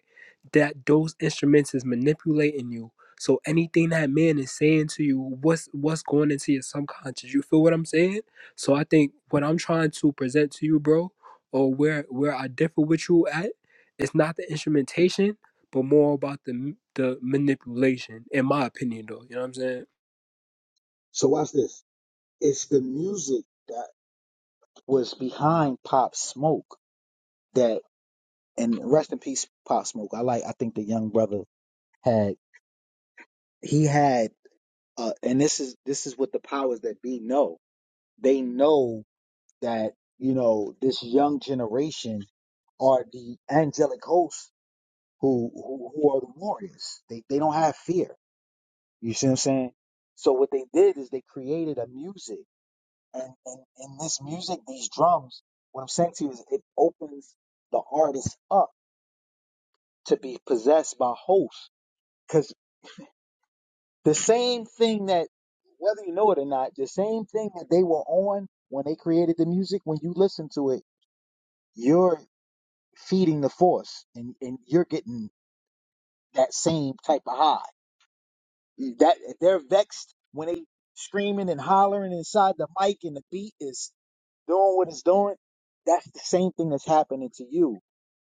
[SPEAKER 17] That those instruments is manipulating you. So anything that man is saying to you, what's what's going into your subconscious? You feel what I'm saying? So I think what I'm trying to present to you, bro, or where where I differ with you at, it's not the instrumentation but more about the the manipulation, in my opinion, though. You know what I'm saying?
[SPEAKER 1] So, watch this. It's the music that was behind Pop Smoke that, and rest in peace, Pop Smoke. I like, I think the young brother had, he had, uh, and this is, this is what the powers that be know. They know that, you know, this young generation are the angelic hosts who who, who are the warriors. They they don't have fear. You see what I'm saying? So what they did is they created a music, and and, and this music, these drums. What I'm saying to you is, it opens the artist up to be possessed by hosts, because the same thing that whether you know it or not, the same thing that they were on when they created the music. When you listen to it, you're feeding the force, and and you're getting that same type of high. that they're vexed when they screaming and hollering inside the mic and the beat is doing what it's doing that's the same thing that's happening to you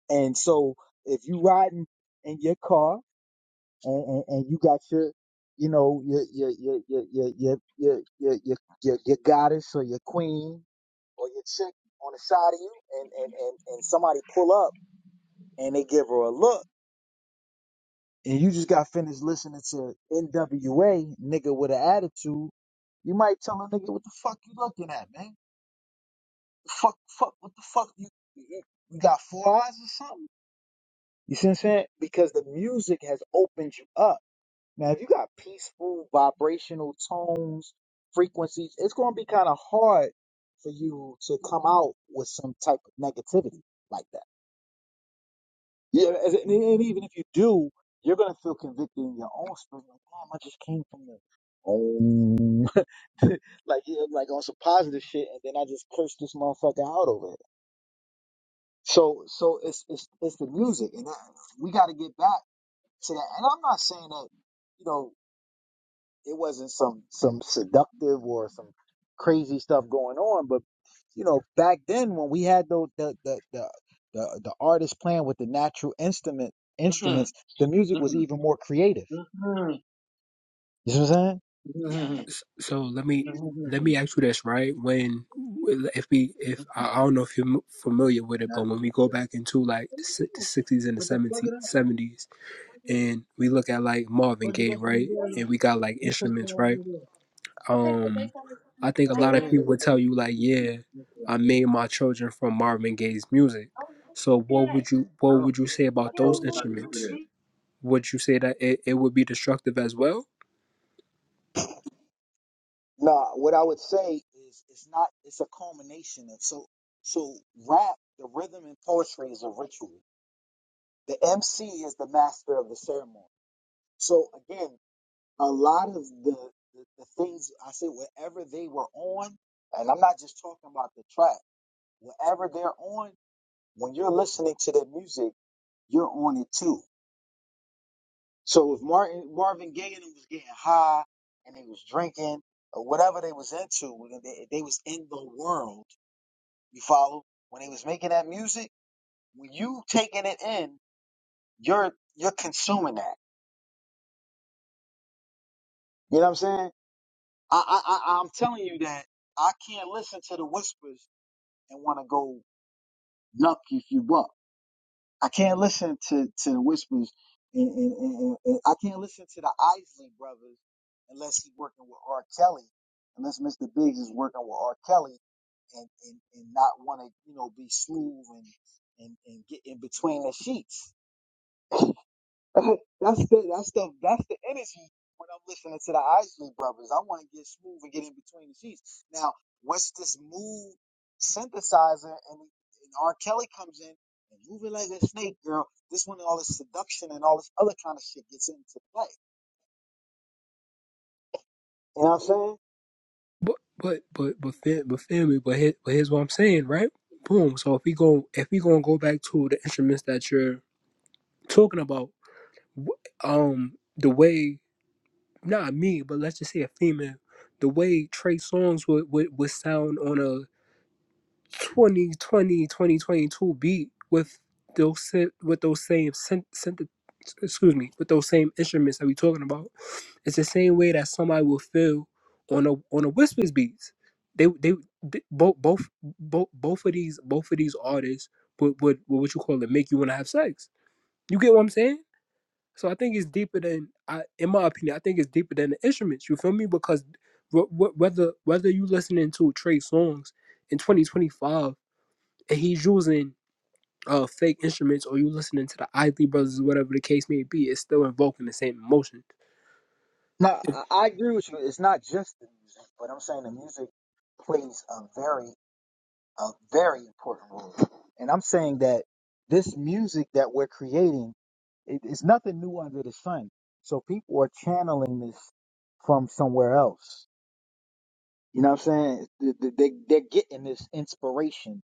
[SPEAKER 1] and so if you riding in your car and, and, and you got your you know your your your your your your your your, your, your, your goddess or your queen or your chick on the side of you and, and and and somebody pull up and they give her a look and you just got finished listening to NWA, nigga with an attitude, you might tell a nigga what the fuck you looking at, man. Fuck, fuck, what the fuck you, you, you got four eyes or something? You see what I'm saying? Because the music has opened you up. Now, if you got peaceful vibrational tones, frequencies, it's gonna be kind of hard for you to come out with some type of negativity like that. Yeah, and, and and even if you do, you're gonna feel convicted in your own spirit. Like, damn, I just came from the um, (laughs) like yeah, like on some positive shit, and then I just cursed this motherfucker out over it. So, so it's it's it's the music, and that, we got to get back to that. And I'm not saying that, you know. It wasn't some some seductive or some crazy stuff going on, but you know, back then when we had those the the the the, the artists playing with the natural instrument
[SPEAKER 16] Mm-mm,
[SPEAKER 1] instruments, the music
[SPEAKER 16] mm-mm.
[SPEAKER 1] was even more creative.
[SPEAKER 16] Mhm.
[SPEAKER 1] You see what I'm saying?
[SPEAKER 16] Mhm.
[SPEAKER 17] S- So let me let
[SPEAKER 16] Mhm.
[SPEAKER 17] me ask you this, right? When if we if I I don't know if you're m- familiar with it, but
[SPEAKER 16] That's
[SPEAKER 17] when we go
[SPEAKER 16] good.
[SPEAKER 17] back into like the si- the 60s and the
[SPEAKER 16] But the plug
[SPEAKER 17] 70s,
[SPEAKER 16] it up,
[SPEAKER 17] 70s, and we look at like Marvin
[SPEAKER 16] plug it
[SPEAKER 17] Gaye,
[SPEAKER 16] up from the
[SPEAKER 17] right?
[SPEAKER 16] there.
[SPEAKER 17] And we got like
[SPEAKER 16] You took that
[SPEAKER 17] instruments,
[SPEAKER 16] out
[SPEAKER 17] right?
[SPEAKER 16] of there.
[SPEAKER 17] Um, I think a
[SPEAKER 16] Okay,
[SPEAKER 17] lot
[SPEAKER 16] let me
[SPEAKER 17] of
[SPEAKER 16] let me.
[SPEAKER 17] people would tell you like,
[SPEAKER 16] see.
[SPEAKER 17] yeah,
[SPEAKER 16] Look at
[SPEAKER 17] I
[SPEAKER 16] that.
[SPEAKER 17] made my children from Marvin Gaye's music. So what would you
[SPEAKER 16] I
[SPEAKER 17] what
[SPEAKER 16] don't-
[SPEAKER 17] would you say
[SPEAKER 16] I
[SPEAKER 17] about
[SPEAKER 16] told
[SPEAKER 17] those
[SPEAKER 16] him not to do
[SPEAKER 17] instruments?
[SPEAKER 16] that.
[SPEAKER 17] would you say that it, it would be destructive as well?
[SPEAKER 1] Nah, what I would say is it's not it's a culmination of so so rap, the rhythm and poetry is a ritual. The MC is the master of the ceremony. So again, a lot of the, the, the things I said, whatever they were on, and I'm not just talking about the track, whatever they're on, when you're listening to their music, you're on it too. So if Martin Marvin Gaye and them was getting high and they was drinking or whatever they was into, when they, they was in the world. You follow? When they was making that music, when you taking it in, you're you're consuming that. You know what I'm saying? I I, I I'm telling you that I can't listen to the whispers and want to go yuck you you up. I can't listen to to the whispers, and, and, and, and and I can't listen to the Isley brothers unless he's working with R. Kelly, unless Mr. Biggs is working with R. Kelly, and and, and not want to you know be smooth and and and get in between the sheets. (laughs) that's the that's the that's the energy when I'm listening to the Isley brothers. I want to get smooth and get in between the sheets. Now, what's this mood synthesizer and, and R. Kelly comes in and moving like a snake, girl. This one, all this seduction and all this other kind of shit gets into play. You know what I'm saying?
[SPEAKER 17] But but but but but family, but here, but here's what I'm saying, right? Boom. So if we go if we gonna go back to the instruments that you're talking about, um, the way not me, but let's just say a female, the way Trey songs would would, would sound on a 2020 2022 beat with those syn- with those same synth, synth, excuse me with those same instruments that we talking about it's the same way that somebody will feel on a on a whispers beats they they, they both both both both of these both of these artists would, would would what you call it make you want to have sex you get what i'm saying so i think it's deeper than i in my opinion i think it's deeper than the instruments you feel me because wh- wh- whether whether you listening to trey songs in 2025 and he's using uh fake instruments or you listening to the Isley Brothers, whatever the case may be, it's still invoking the same emotion.
[SPEAKER 1] No, I, I agree with you. It's not just the music, but I'm saying the music plays a very a very important role. And I'm saying that this music that we're creating it, it's nothing new under the sun. So people are channeling this from somewhere else. You know what I'm saying? They, they, they're getting this inspiration,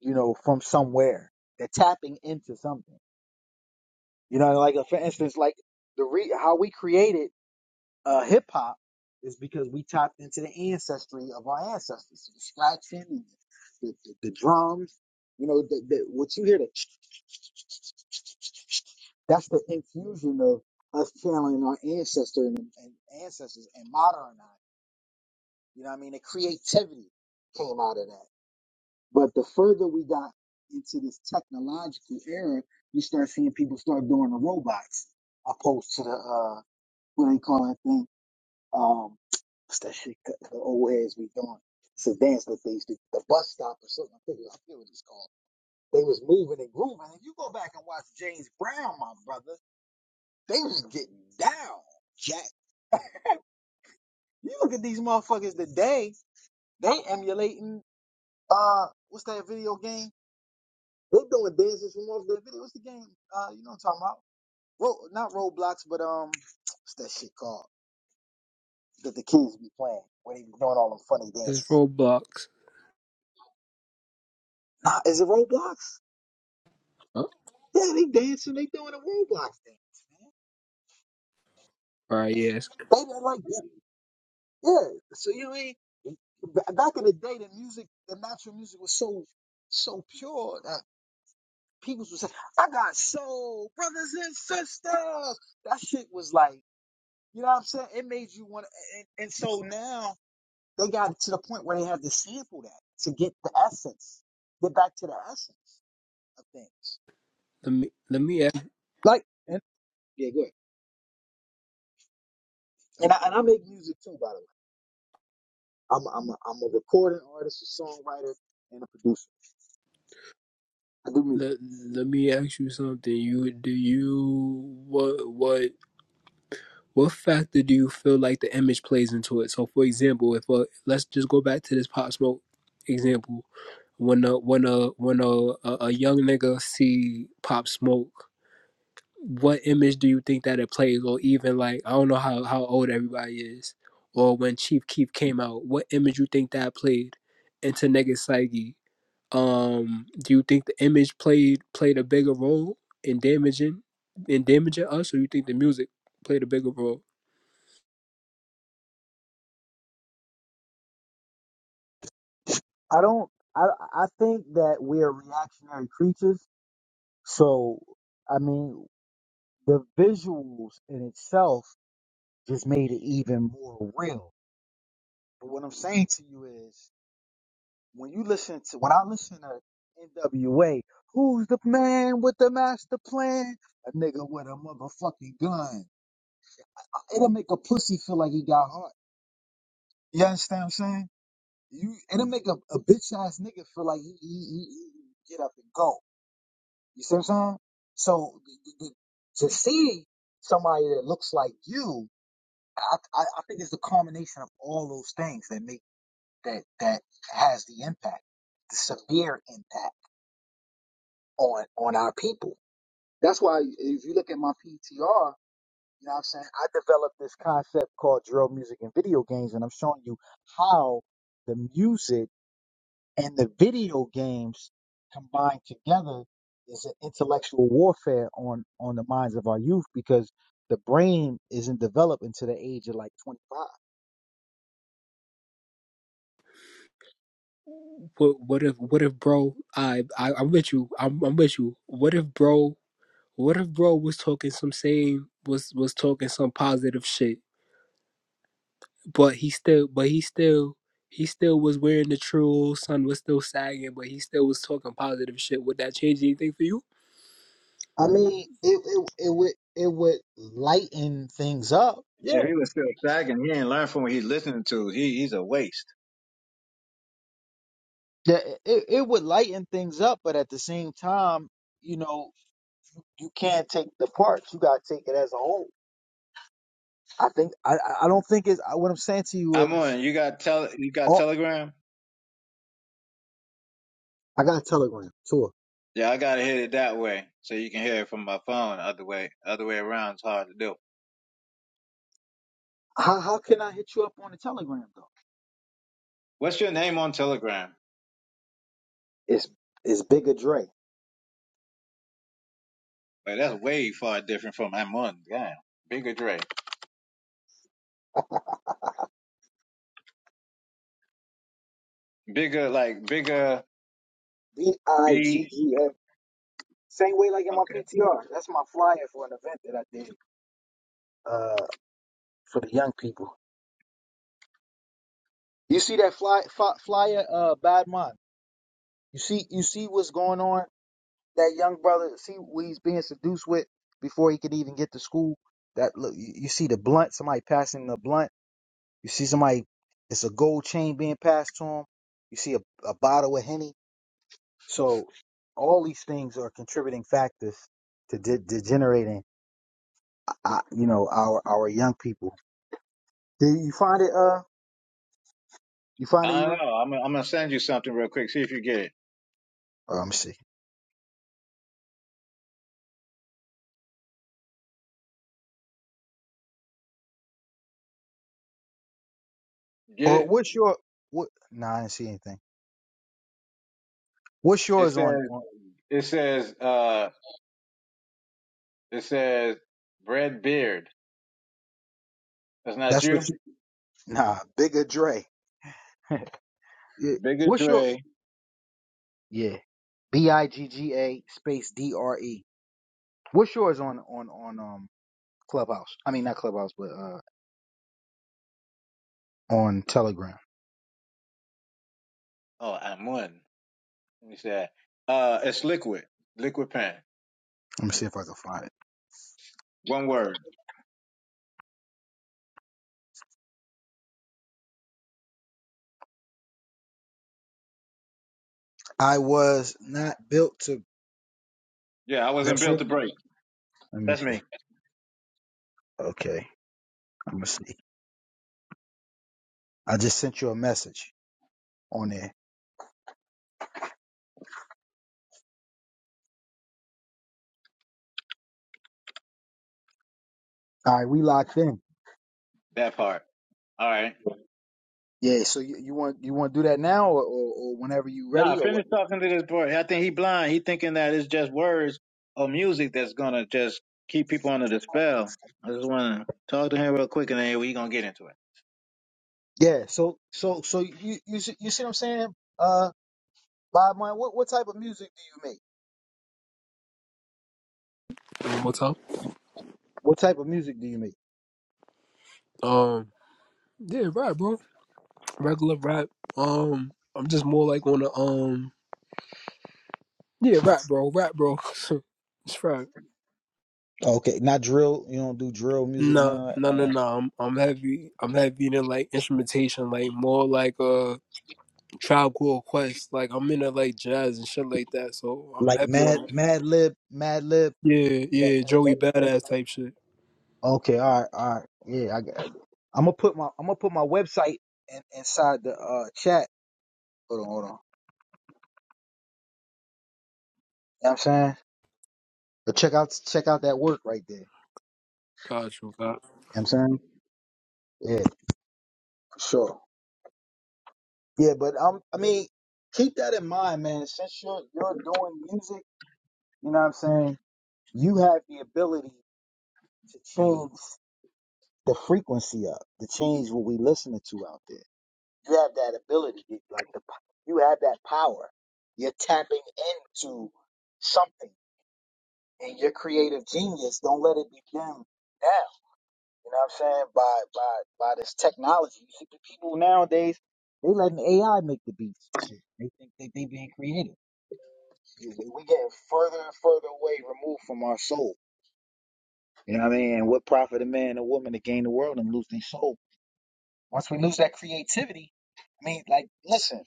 [SPEAKER 1] you know, from somewhere. They're tapping into something. You know, like uh, for instance, like the re- how we created. uh, hip hop is because we tapped into the ancestry of our ancestors, So the scratching, and the, the, the drums. You know, the, the, what you hear, the, that's the infusion of us channeling our ancestor and, and ancestors and modernizing. You know what I mean? The creativity came out of that. But the further we got into this technological era, you start seeing people start doing the robots opposed to the, uh, what they call that thing? Um, what's that shit? The the old ads we doing. It's a dance that they used to. The bus stop or something. I think I forget what it's called. They was moving and grooving. If you go back and watch James Brown, my brother, they was getting down, Jack. You look at these motherfuckers today. They emulating. Uh, what's that video game? They doing dances from off their video. What's the game? Uh, you know what I'm talking about? Ro- not Roblox, but um, what's that shit called? That the kids be playing where they be doing all them funny
[SPEAKER 17] It's
[SPEAKER 1] dances.
[SPEAKER 17] Roblox.
[SPEAKER 1] Nah, is it Roblox?
[SPEAKER 17] Oh,
[SPEAKER 1] Yeah, they dancing, they doing a Roblox dance, man.
[SPEAKER 17] all right, yes.
[SPEAKER 1] They, they like, that. yeah. So you know, what I mean? Ba- back in the day, the music, the natural music was so, so pure that people was saying, "I got soul, brothers and sisters." That shit was like, you know what I'm saying? It made you want, to, and, and so now they got to the point where they have to sample that to get the essence, get back to the essence of things.
[SPEAKER 17] Let me let me ask,
[SPEAKER 1] Like, and, yeah, go ahead. And I, and I make music too, by the way. I'm I'm a, I'm a recording artist, a songwriter, and a producer. I do music.
[SPEAKER 17] let, let me ask you something. You do you what what what factor do you feel like the image plays into it? So, for example, if uh, let's just go back to this Pop Smoke example. When a when a when a a, a young nigga see Pop Smoke what image do you think that it plays or even like i don't know how, how old everybody is or when chief keef came out what image you think that played into nigga psyche um do you think the image played played a bigger role in damaging in damaging us or you think the music played a bigger role
[SPEAKER 1] I don't. I I think that we are reactionary creatures. So I mean, the visuals in itself just made it even more real. But what I'm saying to you is, when you listen to when I listen to N.W.A., who's the man with the master plan? A nigga with a motherfucking gun. It'll make a pussy feel like he got heart. You understand what I'm saying? You it'll make a, a bitch ass nigga feel like he, he, he, he get up and go. You see what I'm saying? So th- th- to see somebody that looks like you, I, I I think it's the combination of all those things that make that that has the impact, the severe impact on on our people. That's why if you look at my PTR, you know what I'm saying? I developed this concept called drill music and video games, and I'm showing you how the music and the video games combined together is an intellectual warfare on on the minds of our youth because the brain isn't developed until the age of like 25
[SPEAKER 17] what what if what if bro i, I i'm with you I'm, I'm with you what if bro what if bro was talking some same was was talking some positive shit but he still but he still he still was wearing the true sun was still sagging but he still was talking positive shit would that change anything for you
[SPEAKER 1] i mean it it, it would it would lighten things up yeah
[SPEAKER 16] If he was still sagging, he ain't learned from what he's listening to. He he's a waste.
[SPEAKER 1] Yeah, it, it would lighten things up but at the same time you know you can't take the parts you got to take it as a whole i think i i I don't think it's I- what i'm saying to you
[SPEAKER 16] I'm
[SPEAKER 1] is
[SPEAKER 16] on. You got tele. You got
[SPEAKER 1] oh
[SPEAKER 16] Telegram.
[SPEAKER 1] i got a telegram tour
[SPEAKER 16] Yeah, I gotta hit it that way so you can hear it from my phone. Other way, other way around is hard to do.
[SPEAKER 1] how, how can i hit you up on the telegram though
[SPEAKER 16] What's your name on Telegram?
[SPEAKER 1] It's it's Bigger Dre.
[SPEAKER 16] Like that's way far different from I'm on. Damn, bigger Dre. Bigger, like bigger
[SPEAKER 1] B I
[SPEAKER 16] B.
[SPEAKER 1] G G A. Same way like in my
[SPEAKER 16] Okay.
[SPEAKER 1] PTR. That's my flyer for an event that I did uh for the young people. You see that fly, fly flyer uh Bad Mind. You see you see what's going on. That young brother, see what he's being seduced with before he could even get to school. That look you, you see the blunt, somebody passing the blunt. You see somebody it's a gold chain being passed to him. You see a, a bottle of Henny So all these things are contributing factors to de- degenerating, uh, uh, you know, our our young people. Did you find it? Uh, you find it,
[SPEAKER 16] I don't
[SPEAKER 1] Eber?
[SPEAKER 16] know. I'm, I'm gonna send you something real quick. See if you get it.
[SPEAKER 1] Uh, let me see.
[SPEAKER 16] Get
[SPEAKER 1] Or
[SPEAKER 16] it?
[SPEAKER 1] what's your what? Nah, I didn't see anything. What's
[SPEAKER 16] It
[SPEAKER 1] yours on?
[SPEAKER 16] says.
[SPEAKER 1] on
[SPEAKER 16] It says. Uh. It says. Brad Beard. That's not
[SPEAKER 1] that's what
[SPEAKER 16] you.
[SPEAKER 1] you. Nah, bigger Dre. (laughs) Yeah,
[SPEAKER 16] Bigger
[SPEAKER 1] What's your?
[SPEAKER 16] Dre.
[SPEAKER 1] Yeah, B I G G A space D R E. What's yours on on on um Clubhouse? I mean not Clubhouse, but uh on Telegram.
[SPEAKER 16] Oh, I'm one. Let me see that. Uh, it's liquid. Liquid pen.
[SPEAKER 1] Let me see if I can find it.
[SPEAKER 16] One word.
[SPEAKER 1] I was not built to
[SPEAKER 16] Yeah, I wasn't
[SPEAKER 1] That's
[SPEAKER 16] built
[SPEAKER 1] you?
[SPEAKER 16] to break.
[SPEAKER 1] Let me
[SPEAKER 16] That's
[SPEAKER 1] see.
[SPEAKER 16] me.
[SPEAKER 1] Okay. I'm gonna see. I just sent you a message on there. All right, we locked in.
[SPEAKER 16] That part. All right.
[SPEAKER 1] Yeah. So you, you want you want to do that now or, or, or whenever you
[SPEAKER 16] Nah,
[SPEAKER 1] ready or what?
[SPEAKER 16] finish talking to this boy. I think he blind. He thinking that it's just words or music that's gonna just keep people under the spell. I just wanna talk to him real quick and then we gonna get into it.
[SPEAKER 1] Yeah. So so so you you see- you see what I'm saying? Uh, Bob, Marley, what what type of music do you make?
[SPEAKER 17] one more time
[SPEAKER 1] What type of music do you make?
[SPEAKER 17] um yeah rap, bro regular rap um i'm just more like on the um yeah rap bro rap bro (laughs) it's right
[SPEAKER 1] Okay, not drill. You don't do drill music and none
[SPEAKER 17] Nah,
[SPEAKER 1] of that.
[SPEAKER 17] no,
[SPEAKER 1] None of
[SPEAKER 17] no,
[SPEAKER 1] that.
[SPEAKER 17] no. I'm, I'm heavy. I'm heavy in like instrumentation, like more like a tribe called Quest. Like I'm into like jazz and shit like that. So I'm
[SPEAKER 1] Like
[SPEAKER 17] heavy
[SPEAKER 1] Mad
[SPEAKER 17] on,
[SPEAKER 1] Mad Lib, Mad Lib.
[SPEAKER 17] yeah,
[SPEAKER 1] That,
[SPEAKER 17] yeah, Joey
[SPEAKER 1] that,
[SPEAKER 17] Badass type shit.
[SPEAKER 1] Okay, all right, all right. Yeah, I got. I'm gonna put my I'm gonna put my website in, inside the uh chat. Hold on, hold on. You know what I'm saying, but check out check out that work right there. You
[SPEAKER 17] Got you. Got
[SPEAKER 1] know what I'm saying, yeah, for sure. Yeah, but um, I mean, keep that in mind, man. Since you're you're doing music, you know what I'm saying, you have the ability to change the frequency up, to change what we listening to out there. You have that ability, like the p- you have that power. You're tapping into something and your creative genius, don't let it be dimmed down. You know what I'm saying? By by by this technology. You see, the people nowadays they letting AI make the beats and shit. They think that they being creative. We we getting further and further away, removed from our soul. You know what I mean? And What profit a man or woman to gain the world and lose their soul? Once we lose that creativity, I mean, like, listen,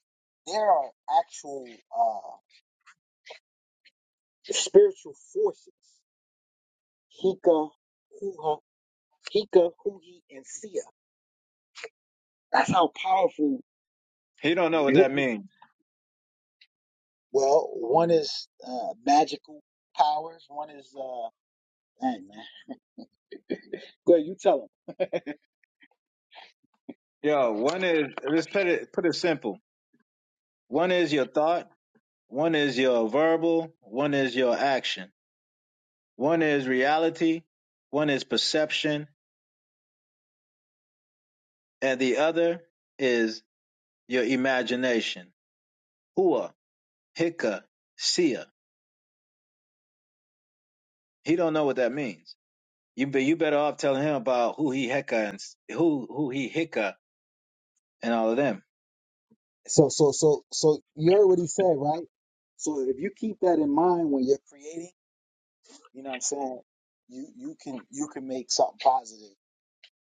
[SPEAKER 1] there are actual uh spiritual forces. Hika, Huha, Hika, Huhi, and Sia That's how powerful.
[SPEAKER 16] He don't know what
[SPEAKER 1] w-
[SPEAKER 16] that means.
[SPEAKER 1] Well, one is uh, magical powers. One is, uh, dang man. Good, you tell him.
[SPEAKER 16] Yo, one is let's put it put it simple. One is your thought, one is your verbal, one is your action, one is reality, one is perception, and the other is your imagination. Hua, hika, sia. He don't know what that means. You be, you better off telling him about who he hecka and s- who who he hicka and all of them
[SPEAKER 1] So, so, so, so you heard what he said, right? So if you keep that in mind when you're creating, you know what I'm saying? You you can you can make something positive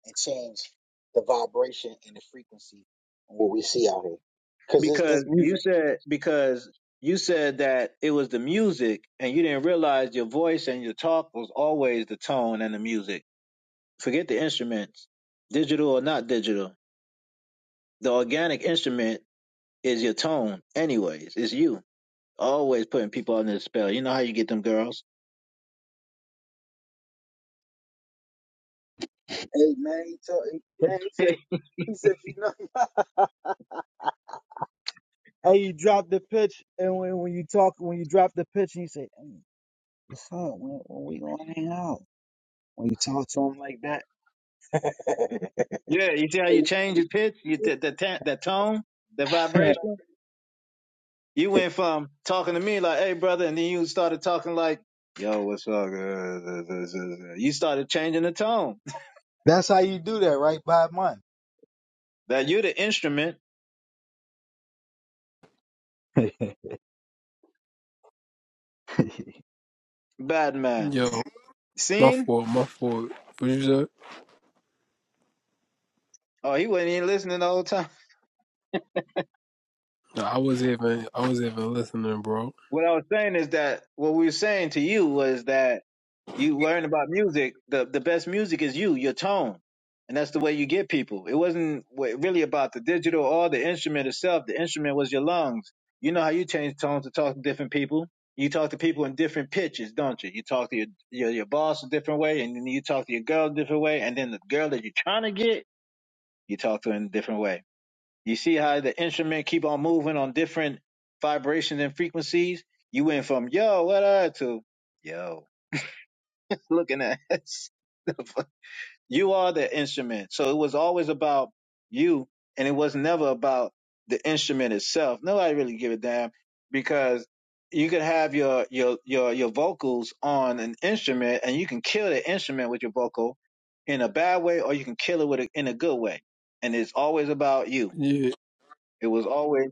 [SPEAKER 1] and change the vibration and the frequency of what we see out here. Cause this this
[SPEAKER 16] because you
[SPEAKER 1] music.
[SPEAKER 16] said because you said that it was the music and you didn't realize your voice and your talk was always the tone and the music. Forget the instruments, digital or not digital. The organic instrument is your tone, anyways. It's you always putting people under the spell. You know how you get them girls.
[SPEAKER 1] Hey man, he told. He, man, he
[SPEAKER 16] (laughs)
[SPEAKER 1] said he said you know. (laughs) Hey, you drop the pitch, and when, when you talk, when you drop the pitch, and you say, hey, "What's up? When, when we gonna hang out?" When you talk to him like that,
[SPEAKER 16] yeah, you see how you change your pitch, you, the, the, ta- the tone, the vibration. You went from talking to me like, "Hey, brother," and then you started talking like, "Yo, what's up?" uh, You started changing the tone.
[SPEAKER 1] (laughs) that's how you do that, right? By month.
[SPEAKER 16] That you're the instrument,
[SPEAKER 1] (laughs)
[SPEAKER 16] bad man.
[SPEAKER 17] Yo, my
[SPEAKER 16] Seen?
[SPEAKER 17] fault. My fault. What you said?
[SPEAKER 16] Oh, he wasn't even listening the whole time.
[SPEAKER 17] Nah, I was even. I was even listening, bro.
[SPEAKER 16] What I was saying is that what we were saying to you was that You learn about music. The the best music is you, your tone, and that's the way you get people. It wasn't wa- really about the digital or the instrument itself. The instrument was your lungs. You know how you change tones to talk to different people. You talk to people in different pitches, don't you? You talk to your your, your boss a different way, and then you talk to your girl a different way, and then the girl that you're trying to get, you talk to in a different way. You see how the instrument keep on moving on different vibrations and frequencies. You went from yo, what up to yo, (laughs) looking at. (laughs) you are the instrument. So it was always about you, and it was never about the instrument itself. Nobody really give a damn because you could have your your your your vocals on an instrument, and you can kill the instrument with your vocal in a bad way, or you can kill it with a, in a good way. And it's always about you.
[SPEAKER 17] Yeah.
[SPEAKER 16] It was always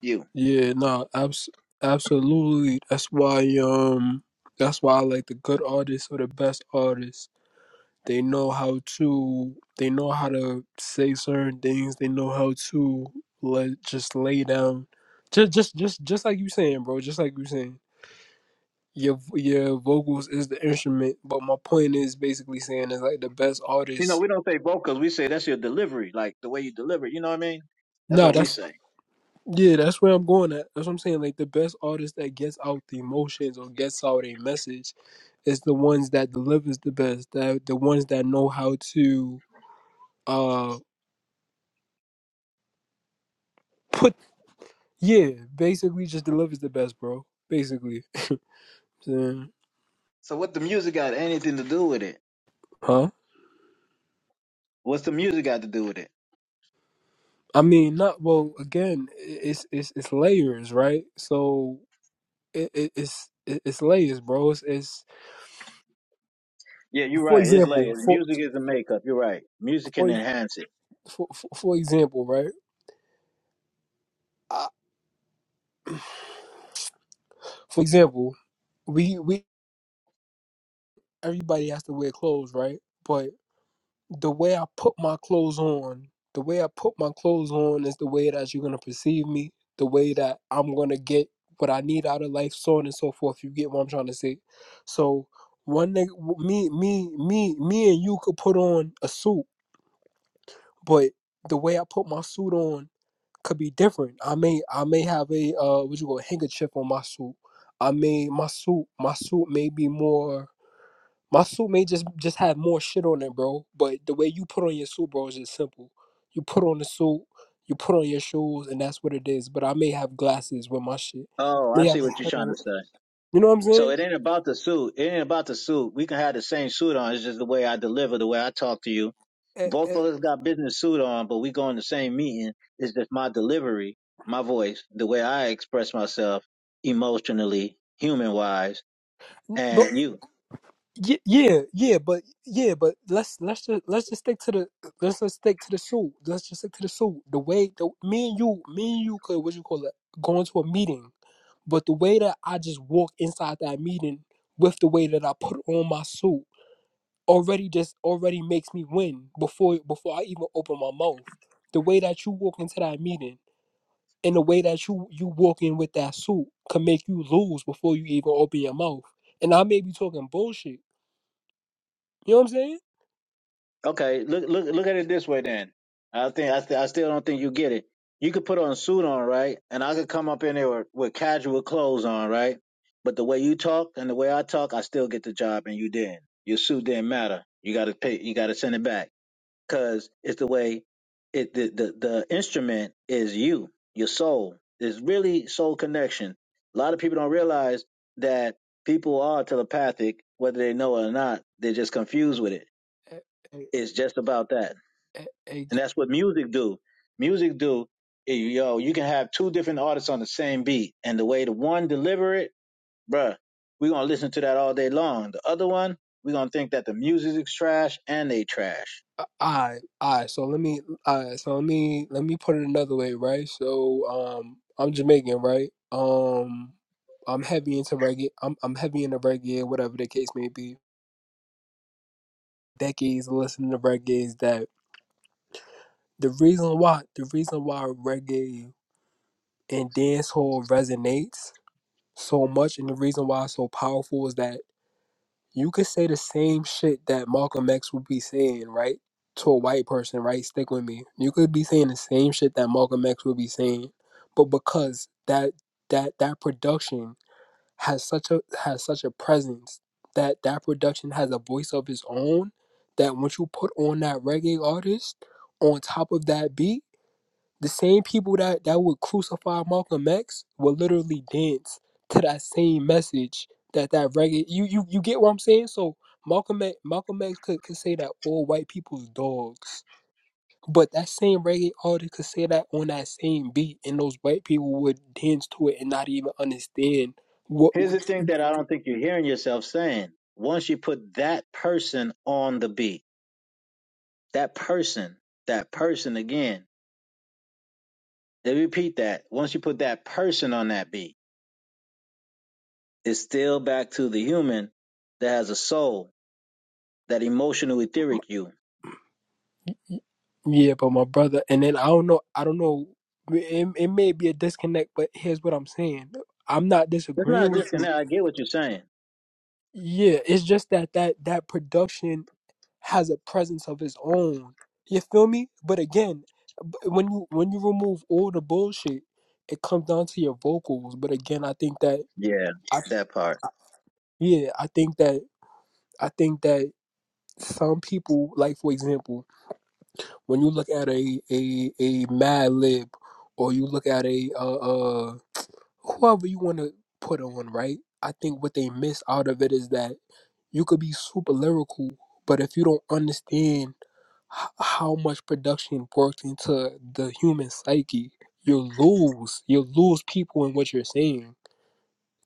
[SPEAKER 16] you.
[SPEAKER 17] Yeah. Nah. Abs- absolutely. That's why. Um. That's why I like the good artists or the best artists. They know how to. They know how to say certain things. They know how to let just lay down. Just, just, just, just like you saying, bro. Just like you saying your your vocals is the instrument. But my point is basically saying is like the best
[SPEAKER 16] You
[SPEAKER 17] artists
[SPEAKER 16] know, we don't say vocals. We say that's your delivery, like the way you deliver. it, You know what I mean? That's
[SPEAKER 17] No,
[SPEAKER 16] what we
[SPEAKER 17] that's
[SPEAKER 16] say.
[SPEAKER 17] yeah, that's where I'm going at. That's what I'm saying. Like the best artist that gets out the emotions or gets out a message is the ones that delivers the best. That the ones that know how to uh put yeah, basically just delivers the best, bro. Basically. Yeah.
[SPEAKER 16] So what the music got anything to do with it?
[SPEAKER 17] Huh?
[SPEAKER 16] What's the music got to do with it?
[SPEAKER 17] I mean, not well. Again, i- it's it's it's layers, right? So it, it it's it- it's layers, bro. It's, it's
[SPEAKER 16] Yeah, you're
[SPEAKER 17] for
[SPEAKER 16] right. It's
[SPEAKER 17] example,
[SPEAKER 16] layers.
[SPEAKER 17] for
[SPEAKER 16] Music is a makeup. You're right. Music can
[SPEAKER 17] for
[SPEAKER 16] enhance it.
[SPEAKER 17] for for example, right? Uh, For example, we we everybody has to wear clothes, right? But the way I put my clothes on, the way I put my clothes on is the way that you're gonna perceive me, the way that I'm gonna get what I need out of life, so on and so forth. You get what I'm trying to say. So one nigga, me, me, me, me, and you could put on a suit, but the way I put my suit on could be different. I may, I may have a uh, what you call handkerchief on my suit. I may my suit, my suit may be more. My suit may just just have more shit on it, bro. But the way you put on your suit, bro, is just simple. You put on the suit, you put on your shoes, and that's what it is. But I may have glasses with my shit. I
[SPEAKER 16] Oh, I
[SPEAKER 17] may
[SPEAKER 16] see
[SPEAKER 17] have a
[SPEAKER 16] what you're
[SPEAKER 17] hat
[SPEAKER 16] trying to
[SPEAKER 17] on.
[SPEAKER 16] say.
[SPEAKER 17] You know what I'm
[SPEAKER 16] So
[SPEAKER 17] saying?
[SPEAKER 16] it ain't about the suit. It ain't about the suit. We can have the same suit on. It's just the way I deliver, the way I talk to you.
[SPEAKER 17] Eh,
[SPEAKER 16] Both
[SPEAKER 17] eh,
[SPEAKER 16] of us got business suit on, but we go in the same meeting. It's just my delivery, my voice, the way I express myself emotionally, human wise,
[SPEAKER 17] n- But
[SPEAKER 16] and you.
[SPEAKER 17] yeah, yeah, yeah, but yeah, but let's let's just let's just stick to the let's just stick to the suit. Let's just stick to the suit. The way the me and you, me and you could what you call it, go into a meeting. But the way that I just walk inside that meeting with the way that I put on my suit. already just already makes me win before before I even open my mouth. The way that you walk into that meeting and the way that you you walk in with that suit can make you lose before you even open your mouth. And I may be talking bullshit. You know what I'm saying?
[SPEAKER 16] Okay, look look look at it this way then. I think I, th- I still don't think you get it. You could put on a suit on, right? And I could come up in there with, with casual clothes on, right? But the way you talk and the way I talk, I still get the job and you didn't. Your suit didn't matter. You got to pay you got to send it back cuz it's the way it the, the the instrument is you, your soul. It's really soul connection. A lot of people don't realize that people are telepathic whether they know it or not. They're just confused with it. It's just about that and that's what music do. Music do eh, yo, you can have two different artists on the same beat, and the way the one deliver it, bruh, we gonna listen to that all day long. The other one, we gonna think that the music is trash and they trash.
[SPEAKER 17] I I so let me I so let me let me put it another way, right? So um I'm Jamaican, right? Um I'm heavy into reggae. I'm I'm heavy into reggae, whatever the case may be. Decades of listening to reggae that. the reason why the reason why reggae and dancehall resonates so much and the reason why it's so powerful is that you could say the same shit that Malcolm X would be saying, right? To a white person, right? Stick with me. You could be saying the same shit that Malcolm X would be saying, but because that that that production has such a has such a presence that that production has a voice of its own that once you put on that reggae artist on top of that beat the same people that, that would crucify Malcolm X would literally dance to that same message that that reggae. You you you get what I'm saying? So Malcolm X, Malcolm X could, could say that all white people's dogs, but that same reggae artist could say that on that same beat, and those white people would dance to it and not even understand what.
[SPEAKER 16] Here's
[SPEAKER 17] what
[SPEAKER 16] the thing that I don't think you're hearing yourself saying. Once you put that person on the beat, that person, that person again, they repeat that. Once you put that person on that beat, it's still back to the human that has a soul, that emotional etheric you
[SPEAKER 17] yeah, but my brother, and then I don't know. I don't know. It, it may be a disconnect, but here's what I'm saying. I'm not
[SPEAKER 16] It's not a
[SPEAKER 17] disagreeing with you.
[SPEAKER 16] disconnect. I get what you're saying.
[SPEAKER 17] Yeah, it's just that that that production has a presence of its own. You feel me? But again, b- when you when you remove all the bullshit, it comes down to your vocals. But again, I think that
[SPEAKER 16] Yeah,
[SPEAKER 17] I,
[SPEAKER 16] that part.
[SPEAKER 17] yeah, I think that I think that some people, like for example, when you look at a a a Mad Lib, or you look at a uh, uh whoever you want to put on, right? I think what they miss out of it is that you could be super lyrical, but if you don't understand h- how much production worked into the human psyche, you lose. You lose people in what you're saying.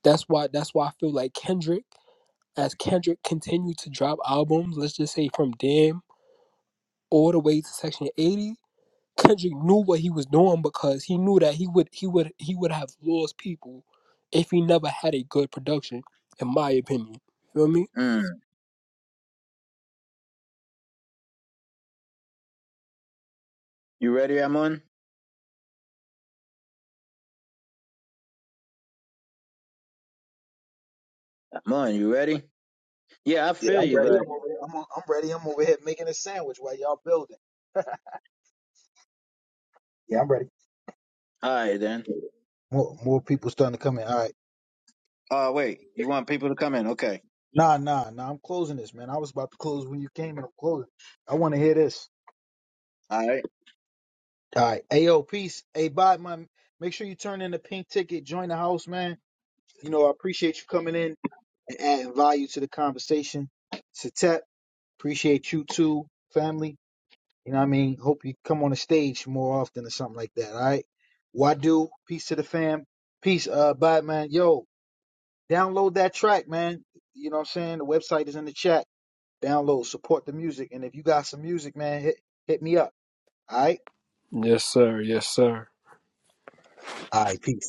[SPEAKER 17] That's why. That's why I feel like Kendrick, as Kendrick continued to drop albums, let's just say from Damn all the way to Section 80. Kendrick knew what he was doing because he knew that he would he would he would have lost people if he never had a good production, in my opinion. You feel me?
[SPEAKER 16] Mm. You ready, Amon? Amon, you ready? Yeah, I
[SPEAKER 1] Yeah,
[SPEAKER 16] feel
[SPEAKER 1] I'm
[SPEAKER 16] you,
[SPEAKER 1] ready.
[SPEAKER 16] but
[SPEAKER 1] I'm over here. I'm, I'm ready. I'm over here making a sandwich while y'all building. Yeah, I'm ready.
[SPEAKER 16] all right then.
[SPEAKER 1] More, more people starting to come in. All right.
[SPEAKER 16] Oh, wait. You want people to come in? Okay.
[SPEAKER 1] Nah, nah, nah. I'm closing this, man. I was about to close when you came, and I'm closing. I want to hear this.
[SPEAKER 16] All right.
[SPEAKER 1] All right. Ayo, peace. Hey, bye, man. Make sure you turn in the pink ticket. Join the house, man. You know, I appreciate you coming in and adding value to the conversation. Satep, appreciate you too, family. You know what I mean? Hope you come on the stage more often or something like that, all right? Wadu, peace to the fam. Peace, uh, bye, man. Yo, download that track, man. You know what I'm saying? The website is in the chat. Download, support the music. And if you got some music, man, hit, hit me up, all right?
[SPEAKER 17] Yes, sir. Yes, sir.
[SPEAKER 1] All right, peace.